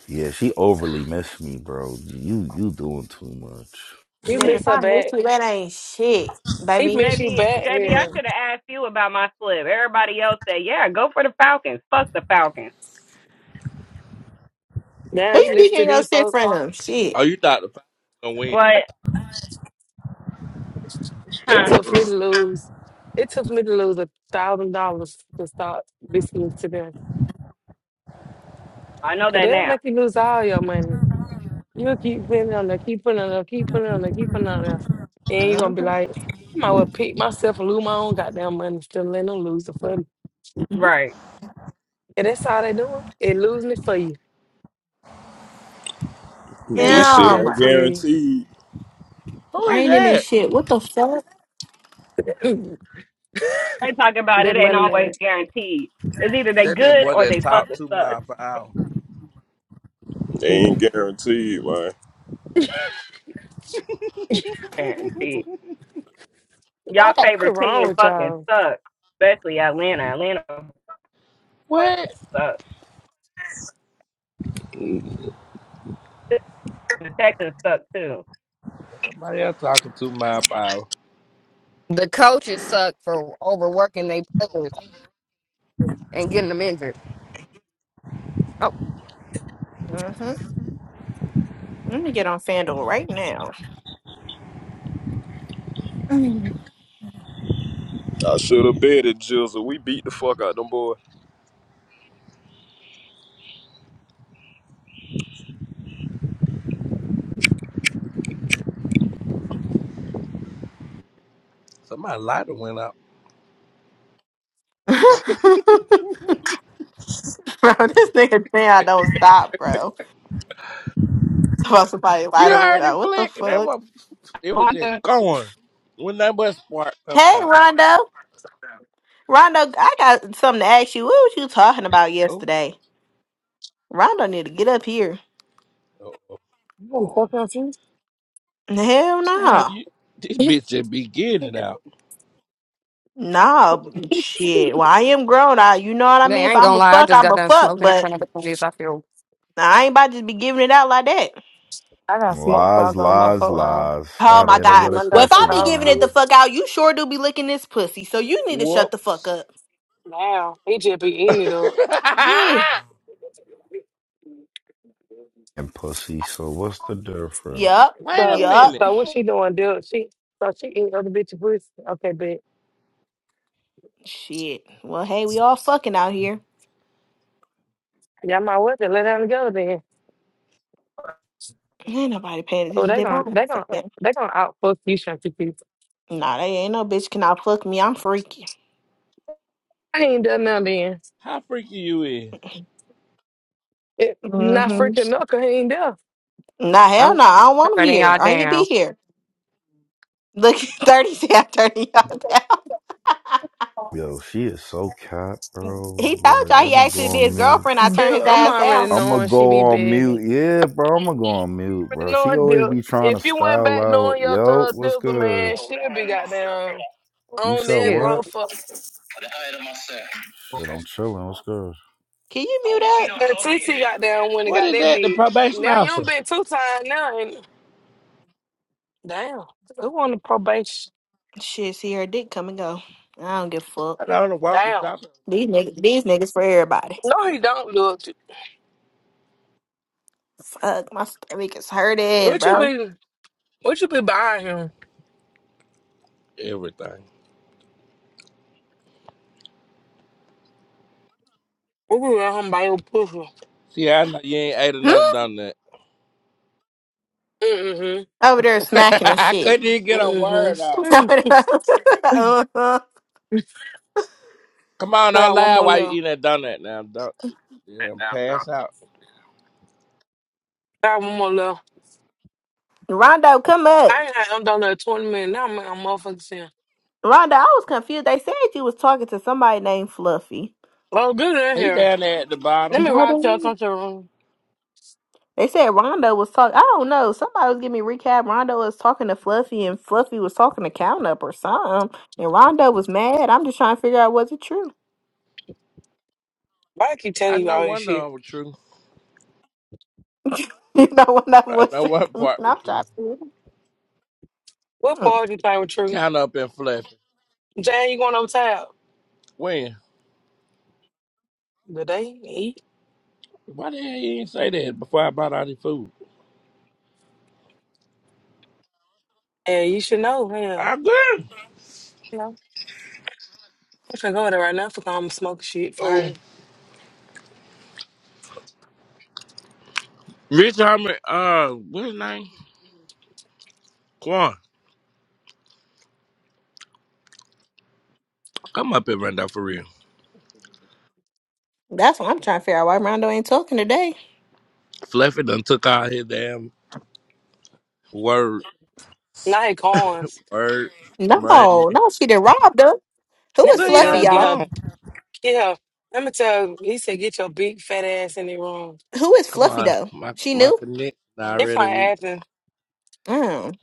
Yeah, she overly missed me, bro. You you doing too much.
You
That if
miss her
I miss
back.
you, that ain't shit,
He
baby. Who
miss you
JB,
back
JB, I
here.
should have asked you about my slip. Everybody else said, yeah, go for the Falcons. Fuck the Falcons.
Now he
you
listen to
digging your
these
shit
folks.
from? Shit.
oh, you thought the Falcons gonna win.
What?
It
Huh?
took me to lose. It took me to lose a thousand dollars to start listening to them.
I know
Cause
that
they'll
now.
make you lose all your money. You'll keep putting it on there, keep putting it on there, keep putting it on there, keep putting it on there. And you're gonna be
Mm-hmm.
like, I might well pick myself and lose my own goddamn money, still letting them lose it for me.
Right.
And that's all they doing. It losing it for you. They
this
worse than
shit
Damn.
ain't
Shantieri.
guaranteed.
Who is
Raining and
that?
shit. What the fuck?
<clears throat> that
They talking about it ain't
money mad.
always guaranteed. It's either they
That that
good
boy
or
that
they
talked
fucking
two
suck.
miles per hour.
They ain't
You.
guaranteed, man.
Guaranteed. Y'all favorite
what's wrong
team
with
fucking
y'all?
sucks, especially Atlanta. Atlanta
What?
sucks too.
That's somebody else talking two miles per hour.
The coaches suck for overworking their players and getting them injured. Oh,
Mm-hmm. Let me get on FanDuel right now. Mm.
I should have betted Jizzle. We beat the fuck out them boy.
Somebody lighter went up.
<laughs> bro, this nigga saying I don't stop, bro. About somebody
You
lighter
heard
without.
it
What the
flick and that
fuck?
was it was
i
just going. When that but spark coming
Hey,
out.
Rondo. Rondo, I got something to ask you. What was you talking about
Oh,
yesterday? Rondo need to get up here.
oh, oh.
You wanna fuck up too?
Hell
damn
no.
you this bitch just be getting it
they
out.
Nah, shit. Well, I am grown. I, you know what I mean. If
ain't
I'm
gonna
a
lie. I
fuck,
just
I'm
got
a
done
fuck.
smoking in
But
front of the police. I feel
nah, I ain't about to be giving it out like that.
I got smoke before I
Lies,
go to my
lies,
folk home.
lies. I
Oh
had to
my
hit her
I
god.
get
with a
my
Well,
dog
if
cush
some
I be
dog
giving it the
food.
line
fuck out, you sure do be licking this pussy. So you need to shut the fuck
Whoops.
up.
Now he just be
<laughs>
eating it up.
Yeah.
and pussy. So what's the difference?
Yup.
Wait a
So,
minute.
Yup.
so what she doing, dude? She so she eat other bitches' pussy. Okay, but
Shit. Well, hey, we all fucking out here.
y'all might well just let them go then.
Ain't nobody paying
Oh,
attention.
they
to my
gon'
the
they gon'
fuck that.
they gon' out fuck you, Shanty people.
Nah, they ain't no bitch can out fuck me. I'm freaky.
I ain't done nothing then.
How freaky you is?
It, not
hmm
freaking knuckle, he ain't there.
Nah, hell
I'm
no. I don't want them
turning
here.
y'all
I ain't be
down.
here. Look, <laughs> 30 said 30 y'all down.
Yo, she is so cat, bro.
He told
Like
y'all he
I'm gonna
asked
go
me to be
on
his
mute.
girlfriend. I
Dude,
turned his
I'm
ass
already
down.
I'm gonna
knowing she
go
be
on
begging.
mute. Yeah, bro, I'm gonna go on mute, bro. She
knowing
always
Dip.
be trying to
If you went
style
back
out.
knowing your
Yo,
thug
what's
Dipper,
good?
man, she'd be goddamn
You
on
said
that
Excuse.
what?
motherfucker.
Shit, I'm chilling. What's good?
Can you mute up?
And TT got down when it
What
got
is
that
that? The
dick.
probation
Now you
officer.
done been two times now and damn. Who on the probation?
Shit, see her dick come and go. I don't give a fuck.
I don't know. Welcome
Damn.
shopping.
These niggas, these niggas for everybody.
No he don't look.
Fuck, my stomach is hurting,
What you
bro.
be what you be buying him?
Everything.
What you let him buy your pussy?
See, I know you ain't ate another
Hmm?
donut.
Mm-hmm.
Over there
<laughs>
smacking and
I
shit.
couldn't
<laughs>
even get a word out.
Mm-hmm. <laughs> I
Uh-huh.
Come on, don't
got one
lie
more
while you
left.
eating that donut now. Don't yeah, pass out.
I got one more left.
Rondo, come up.
I ain't had I'm done at twenty minutes. Now I'm, I'm motherfucking saying,
Rondo, I was confused. They said you was talking to somebody named Fluffy.
Oh, good in
He
here.
down there at the bottom.
Let me
No,
rock
they
y'all
didn't.
come to the room.
They said Rondo was talking. I don't know. Somebody was giving me recap. Rondo was talking to Fluffy, and Fluffy was talking to Count Up or something. And Rondo was mad. I'm just trying to figure out was it true. <laughs>
Why I keep telling
I
you
know
all this
one of
shit?
them was true.
You know what that
I
was
know
true.
one
<laughs> I
part was
I'm
true.
trying to. figure it out.
What
Mm.
part you think was true?
Count up and fluffy.
Jane, you going over top?
When?
Good day. eat.
Why the hell you didn't say that before I bought all this food?
And you should know, hell.
I am good.
You know, I'm finna go there right now for I'm smoking shit
Oh.
fire.
Rich Homie, uh, what's his name? Quan. Come up here right now for real.
That's what I'm trying to figure out. Why Rondo ain't talking today?
Fluffy done took all his damn Word,
Not hate corns.
word,
No,
money.
no, she done robbed her. Who
Let
is
me
Look,
tell
Fluffy,
on
her,
the
get
y'all?
her,
phone.
get her. Let me tell her, he said, get your big fat ass in the room.
Who is
Come
Fluffy
on,
though?
my
She
my
knew.
connection
If
already
I
weak.
Athens,
Mm.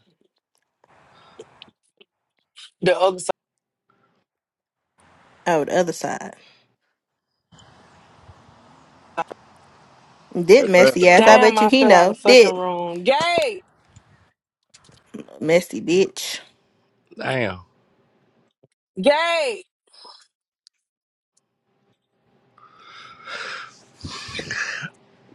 the other side.
Oh, the other side. Did
That
messy
family
ass? I
Damn,
bet you
I
he
fell out of
know.
the fucking
Did
room. Gay!
messy bitch.
Damn.
Gay!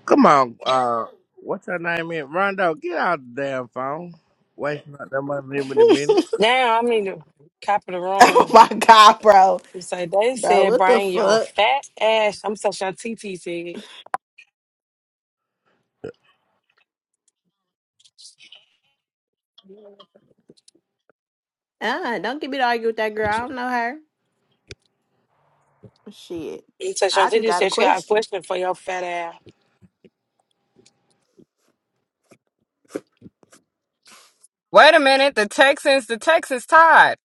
Come on, uh, what's her name? In Rondo, get out the damn phone. Wasting up that money minute a minute.
<laughs>
Damn, I mean, the top of the
oh
room.
my god, bro.
So they
Bro,
said,
what the
bring your
fuck?
fat ass. I'm so sure TT said.
Ah, don't get me to argue with that girl. I don't know her. Shit.
So
I just
Shanti
got a
said she got a
question.
question for your fat ass.
Wait a minute. The Texans. The Texans tied.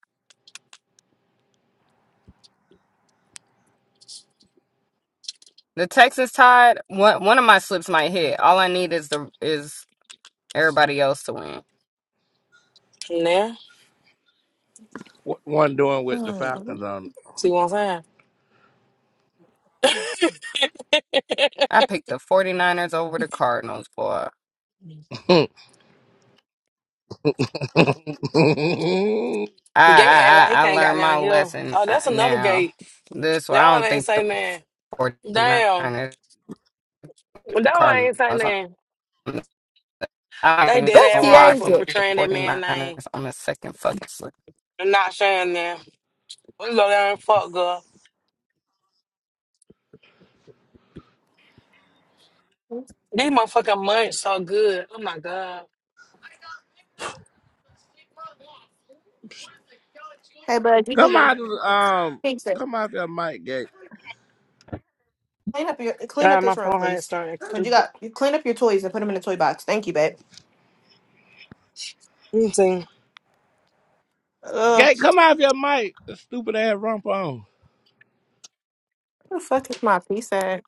The Texans tied. One one of my slips might hit. All I need is the is everybody else to win.
Nah,
What one doing with the
Mm.
Falcons on?
see what I'm saying? <laughs>
I picked the 49ers over the Cardinals, boy.
it? <laughs>
I
gay act like he
I I I
can't got
learned my
down here.
lesson
Oh,
uh,
that's another
now.
gate.
This one,
That
I
one
don't
ain't
think
say
the
man. Damn.
49ers, picked the
That one
Cardinals.
ain't say man.
I
They
don't
did
That's
that
know why
wrong
I
for
picked
Kiesha.
the
portraying that man name
49ers on the second fucking slip.
and not saying that. We go down and fuck, girl. These motherfucking munch so good. Oh my God.
Hey bud, you need
come
to
out, of the, um,
fix it.
come out your mic, Gate.
Clean up your clean up
God, my
this room,
phone had
please.
started acting
Cause you
stupid.
got you clean up your toys and put them in the toy box. Thank you, babe.
Let me see.
Ugh,
Gate, come out your mic. The stupid ass rump on.
where the fuck is my piece at?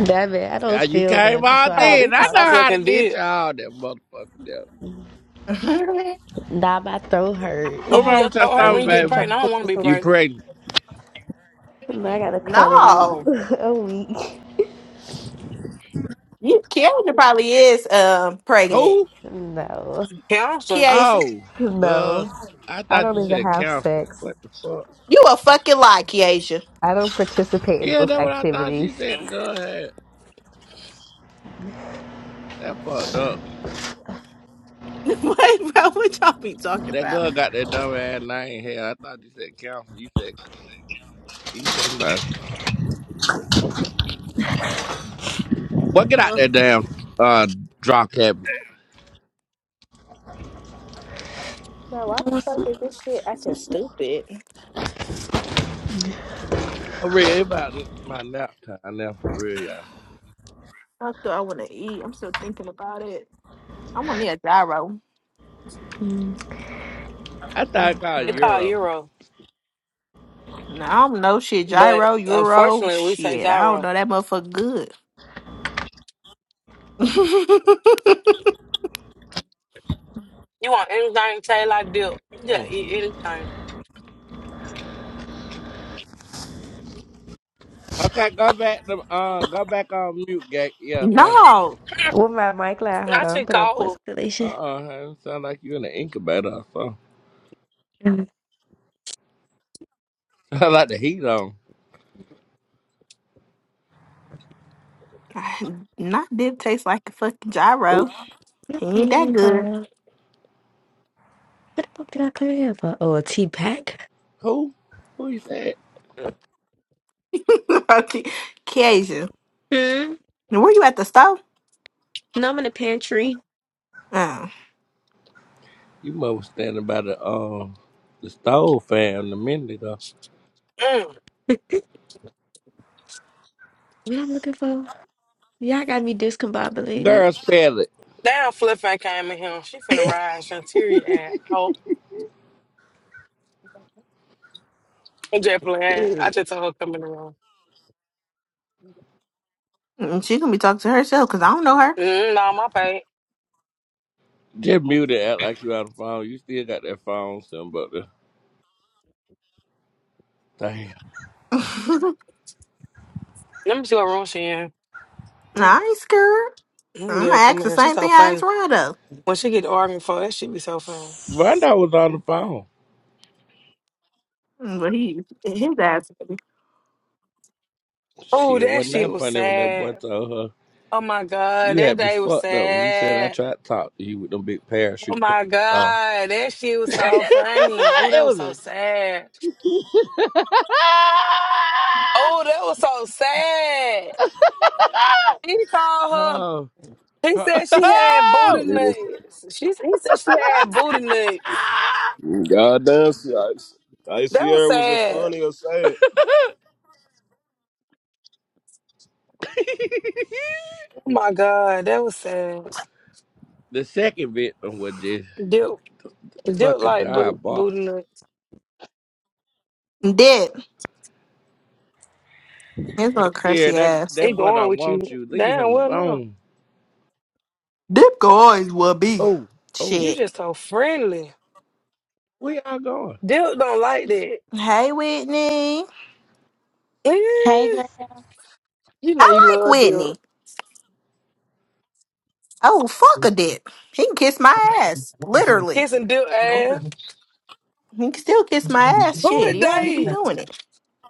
That it, I
Yeah,
don't
you
feel well.
came
That's
all
why I
Oh,
was
dead.
he
I
just
know
talking.
also
how to
sucking dick.
get you all that motherfucker. yeah.
<laughs>
Now my throat hurt.
What
Oh,
wrong
your
with your
throat hurt
And
when
stomach,
you
plus,
get
I'm
baby?
trying to
pregnant. I don't
fix
want
me
to be
some.
You
pregnant.
pregnant?
And I got a cold.
no,
<laughs> a week.
you Keisha probably is um pregnant.
Who?
No.
Counseling,
Keisha,
Oh, God.
No.
I
I
thought you
don't even
said
have
cancer.
sex.
What the fuck?
you a fucking lie, Keisha.
I don't participate in
Yeah,
those
that's what I thought she
activities.
said. The girl had that fucked up.
<laughs> what, bro? What y'all be talking
That
about?
girl got that dumb ass name here. I thought you said cancer. You said he's somebody. What get out
Ugh.
that damn uh drop cabinet?
Bro, why the fuck is this shit acting stupid?
For real, it's about my nap time now for real, y'all.
Fuck do I want to eat? I'm still thinking about it. I want me a gyro.
I thought it called
it's
Mm-hmm.
called
Euro.
Euro.
No, I don't know shit.
But
Gyro, Euro,
unfortunately, we say
shit. I don't
gyro.
know that motherfucker good. <laughs>
You want anything, tail like dip. You gotta
Mm.
eat anything.
Okay, go back to uh go back on mute gate. Yeah, thank you.
no,
<laughs>
With my mic line,
<clears throat> I
hold on,
should
put up what's
call.
Uh
relation.
uh sound like you in an incubator or something. <laughs> Sound like the heat on.
not dip tastes like a fucking
Ooh,
gyro. He ain't
Oh my
that good.
god. The did I clear here for? Oh, a tea pack?
who? Who is that?
<laughs> okay, Keisha,
Hmm.
were you at the store?
No, I'm in the pantry.
Oh,
You must was standing by the um the stove fam a minute ago.
Mm.
What I'm looking for? Y'all got me discombobulated.
Girl, spell it.
Damn, Fluff came in here. She finna ride Shantiria and out. <laughs> I'm just
<laughs>
playing. I just told her come in the room.
Mm, she gonna be talking to herself because I don't know her.
Mm, nah, my pay.
Just mute it, act like you on the phone. You still got that phone something but the damn.
Let me see what room she in.
<laughs> no,
Mm,
I ain't scared.
mm,
I'm
yeah,
gonna
come
ask
in
the
here. She's
same
so
thing I asked
funny.
Rondo.
When she get to arguing for that, shit, be so funny.
Rondo was on the phone.
Mm, But he, his ass,
Oh,
Shit,
that
wasn't
shit
that
was
funny when that
sad.
boy told her
Oh my God,
you
that
had me
day was
fucked up when you said I
sad.
tried to talk to you with them big
Oh
parachute panties
my
on.
God, that shit
<laughs>
was so funny. Oh, that was so
it was
sad. Oh, that was so sad.
a <laughs>
He called
Oh. <laughs>
her. He said she had booty
line.
Oh!
It was
nuts. She he said she had booty nuts.
Ah!
goddamn. see, I, I
That
see
was
her was it
sad.
funny or sad?
<laughs>
Oh my God, that was sad.
the second victim was just
Dude, dude
fucking
like bo-
diabolical.
booty nuts.
dip, his little
Yeah,
crusty
that
ass.
He
that boy
going
don't
with you.
want you. Leave
Damn,
him
well no.
alone.
Dip guys will be
Oh, oh.
You
shit.
just so friendly.
Where y'all going?
Dude don't like that.
Hey, Whitney,
Hey
Eh,
girl,
You know
I
you
like
love
Whitney.
Duke.
Oh, fuck a dip, He can kiss my ass. Literally.
Kiss and do ass.
He can still kiss my ass.
Who
Shit.
is
He already be
they?
doing it.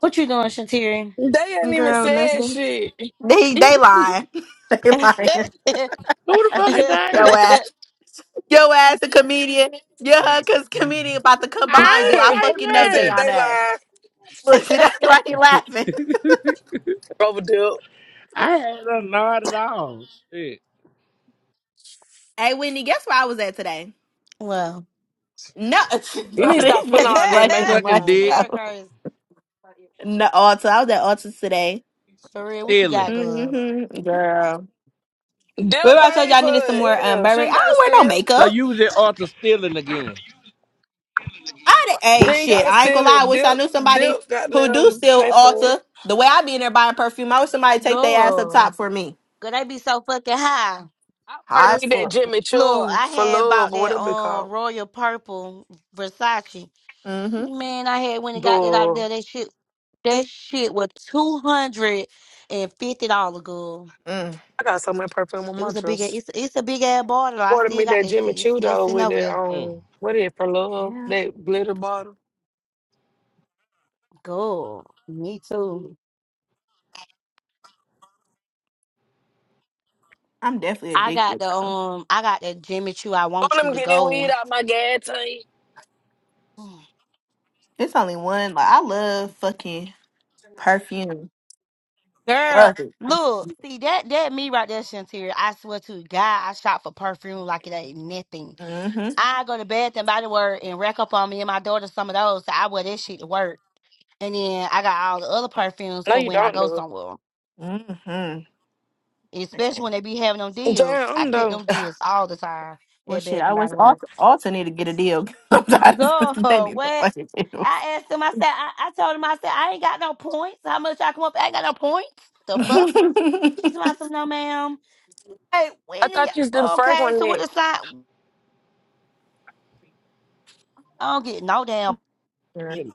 what you doing, Shatiri?
They ain't even
Girl,
said
nothing.
shit. <laughs>
They they lying. <laughs> they lying.
Who the fuck is
Yo
they?
ass. Yo ass a comedian. Yeah, cause comedian about to come behind
I
you.
ain't
I
that
say
fucking
bitch
know Jay
said
on
they
ass.
lying.
<laughs> Look, see that's why he laughing.
nothing.
Rubber Dip.
<laughs> I had a nod at all. Shit.
Hey Whitney, guess where I was at today?
well,
No, <laughs> no, this
You need to
Sucking,
stop
<laughs>
putting
bitch is
all that
playing
makeup
sucking
much,
on.
dick,
Sierra
bro. <laughs>
girl is
No, Alta. I was at Alta today.
for real. What you
stealing.
got, girls?
hmm Girl.
Dip
Remember I told you
paid
I
for
needed some more
it.
um
Hell, she
Burberry.
ain't
I
got to
don't wear no
steal.
So
makeup.
you was at Arthur stealing again.
I did, hey
She ain't got
shit.
to
I ain't gonna
steal
lie. I
it.
wish
Dip,
I knew somebody
Dip got
who do
them
still
pay for it.
alter the way I be in there buying perfume. I wish somebody take their ass up
Girl,
top for me.
girl, they be so fucking high.
I part
High
of
as
me that
fuck.
Jimmy
Look,
Choo
I
for
had bought
love or
that
whatever it
um
called.
royal purple Versace.
Mm-hmm.
Man, I had when it got that out
Go.
there. That shit, that shit was two hundred and fifty dollar, girl.
Mm.
I got so much perfume on
It
my
was a big.
dress.
It's it's a big ass bottle. I
Part of
still
me
got
that
that
Jimmy
shit. It's
Choo
still
though
sitting
with
over
it
there.
Mm.
um what is it for love
Yeah.
that glitter bottle.
Go. Me too.
I'm definitely
I got
addicted,
the
bro.
um. I got that Jimmy Choo. I
Don't
want you
let me
to
get that weed
go.
out my gas tank.
one.
It's only one. Like I love fucking perfume.
Girl,
Worth it.
look, see that that me right there, Shantira. I swear to God, I shop for perfume like it ain't nothing.
Mm-hmm.
I go to Bath and Body Works and rack up on me and my daughter some of those. So I wear that shit to work, and then I got all the other perfumes
No,
for
you
when I
don't
go
do
somewhere,
Mm-hmm.
especially
Okay.
when they be having them
it.
deals.
Damn,
I
I'm
kept
done.
them
<sighs>
deals all the time
Well,
at
shit,
Bath
I
and Body
was
Works.
also, also need to get a deal. <laughs> I'm tired of <laughs>
Go
these
what?
fucking deals.
I asked him. I said. I, I told him. I said I ain't got no points. How much I come up? I ain't got no points. The fuck? She
<laughs>
said, "I said no, ma'am." Hey,
I
when do
thought you was doing
y- okay?
Franklin
So what
that.
the sign? I don't get no damn
Yeah.
Hey,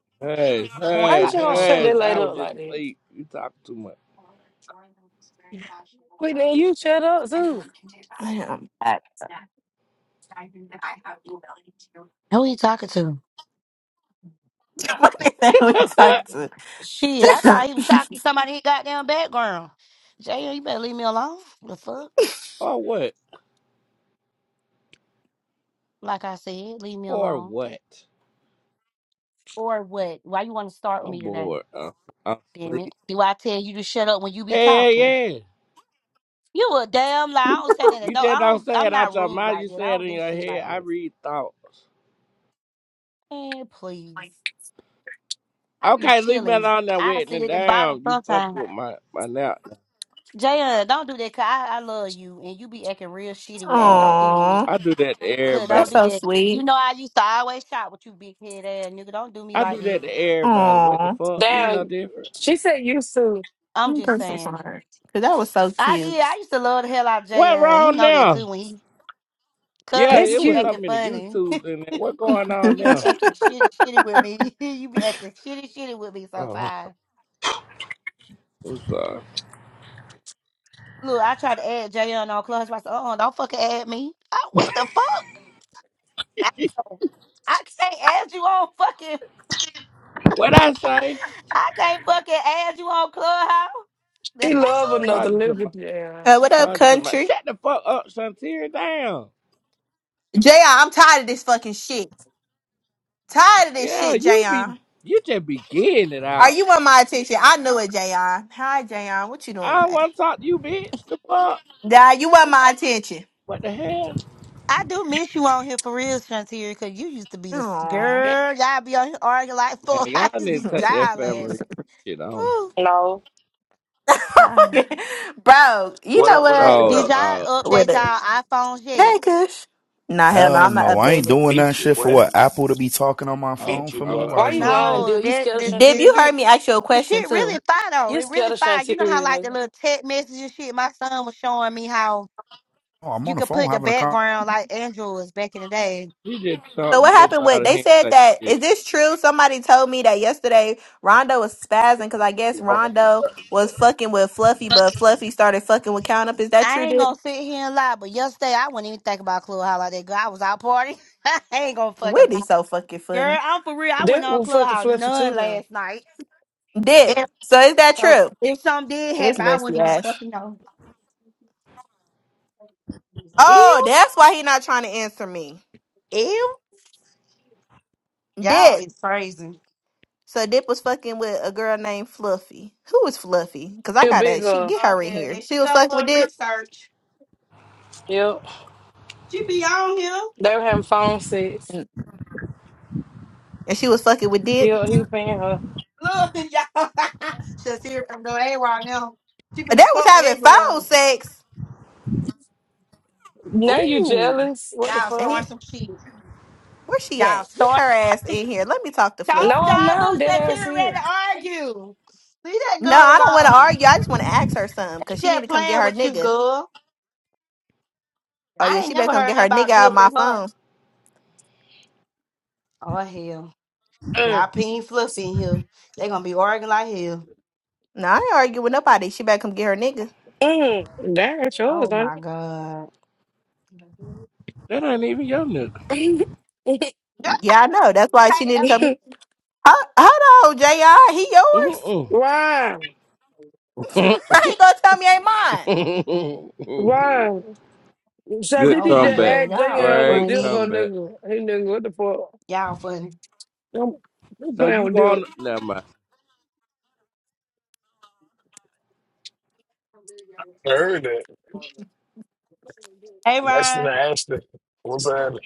How
points
you
out
hey,
just
that
gonna shut
hey,
that
motherfucker.
light
I was
up
just
like that?
asleep. You talk too much.
Wait, then you shut up too.
I am.
Who he talking to?
Somebody <laughs> that we
<laughs>
talked to.
Shit, I thought he was talking to somebody. He goddamn background. Jay, you better leave me alone. The fuck?
Or what?
Like I said, leave me
Or
alone.
what?
Or what? Why you want to start with
I'm
me today?
bored. I'm, I'm
Damn
asleep.
it! Do I tell you to shut up when you be
Hell
talking?
yeah.
You a damn lie. I don't say nothing.
You
No, I
just don't
don't.
say
I'm
it out
not
your
rude
mouth.
like
You
that. I
say it
don't
in
do
your
shit
head.
like
I
this.
read thoughts.
Man, please. I be
Okay, leave me
chilling.
alone now,
I
wetting
sit
it
at the bottom
down. You fuck
sometimes.
with my, my now.
Jaya, don't do that. Cause I, I love you, and you be acting real shitty
<laughs>
with me. Don't do
Oh,
that.
Aww,
I do that to
Cause don't
that's
everybody.
do
so
that. You
sweet.
know I used to always shop with you, big head ass nigga. Don't do me
I
like
do
that.
that to everybody. What the
Aww,
fuck? You ain't no
Damn,
different.
she said you too.
I'm
I'm
just
so
saying.
sorry. Cause that was so
I
cute.
did. I used to love the hell out of
What
Jaya. He
wrong
know that too.
now?
When he,
Yeah,
cause
That's
you
it
be
was so
cute.
acting
many
funny. <laughs>
YouTubes in there. What going on
you be
now?
<laughs>
acting shitty, shitty with me. <laughs> you be acting shitty, shitty with me
Oh,
sometimes.
I'm sorry.
Look, I tried to add Jayon on Clubhouse. I said, uh-uh, don't fucking add me. I, what the fuck? I, I can't add you on fucking,
What I say?
I can't fucking add you on Clubhouse. The
She
heck?
love another
Charge it to my
nigga. Yeah.
Uh, what up,
Son to my
country?
shut the fuck up, son. Tear down.
Jayon, I'm tired of this fucking shit. Tired of this
Yeah,
shit,
you be
Jayon.
you just be getting it
Are
out.
you want my attention? I knew it, Jayon. Hi, Jayon. What you doing
I don't
today?
want to talk to you, bitch. The fuck?
Yeah, you want my attention.
What the hell?
I do miss you on here for real, Shantier, because you used to be the s-
Aww.
girl. Y'all be on here arguing like
Man,
fuck. <laughs> I
y'all
used to be
need to take
<laughs>
that
dying
family
laughing.
shit on.
Ooh.
No.
Yeah.
Bro, you
What
know
up, what up,
what?
Oh,
what
Did
up?
uh,
y'all
With
update
it.
y'all iPhones yet?
Hey, Kush. Nah, hell no,
Hell
I'm not
no, I ain't
updating
doing that
Beat you,
shit for
boy.
what Apple to be talking on my
oh,
phone
Beat you,
for me
blood.
uh,
while
Why
it's
you lying,
ringing.
No,
dude? You
that
scared of
this
Dib,
this
you
Shantiria?
shit
heard me ask you a
this
question
shit really
too.
fire though.
You
It really
scared of
fire. You know how
Shantiria,
like the
nigga.
little text messages shit. My son was showing me how
Oh, I'm
you
on the
could
phone
put the
having a con.
background like Androids back in the day.
you just talk
So what
dip
happened
out
with
of
they
hand
said
type
that
shit.
is this true? Somebody told me that yesterday Rondo was spazzing because I
She
guess
hard for
Rondo was
the
fucking with Fluffy, but Fluffy started fucking with Count Up. Is that true,
I ain't
Dib?
gonna sit here and lie, but yesterday I wouldn't even think about Clubhouse like that. Girl, I was out partying. <laughs> I ain't gonna fucking lie.
Whitney so fucking
Girl,
funny.
I'm for real. I went
That
on
will fucking
Clubhouse
fluffy too
none
now.
last night.
Dib.
And
So is that
so
true?
if something did
His
happen, I
messy
wouldn't even
ass.
fucking know.
Oh,
Ew,
that's why he not trying to answer me.
ew. Y'all
Dip.
is crazy.
So Dip was fucking with a girl named Fluffy. Who is Fluffy? Cause I
She a big
gotta she
girl.
get
Oh
her in
yeah,
here.
then
She
she
was
done with
fucking with
her
Dip.
research.
Yep.
She be on here.
They were having phone sex.
And she was fucking with Dip.
Yeah, he was paying her.
Look, <laughs> y'all. She's here from the A right now. She
They
finna
was
fuck with
having
that girl.
phone sex.
Now you
Ooh.
jealous? What the
Y'all
And
fuck?
he,
starting some shit.
where's she
Y'all
at? Get her
starting.
ass
some
in
shit.
here. Let me talk to
Told
Fluffy.
No, I'm
y'all,
not. I'm
look,
dead ass
Shatira ready
here.
to argue. Leave that
No,
girl
I don't want to
alone.
argue. I just want to ask her something
They
because she need to
just
come get
playing
her
with you,
nigga.
girl.
Oh yeah,
I
she
ain't
better
never
come
heard
get
nothing
her nigga
about
out of my
dipping her.
phone.
Oh hell.
Mm.
Y'all peen fluffy in here. They gonna be arguing like hell.
No, I ain't argue with nobody. She better come get her nigga.
Mm, that's yours,
Oh my
honey.
god.
That ain't even your nigga.
Yeah, I know. That's why she need to come. Hold, hold on, JI, He yours?
Mm-mm.
Why?
<laughs> I ain't gonna tell me ain't mine.
Why?
<laughs>
<laughs> So
Good
did
Oh
he just
my
comeback.
god,
ask
y'all are
Jayon what
Great
deal her
funny.
comeback.
nigga? He nigga, what the fuck?
Y'all funny.
I'm, I'm
So
playing
you
with deal.
want? Never mind.
I heard that.
Hey
That's in
Ryan,
Ashton. Was that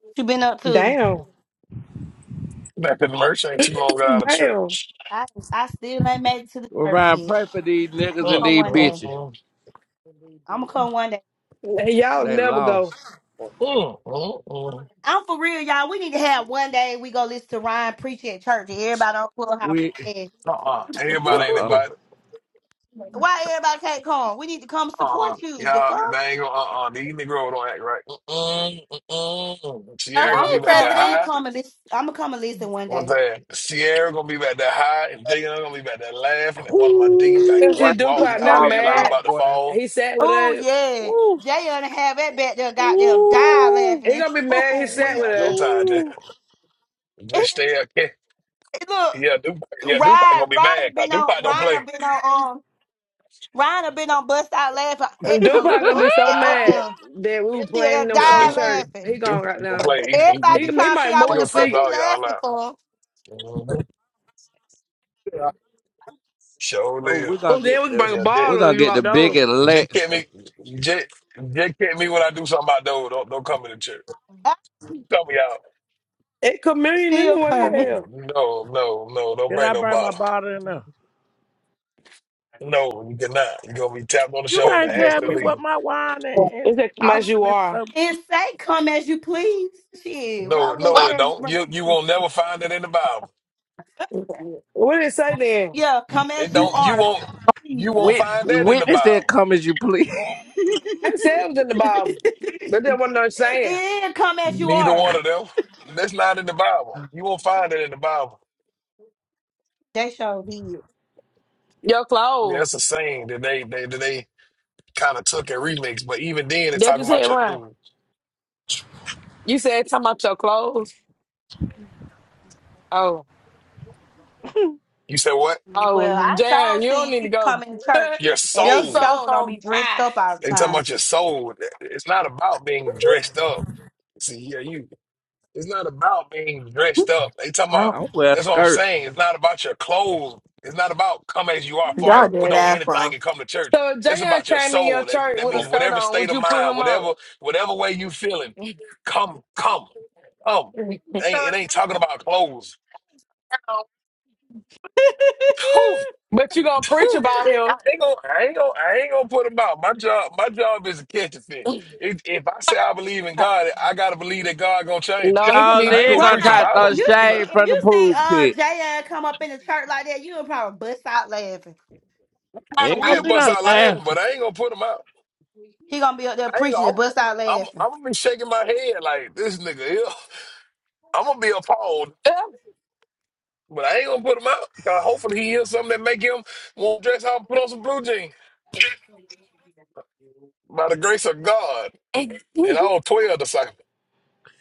what you been up to?
Damn.
back in merch ain't too long out of
Damn.
church?
I I still ain't made it to the
Well,
church
Ryan,
yet.
pray for these niggas and
Come
Mm,
these
one day.
mm,
bitches.
mm.
I'ma come one day.
Y'all
They
never
lost.
go.
Mm, mm, mm.
I'm for real, y'all. We need to have one day we go listen to Ryan preach at church and everybody on Clubhouse.
We
And
Uh-uh. Everybody
uh
ain't
uh.
invited.
why everybody can't come? We need to come
Uh-uh.
support you. The
Y'all,
fuck?
they ain't gonna, uh-uh. These Negro don't act right. Mm-mm, mm-mm.
Oh
Well,
Sierra gonna
I'ma
be
hey,
back
come.
there
I'ma
president.
high.
come and listen. I'ma come and listen one
What's
day.
that? Sierra gonna be back there high, and Diggin' gonna be back there laughing at one of my deacons. Like,
Ooh,
Let's
when
see
what
he walk,
you
he
Dupont now
always
talking
act like he
mad.
about,
about to
boy?
fall.
He sat with
Oh
her.
yeah,
Ooh,
Jay and have that back there goddamn die
ooh,
laughing
He
and
gonna be
<laughs>
I
mad he
ooh
ain't
sat
wee.
with
got no
her.
time to
ooh.
<laughs>
just stay up.
Look,
Yeah, Dupac. Yeah, Dupac
Ryan,
gonna be
Ryan
mad.
have
Cause
been on,
Dupac don't
Ryan have
play.
been on, um, Ryan have been on bust out laughing at
<laughs>
And
the mother
Dupont gonna be
up,
so
at, up
mad
there.
that we
they
were
die
playing them
Yeah,
full
Dupac,
church.
laughing.
He gone
Dupac
right
don't
now.
play. He, he,
Everybody
He, he
be
he,
trying to
might
figure out
he
what
move
the
gonna
fuck
cuss
see.
he
all y'all
laughing
out.
for.
Mm-hmm.
rap.
Sure
oh,
live.
we're
Oh,
gonna get
then we can
the
bring a
Yeah,
ball
Dick.
we're
on
gonna
you
get the
out there.
big
Dick get
election.
me. Dick, Dick get me when I do something about those. Don't, don't come in the church.
I
Come me out.
It communion
still
anyway,
No,
me.
hell.
no, no, no. Don't
Can
bring
I
no
bring my
bottle.
bottle in there?
No, you cannot. You gonna be tapped on the
You
shoulder
can't
and asked
tell
to
me what
leave.
my wine and, and
It's that come as
Austin
you
and
are.
stuff.
and say, "Come as you please." Shit, why
No,
would they
no,
this,
it
care? If you
don't.
bring?
You you won't never find that in the Bible.
What did it say then?
Yeah, come
It
as you
don't. You
are.
won't.
Please.
You won't
Wit,
find that in the
witness
Bible.
that come as you please. <laughs>
I said it was in the Bible.
<laughs>
But that wasn't no saying.
yeah, come as you
Neither one
are.
of them. That's not in the Bible. You won't find it in the Bible.
They sure did.
Your
I
clothes.
that's a saying that they they that they kind of took and remixed. But even then, it's
That's what you
talking
said,
about your.
Ryan. You said talking about your clothes. Oh.
You said what?
Well,
Oh,
I sure
Jan, you don't
see
need to
people come
go.
in church
Your
<laughs>
and
your
they
soul.
soul
sure don't be
on
dressed
fire.
up all the
They talking
time.
about your soul. It's not about being dressed up. See, yeah, you It's not about being dressed up. They talking about
Oh,
I'm wear a
that's what I'm
skirt.
saying. It's not about your clothes. It's not about come as you are, as far as
y'all
put
did
on
ass
anything
wrong.
and come to church.
So if
It's
Jan
about your
came in your
soul. That,
church
that
with
man.
a
means
skirt
whatever
on, would
state of
you put
mind,
him
whatever
out?
whatever way you feeling, come, come, come. It ain't, it ain't talking about clothes. Whew,
But you gonna preach
whew.
about him.
Ain't gonna, I ain't gonna, I ain't gonna put them out. My job, my job is to catch a fit. If, if I say I believe in
<laughs>
God, I gotta believe that God gonna change it.
No, he gonna
Y'all
Now, I
be
ain't
they
gonna
gonna
preach
try
Right.
to
about
throw
them.
You see
Nah,
shade
if
from the
you see
pool
uh
pit.
Jay come up in the church like that, you'll probably bust out laughing.
kind of
Ain't gonna
will
Um,
be
bust
no
out laughing,
laughing.
but I ain't gonna put him out.
He gonna be up there
I ain't
preaching and
gonna.
bust out
I'm, I'm,
laughing.
I'm gonna be shaking my head like this nigga. Here. I'm gonna be appalled,
<laughs>
but I ain't gonna put him out. 'Cause hopefully he hears something that make him want to dress up and put on some blue jeans by the grace of God and
no,
all twelve disciples.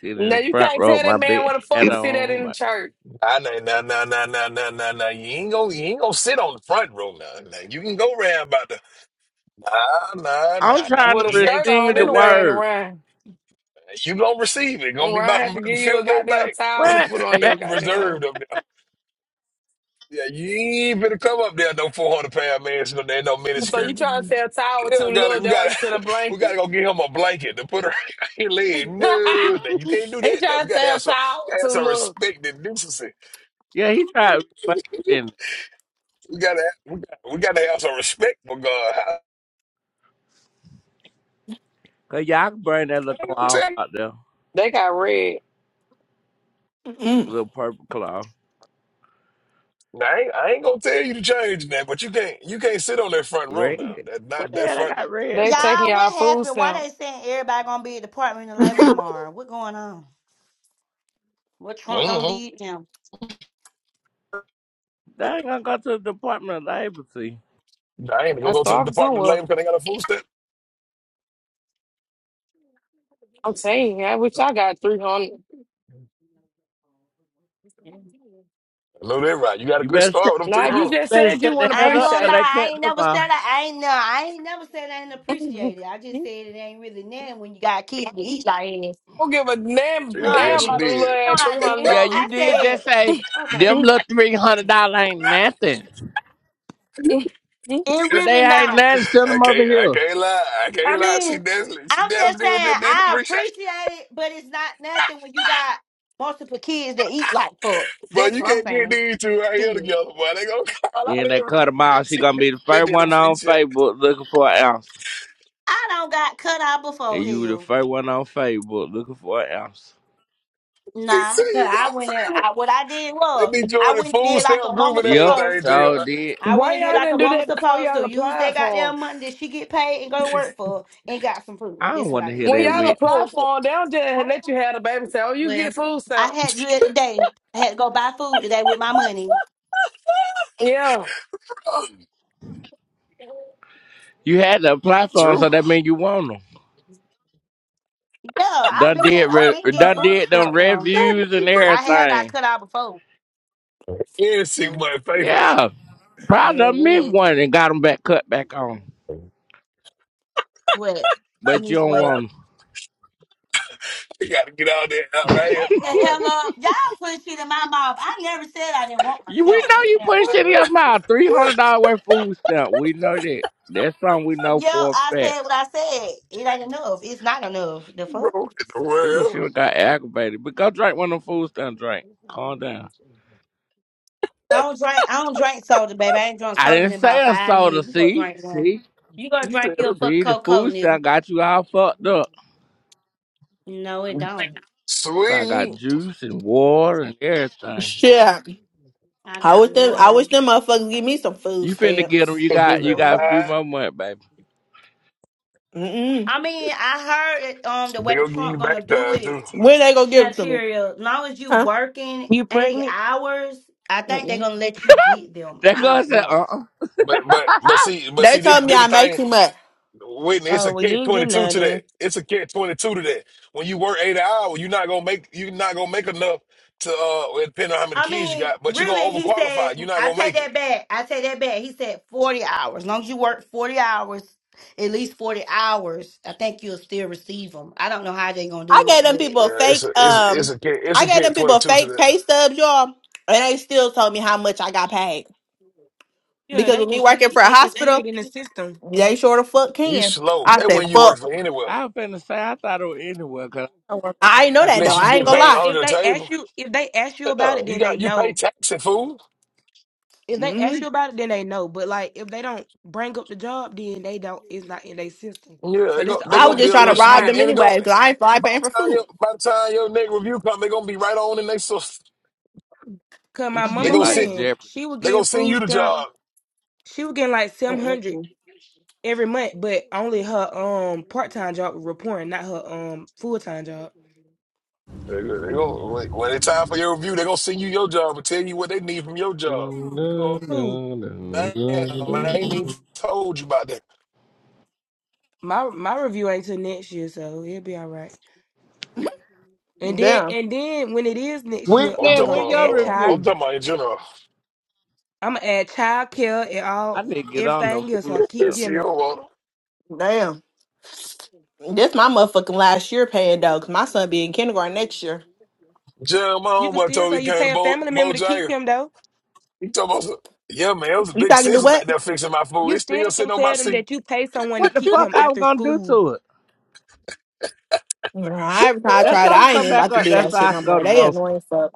Sitting in the
you
front
can't
row,
tell
my
that man
big
what the fuck
hat
to see that
on.
in the church.
I nah nah nah nah nah nah nah nah. You ain't gonna you ain't gonna sit on the front row now. Nah, nah. You can go round about the nah nah
I'm
nah
trying
nah.
with
to
a
He
skirt
ain't
on
coming
receive the
in
anyway,
there.
and
word.
Ryan,
You gonna receive it. Gonna
And
be
Ryan
about,
had to
about the
give you a
fifth row
goddamn
back,
towel to
What?
put on
<laughs>
your
<laughs> reserved
goddamn.
up there. Yeah, you ain't better come up there no four hundred pound man sitting there in no
So
miniskirt.
you trying to say a towel too
Yeah, we
little?
gotta we
That's why
gotta
you said a
<laughs> we gotta
blanket.
go get him a blanket to put her <laughs> in his leg.
<laughs>
No, no, you can't do
they
that now.
trying
We
to
gotta
say a
have some we
towel
gotta have
too
some
little.
respect and decency.
yeah, he tried to be funny, didn't he?
We gotta we gotta, we gotta have some respect for God. I,
Cause y'all can bring that
I
little
ain't gonna
cloth
tell you.
out there,
They got red.
Mm-mm.
little purple cloth,
Nah, I ain't, I ain't gonna tell you to change that, but you can't you can't sit on that front row now.
red.
That
What
not
the
that
hell I
front.
got red
They
for?
taking
Y'all, what
y'all food
happened? Why
stamp.
they saying everybody gonna be at the Department of Labor tomorrow? What going on? What Trump done
hmm
did now?
They ain't gonna go to the Department of Labor. See,
I ain't gonna
Got
go to the
starving
Department of
somewhere.
Labor because they got a food stamp.
I'm saying, I wish I got three hundred.
I know that right. You got a
you
good
better
start
shut,
with them
Like
I
you
300.
just
better
said, you
shut
want
the
to
I
head
ain't
up,
gonna
but
lie,
appreciate.
they
I ain't
cut them
never
off.
said I, I ain't know, I ain't never said I ain't not
it. <laughs>
appreciate it. I just
you
said it ain't really nothing when you got kids to eat like this.
don't give a damn
No,
Yeah,
I
damn
yes, you
about
didn't.
them
did.
No,
little
I
three hundred
didn't.
Yeah,
dollars.
you
I
did
said,
just say
okay,
them little three hundred dollar ain't nothing.
<laughs>
it
If
really
they ain't
not.
nothing, send
I
them
can't,
over
I
here.
can't lie. I
I
can't lie. She
mean,
definitely, she
I'm just
definitely did
saying
did- did
I
appreciate it.
appreciate it, but it's not nothing when you got multiple kids that eat like fuck.
Bro,
That's
you
what I'm
can't get
saying.
these two right here
Shit.
together, boy. They gonna call out
Then they cut
everything. <laughs>
them off. She
She
gonna be the first
definitely did
one on
appreciate it.
Facebook looking for an answer.
I don't got cut out
And
before
you were the
hell.
first one on Facebook looking for an answer.
He said,
Nah, 'cause
you go,
I
to
went
say,
and
well,
I what I did
they
was
be
I
joining the
went and
food
did like
stamp
a
group
mama
and
Yep,
supposed
everything,
to.
so did.
I went
Why
and did
y'all
like a
didn't do
mama
that before
supposed
y'all
to. Use that
applied for 'em?
goddamn money that she get paid and go to work for and got some food.
I don't
That's what
want
I
to hear
did.
When
that
y'all
wit.
apply for them, they don't just let you have the baby. Say, oh, you get
Well,
food
I
stamp.
had to
Jay.
do it today. I had to go buy food today with my money.
Yeah.
You had to apply
<laughs>
for 'em,
Drew,
so that means you want them.
Yeah, I've
Done
been had
did,
I've
re-
been getting
done
food
did them
stuff now.
I
reviews and
can't
But I
breathe.
have got
everything.
cut out before.
Yeah, she
Yeah.
went faithfully.
Yeah, probably
Well
done missed
yeah.
one and got them back cut back on.
What?
But you
Miss
don't
what?
want 'em.
I gotta get out there out right here,
the
boy.
hell up. Y'all put shit in my mouth. I never said I didn't want
You, we
myself.
know
That
you
sound
putting shit
crazy.
in your
<laughs>
mouth. Three hundred dollar worth of food stamp. We know that. That's something we know
Yo,
for a
I
fact.
said what I said. It ain't enough. It's not enough. The
Bro,
fuck?
in the
Ooh, she
world.
done got aggravated. But go drink one of them food stamp drink. Calm down.
I don't drink I don't drink soda, baby. I ain't drunk
I
soda
didn't
in about
say a
five
soda,
years. You gonna
see?
drink one. You gonna
He
drink
said
your fuck
See, the
Coca-Cola,
food
nigga.
stuff got you all fucked up.
No, it don't.
I got
Sweet
juice and water and
<laughs>
everything.
Shit.
I
I
got
wish them. I
water.
wish them motherfuckers give me some food
You finna get them?
stamps.
You
cookies
got you
and
got a
Good.
few
pie.
more months, baby.
Mm-mm.
I mean, I heard it, um the
They
way
gonna give you
Trump
back
gonna do
uh,
it,
too.
When they gonna give it to me?
Shanteria, as long as you
Huh?
working
You
eighty
pregnant?
hours, I think they're
Mm-mm.
gonna let you get them.
That
I
girl
don't
said,
know.
uh uh
But but but see but
They
see
told
did
me
did the
I make
thing
too much.
Whitney, it's
Oh
a
well, you
catch
ain't
twenty
getting
two
none
to that.
then.
It's a catch twenty two to that. When you work eight hours, you're not gonna make you're not gonna make enough to uh well, depending on how many
I
kids you
mean,
got, but you're
really,
gonna
he said,
overqualify. You're not
I
gonna
take
make it.
that back. I take that back. He said 40 hours. As long as you work 40 hours, at least 40 hours, I think you'll still receive them. I don't know how they're going to
I
do
gave
it,
them
but
people a
Yeah, it's
fake.
a it's it's
Um,
a catch it's
I
a
gave
catch
them
twenty
people a
two to
fake
that.
pay stubs, y'all, and they still told me how much I got paid.
Yeah,
Because
they
with
can
me working
see it.
for a
They can see it
hospital,
in the system.
they sure the fuck
You
can.
slow.
I
That
said,
when you work
fuck.
for anywhere.
I was finna say, I thought it was anywhere, because I don't want
I ain't know that though.
Unless you
I ain't
If
get
gonna
they
paid
lie.
if
under the
they ask
table.
you if they ask you about
Yeah,
it,
you
then they
got you pay
know.
tax and food.
If they
hmm
ask you about it, then they know. But like if they don't bring up the job, then they don't. It's not in their system.
Yeah,
So
they're
that's
gonna,
the
they
only
I was
gonna
way
be
you
just
a
could
trying to
get
little,
rob
by.
and,
them
and they going
anyway because I ain't fly
by
paying
the
for
time your
food.
by the time your next review come, they're gonna be right on in their system.
Cause
<laughs>
my
this
They
mama
shit
gonna
like
Mm-mm.
send
friend,
Jeopardy.
she was
they gonna
getting
send
food
you the
stamp.
job.
She was getting like seven hundred every month, but only her um part time job was reporting, not her um full time job.
They gonna, they
Mm-mm.
gonna when when it's time for your review, they gonna send you your job and tell you what they need from your job.
Dun,
You
dun,
go,
Ooh,
dun, dun,
damn,
dun,
I ain't even
dun.
told you about that.
my my review ain't till next year, so it'll be all right. And then
Damn.
and then when it is next year,
I'm
Whitney,
I'm
talking
gonna
when
about
your
add
uh,
child
I'm
review?
talking about in general. <laughs>
I'm gonna add child care and
I
all
need to get on them
everything else. So I
food
keep
stuff.
It's
getting
you
them.
don't want 'em.
Damn. This my motherfucking last year paying though, cause my son be in kindergarten next year.
Jerry, my
You can
homeboy
still
told me
say
he
you
came
pay
to
a
Bo
family member to keep
Bojangles.
him though.
He told me, yeah, man, it was a
You
big
talking to
sissy back
what?
there fixing my food.
You
It's
still
still
can
sitting on my
tell them
seat.
that you pay someone to
What the
keep him
fuck I was
after
gonna do
school.
to it?
Nah, every time I
Now
tried,
tell her to
I ain't
come
even
back
about to
up.
do
That's
that
how
shit
I
no
can go
more.
to
They
roasting.
annoying fuck.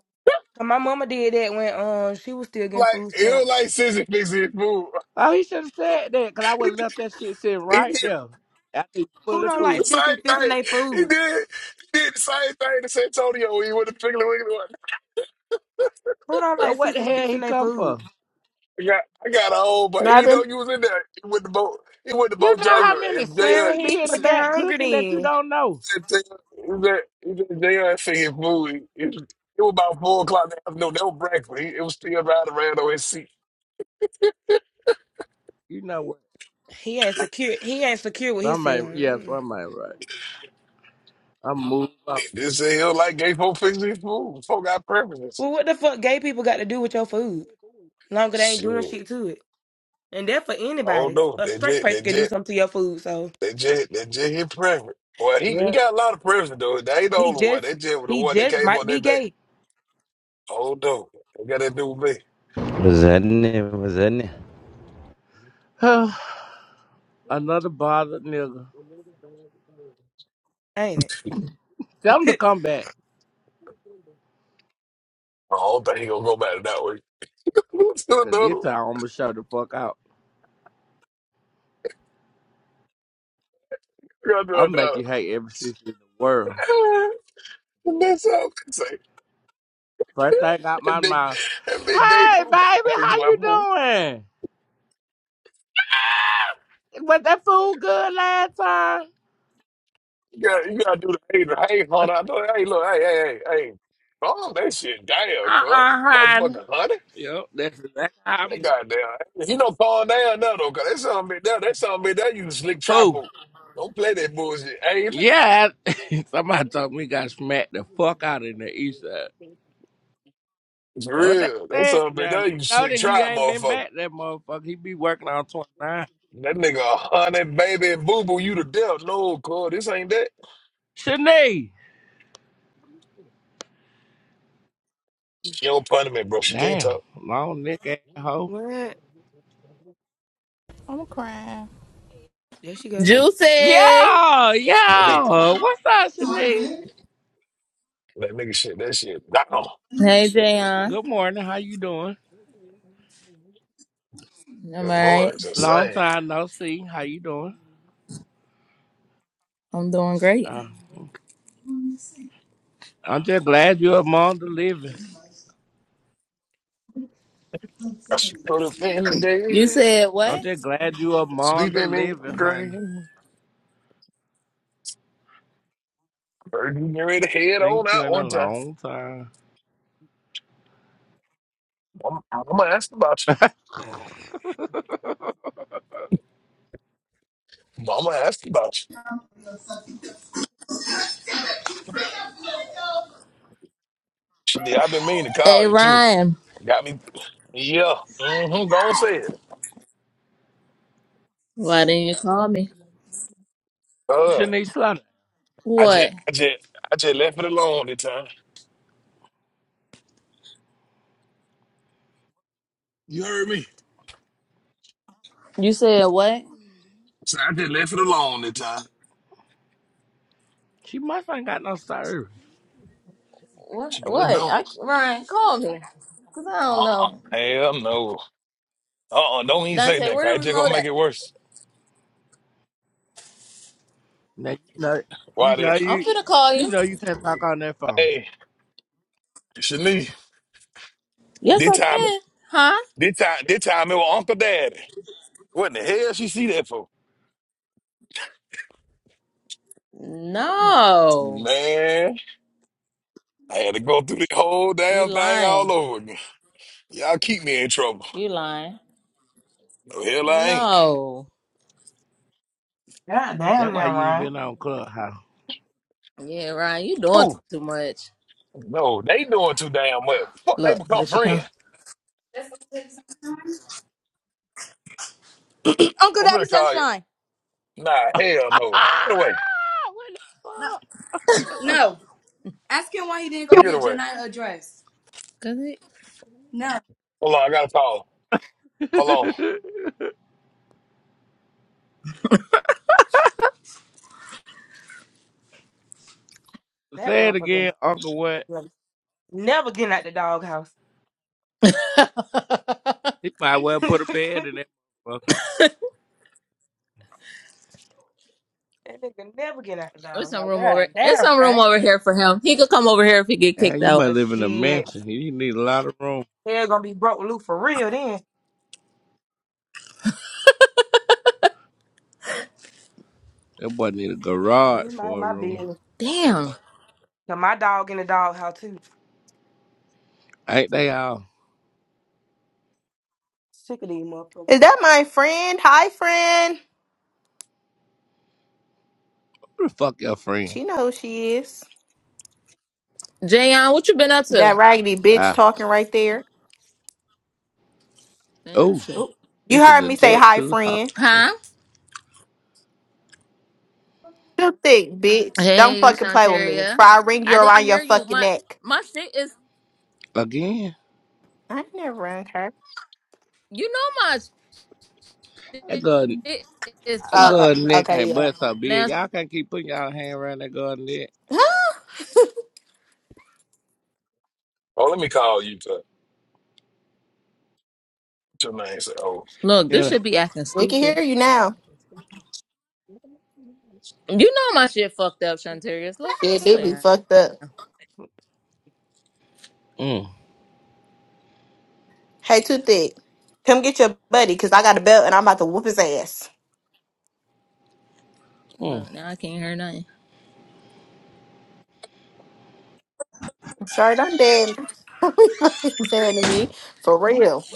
'Cause my mama did that when um she was still getting
like
food
he
stamps.
was like scissor fixing his food.
Oh, he should have said that, cause I would have left that shit sitting
He
right
did
there. After he
Who
fully
don't
the
food.
like sisters
same
fixing
thing.
their
He
food?
did he did the same thing to San Antonio. He went to Piggly Wiggly.
Who don't
So
like
what the
sisters
hell he
fixing their
come
food?
for?
I got I got a hole, but he didn't
Nothing.
know you was in there. He went to boat. He went to
You
boat
know how
Jagger
many
and they
Well,
sisters
he ain't
be in the
uh, <laughs>
fucking
back
hungry
cooking that you
then.
don't know.
they they uh, he said, they uh, singing food. It, it was about four o'clock in the afternoon. That was breakfast. He, it was still riding around on his seat.
You know what?
He ain't secure. He ain't secure with
Some
himself.
ain't yes,
Mm.
some ain't right. I'm moving
They said he was like gay folk fixing his food. Folk got preferences.
Well, what the fuck, gay people got to do with your food? long as they ain't doing
Shit.
shit to it. And that for
I don't
anybody.
know.
A
They
straight
just,
person
they
can do
just
something to your food. So
That Jay, that Jay, hit preference. Well, he, he
yeah.
got a lot of preference though. That ain't the
he
only one.
just
That Jay was the
he
one that
just
came
might
on
be
that day.
gay,
Oh no, what got that to do with me?
What's happening? What's happening?
on. <sighs> Another bothered nigga.
ain't
Tell him to
it?
come back.
I don't think he gonna go back to that one. <laughs> What's the
Cause
another?
this
one?
time I'm gonna show the fuck out.
We gotta do
I'm make you
another.
hate every sister in the world.
one. <sighs> <laughs> And that's all I can say.
First
<laughs>
thing out
That
my
big,
mouth.
that big gay dude
Hey baby,
back there fix
how
my
you
food.
doing? Was that food good last time?
You gotta, you gotta do the hey, the hey, hold on. Hey, look, hey, hey, hey, hey. Oh, that shit, damn, cut.
Uh-uh, hon.
Motherfucker,
Yep, that's exactly how I'm doing.
Goddamn. He don't calm down now though, cause that something big that that something big that you slick
Who?
travel. Don't play that bullshit, Angel.
Yeah, I- <laughs> somebody told me he got smacked the fuck out in the east side.
It's
That's What they
real. That
said.
something big
Now, I
that you
know
slick
that he
trap
ain't been
motherfucker.
back, that motherfucker. He be working on 29.
That nigga a baby and boo boo you to death. No, cuz this ain't that.
Shanae.
She don't pun me, bro. She can't
Damn,
talk.
long neck ass
<laughs>
hoe.
what?
I'm crying.
There she go.
That
Juicy. Hey,
Yo,
nigga,
yo, what's up, Shanae?
that nigga shit, that shit down.
Jayon.
Good morning, how you doing?
I'm
Good morning,
alright.
it's
Long
insane.
time no see, how you doing?
I'm doing great.
Uh, I'm just glad you're among the living.
I should put up in
You
there,
said
I'm
what?
just glad you're among the
sleeping in your
living, honey.
grave. Heard you get ready to head on
Ain't you
out
in a
one time.
long time.
I'm, i gonna ask about
<laughs>
you. I'm gonna ask about you. Shit, I've been meaning to call
Hey,
you too.
Ryan.
got me. Yeah. Mm-hmm. Go on, say it.
Why didn't you call me?
Uh,
Shanice Slaughter.
I just,
What?
I just, I just left it alone this time. You heard me?
You said what?
So I just left it alone this time.
She must ain't got no serve.
What?
She wanna
What?
don't.
I, Ryan, call me. Cause I don't
Uh-uh.
know.
Hell no. Uh-uh. Don't even say
Dante,
that.
where
'cause
the
it just
remote
gonna make
at?
it worse.
Now you know you
Why then?
know
I'm
you
finna call
you
you.
know you can't talk on that phone.
Hey, Shanice.
Yes,
This
I
time,
can. Huh?
this time, this time it was Uncle Daddy. What in the hell she see that for?
No.
Man. I had to go through the whole
You
damn thing all
lying.
over again. Y'all keep me in trouble.
You lying.
No hell I ain't.
No.
God damn
That's why
now,
you ain't
Ryan.
been on Clubhouse.
Yeah, Ryan, you doing
Oh
too much.
no, they doing too damn well. Fuck, they
Look, here
become
she come.
friends.
Uncle
I'm
Daddy
gonna call you.
Sunshine.
Nah, hell no.
Ah,
Get away.
No,
what
no. Ask him why he didn't go
Get
get
away.
Janiyah a dress. Does it? No.
Hold on, I gotta call. Hold on.
the fuck? <laughs>
That
Say it
motherfucker
again, Uncle What?
was never getting out the doghouse.
<laughs>
He might well
<laughs> that
put a bed in that motherfucker.
nigga never getting out the
There's some
doghouse.
room over.
God
There's
damn,
some room
right?
over here for him. He could come over here if he get kicked
And you
out.
might
Uh,
live in a
shit.
mansion. You need a lot of room.
Hell gonna be broke loose for real then.
That boy need a
Let me
garage
mind
for a
my
room.
business.
Damn,
Cause my dog in the doghouse too.
Ain't they all?
Sick of these motherfuckers.
Is that my friend? Hi, friend.
Who the fuck your friend?
She know who she is.
Jayon, what you been up to?
That raggedy bitch
Ah.
talking right there.
Been up
Oh,
Oh.
You
this is
heard
a
me say
jet
hi,
too.
friend.
Huh?
You thick bitch. Don't
Hey,
fucking play with me.
Shantaria.
Before I ring you
I didn't
around your
hear you.
fucking
My
neck.
my shit is.
Again?
I ain't never rung her.
You know my
That good
shit is
that
fucked
Uh,
good neck
okay,
ain't
yeah.
but so
now.
big. Y'all can't keep putting y'all hand around that good neck.
<gasps> <laughs>
Oh, let me call you to your name. Say, oh,
Look, this
Yeah.
should be acting
We can
stupid.
hear you now.
You know my shit fucked up, Shantaria. Slow
Shit do be
down.
fucked up.
Mm.
Hey, Too Thick, come get your buddy, cause I got a belt and I'm about to whoop his ass.
Mm.
Look, now I can't hear nothing.
Sorry, I'm dead. <laughs> He's dead to me for real.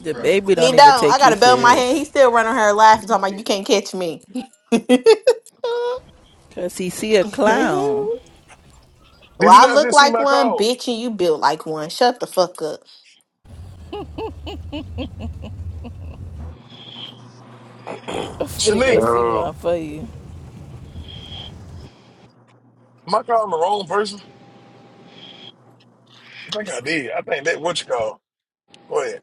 The baby
He
don't even
don't. I
take you
got a belt in my hand.
serious.
He still running her laughing, talking about you can't catch me. <laughs> well,
Cause he see a clown.
did you
I
not
look
just see
like
my
one,
call,
bitch, and you built like one. Shut the fuck up.
I'm finna go
Shanique?
see
Yo,
one for you.
Am I calling the wrong person? I think I did. I think that what you call. Go ahead.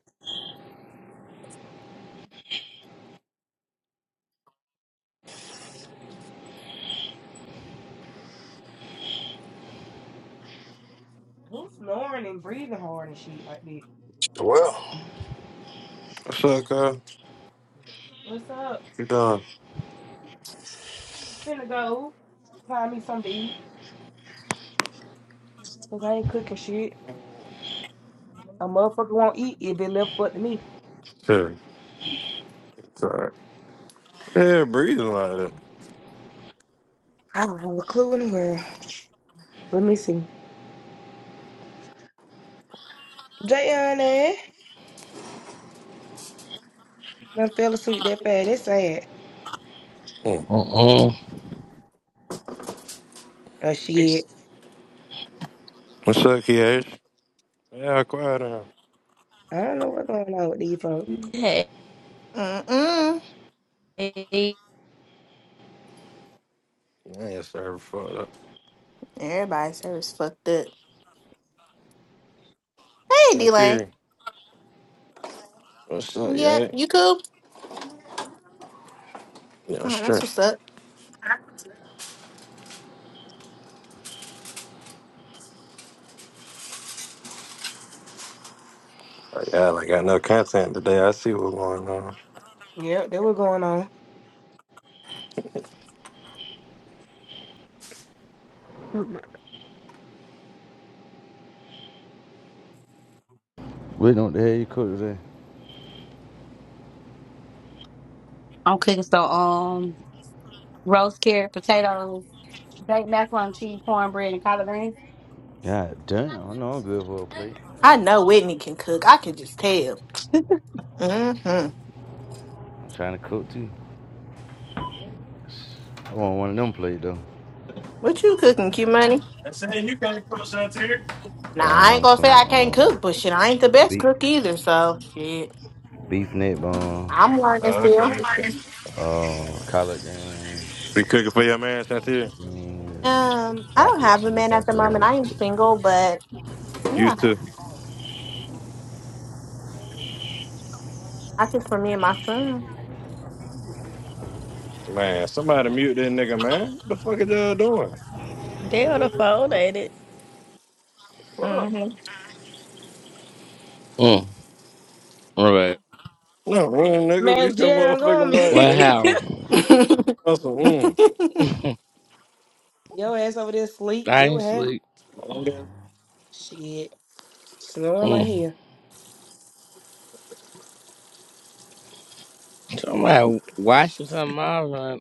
Who's snoring and breathing hard and shit like that?
Well.
what's up, Kyle?
What's up?
You doing?
Finna go find me something to eat. Cause I ain't cooking shit. A motherfucker won't eat if it left up to me.
Sure. It's all right. Yeah, breathing like that.
I don't have a clue in the world. Let me see. Jayon eh? Done fell asleep that fast. That's sad.
Hmm.
Mm. Mm.
Oh shit.
What's up, Kiash? Yeah, quiet down.
I don't know what's going on with these folks.
Hey,
Mm-mm.
Yeah, sorry for up.
Everybody's service fucked up. Hey, D Lane.
Shantir, what's up,
Yeah,
yeah?
you cool?
Yeah,
Oh,
sure.
that's what's up.
Oh, Yeah, I like, got no content today. I see what's going on.
Yep, that was going on.
What the hell you cook today?
I'm cooking some um, roast carrot, potatoes, baked macaroni and cheese, cornbread, and collard
God damn, I know I'm good for a plate.
I know Whitney can cook. I can just tell. Mm-hmm.
I'm trying to cook too. I want one of them plate though.
What you cooking, cute money?
That's it. You can't put Shantir.
Now I ain't
Um,
gonna
some
say I can't
um
cook, but shit, I ain't the best
beef,
cook either. So shit,
beef neck bone,
I'm learning
Oh, okay.
still.
I'm like-
uh, collard greens,
Be cooking for your man, Shantir.
and
Um, I don't
broccoli
have a
cheese
man at the
casserole.
moment. I am single, but yeah,
Used to.
I cook for me and my son.
Man, somebody mute that nigga, man. What the fuck is y'all doing?
they on the phone, ain't it?
Fuck.
hmm
mm. All right.
No, run, nigga.
Man,
Mute your
Jayon, go on
motherfucking
mute.
mic,
What
nigga.
<laughs>
happened?
<laughs>
That's a, mm.
<laughs> I
Your ass over there sleep. That what
ain't
happened.
sleep.
Shit. Snoring like
Mm.
hell.
Somebody washing something off. huh?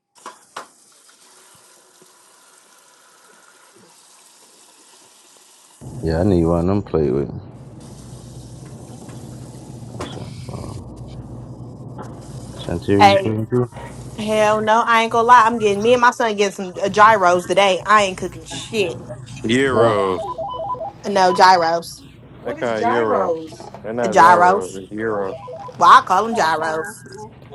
Yeah, I need one of them plate with. me. right. Um, Santeria, you
hey,
cooking too?
hell no, I ain't gonna lie. I'm getting me and my son getting some uh, gyros today. I ain't cooking shit.
Yeah.
Euros.
No gyros,
What
That
is
guy Euro.
gyros?
They're
Uh,
not Zyros,
gyros.
it's Euro.
Well, I call them gyros.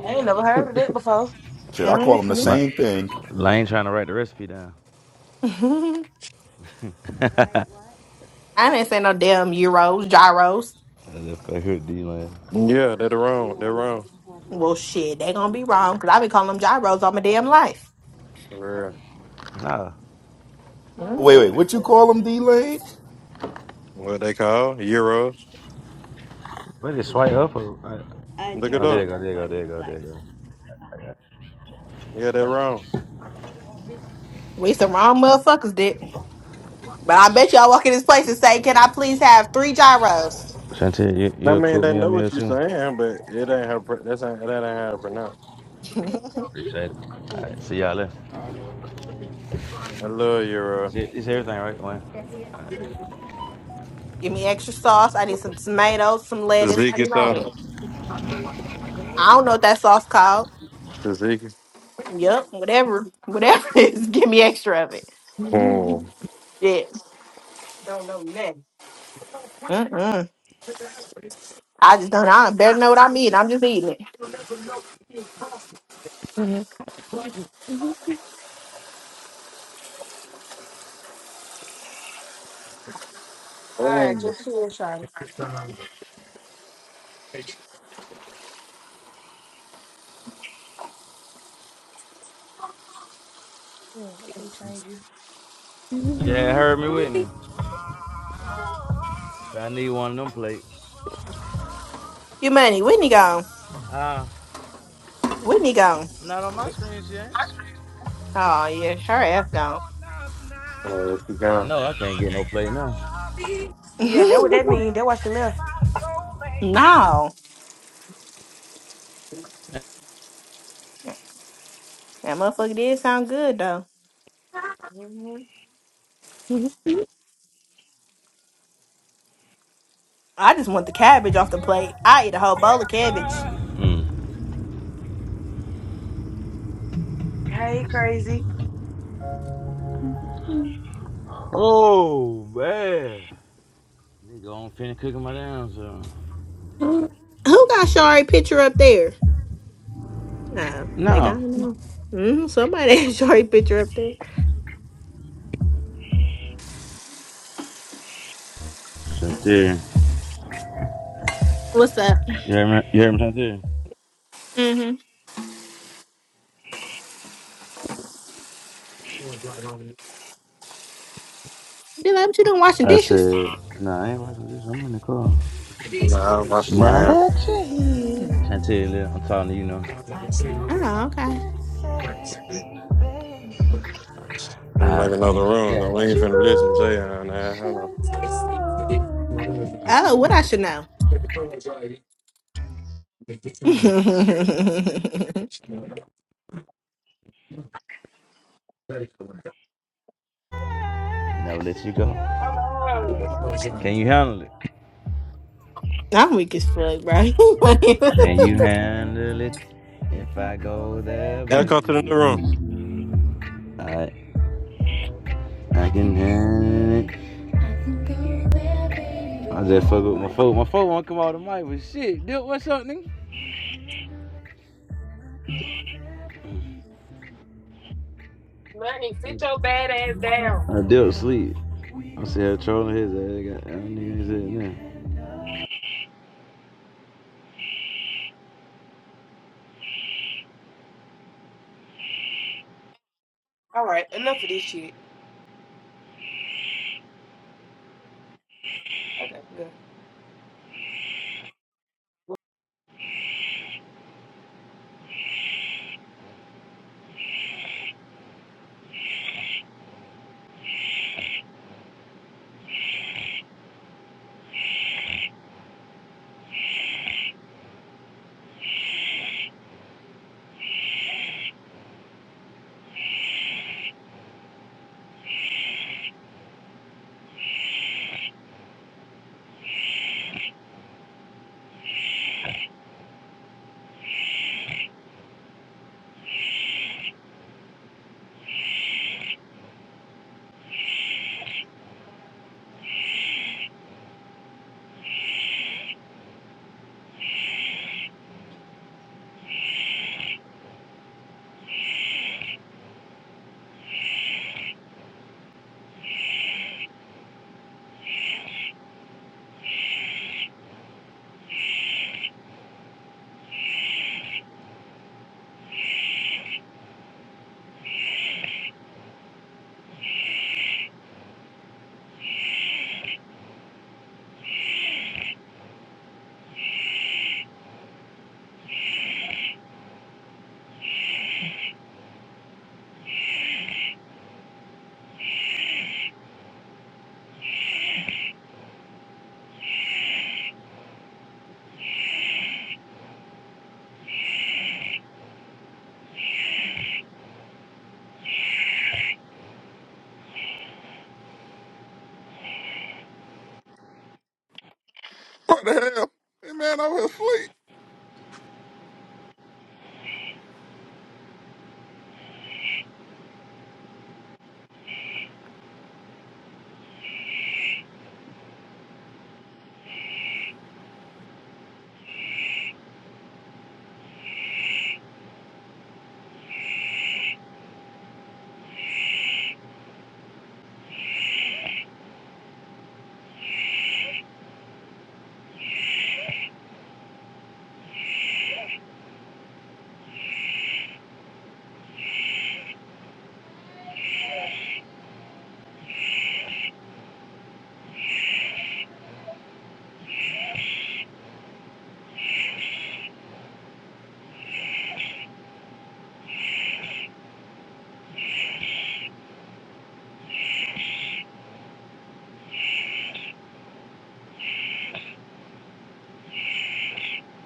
I ain't never heard of that before.
Shit, I
hmm
call them the
La-
<laughs>
same thing.
Lane trying to write the recipe down. <laughs> What? I
I didn't say no damn euros, gyros.
just fuck with D Lane.
Yeah, they're the wrong. They're wrong.
Well, shit, they gonna be wrong because I been calling them gyros all my damn life.
For real.
Nah.
Wait,
Mhm.
wait, what you
Mm.
call them, D-Lane?
What they call Euros.
What is it? Swipe up or? I,
Look
oh,
it
there you
up.
go, there you go, there you go, there you go. I
Yeah, they're wrong.
We some wrong motherfuckers, dip. But I bet y'all walk in this place and say, "Can I please have three gyros?
Shantae, you,
I
you a
mean,
cook
they
meal
know
meal
what you're
too?
saying, but it ain't how pr- that's ain't, that ain't how to pronounce.
<laughs>
Appreciate it. All right, see y'all later.
I love Euro.
Shit, It's everything, right, Wayne?
Give me extra sauce. I need some tomatoes, some lettuce. I
Tzatziki,
need all
so
that. I don't know what that sauce called.
Tzatziki.
Yep, whatever, <laughs> whatever it is. <laughs> Give me extra of it.
Hmm.
Yeah.
Don't know nothing.
Mm-mm. I just don't. I better know what I'm eating. I'm just eating it.
All right,
Oh,
your turn, Sean. Yeah, I'm gonna change you.
Yeah, heard me with me. So <laughs> I need one of them plates.
Your money, Whitney gone.
Uh,
Whitney gone.
not on my screen, shit.
Oh yeah, her ass gone.
let's be
Damn,
gone.
no, I can't get no plate now.
Yeah, that what that
<laughs>
mean. That why she
<laughs>
left.
no. That motherfucker did sound good though.
Mm-hmm.
I just want the cabbage off the plate. I eat a whole bowl of cabbage.
Mm.
Hey, crazy.
Who
Oh, man. Nigga, I'm finna cook my damn so.
got Shari picture up there? Uh, they got
No.
him. Mm-hmm, somebody <laughs> had Shari picture up there.
Chantel.
What's that?
You hear me, you hear me Chantel?
Mm-hmm. Be like, but you done washing
I
dishes?
said, nah, I ain't watching this. I'm in the car.
Nah, I'm washing my
Now
hands.
that you
Mm.
here. Chantel, I'm talking to you now. I got
Oh, okay.
something to say, babe.
Finna
I
make another
think
room. though. We
that
ain't
you
finna listen to you. on nah, hold on.
should know.
Oh, what I should know. <laughs>
Never let you go.
Hello,
Can you handle it?
I'm weak as fuck, bro. <laughs>
Can you handle it if I go there,
Yeah,
baby?
come to the new room.
Alright. I can hack. I just fuck with my phone. My phone won't come out of the mic, but shit. Dude, what's up, nigga?
money. Sit your bad ass down.
I dealt sleep. I see her trolling his ass. I got I don't need his head now.
All right, enough of this shit. Okay, good.
What the hell? That man over here asleep.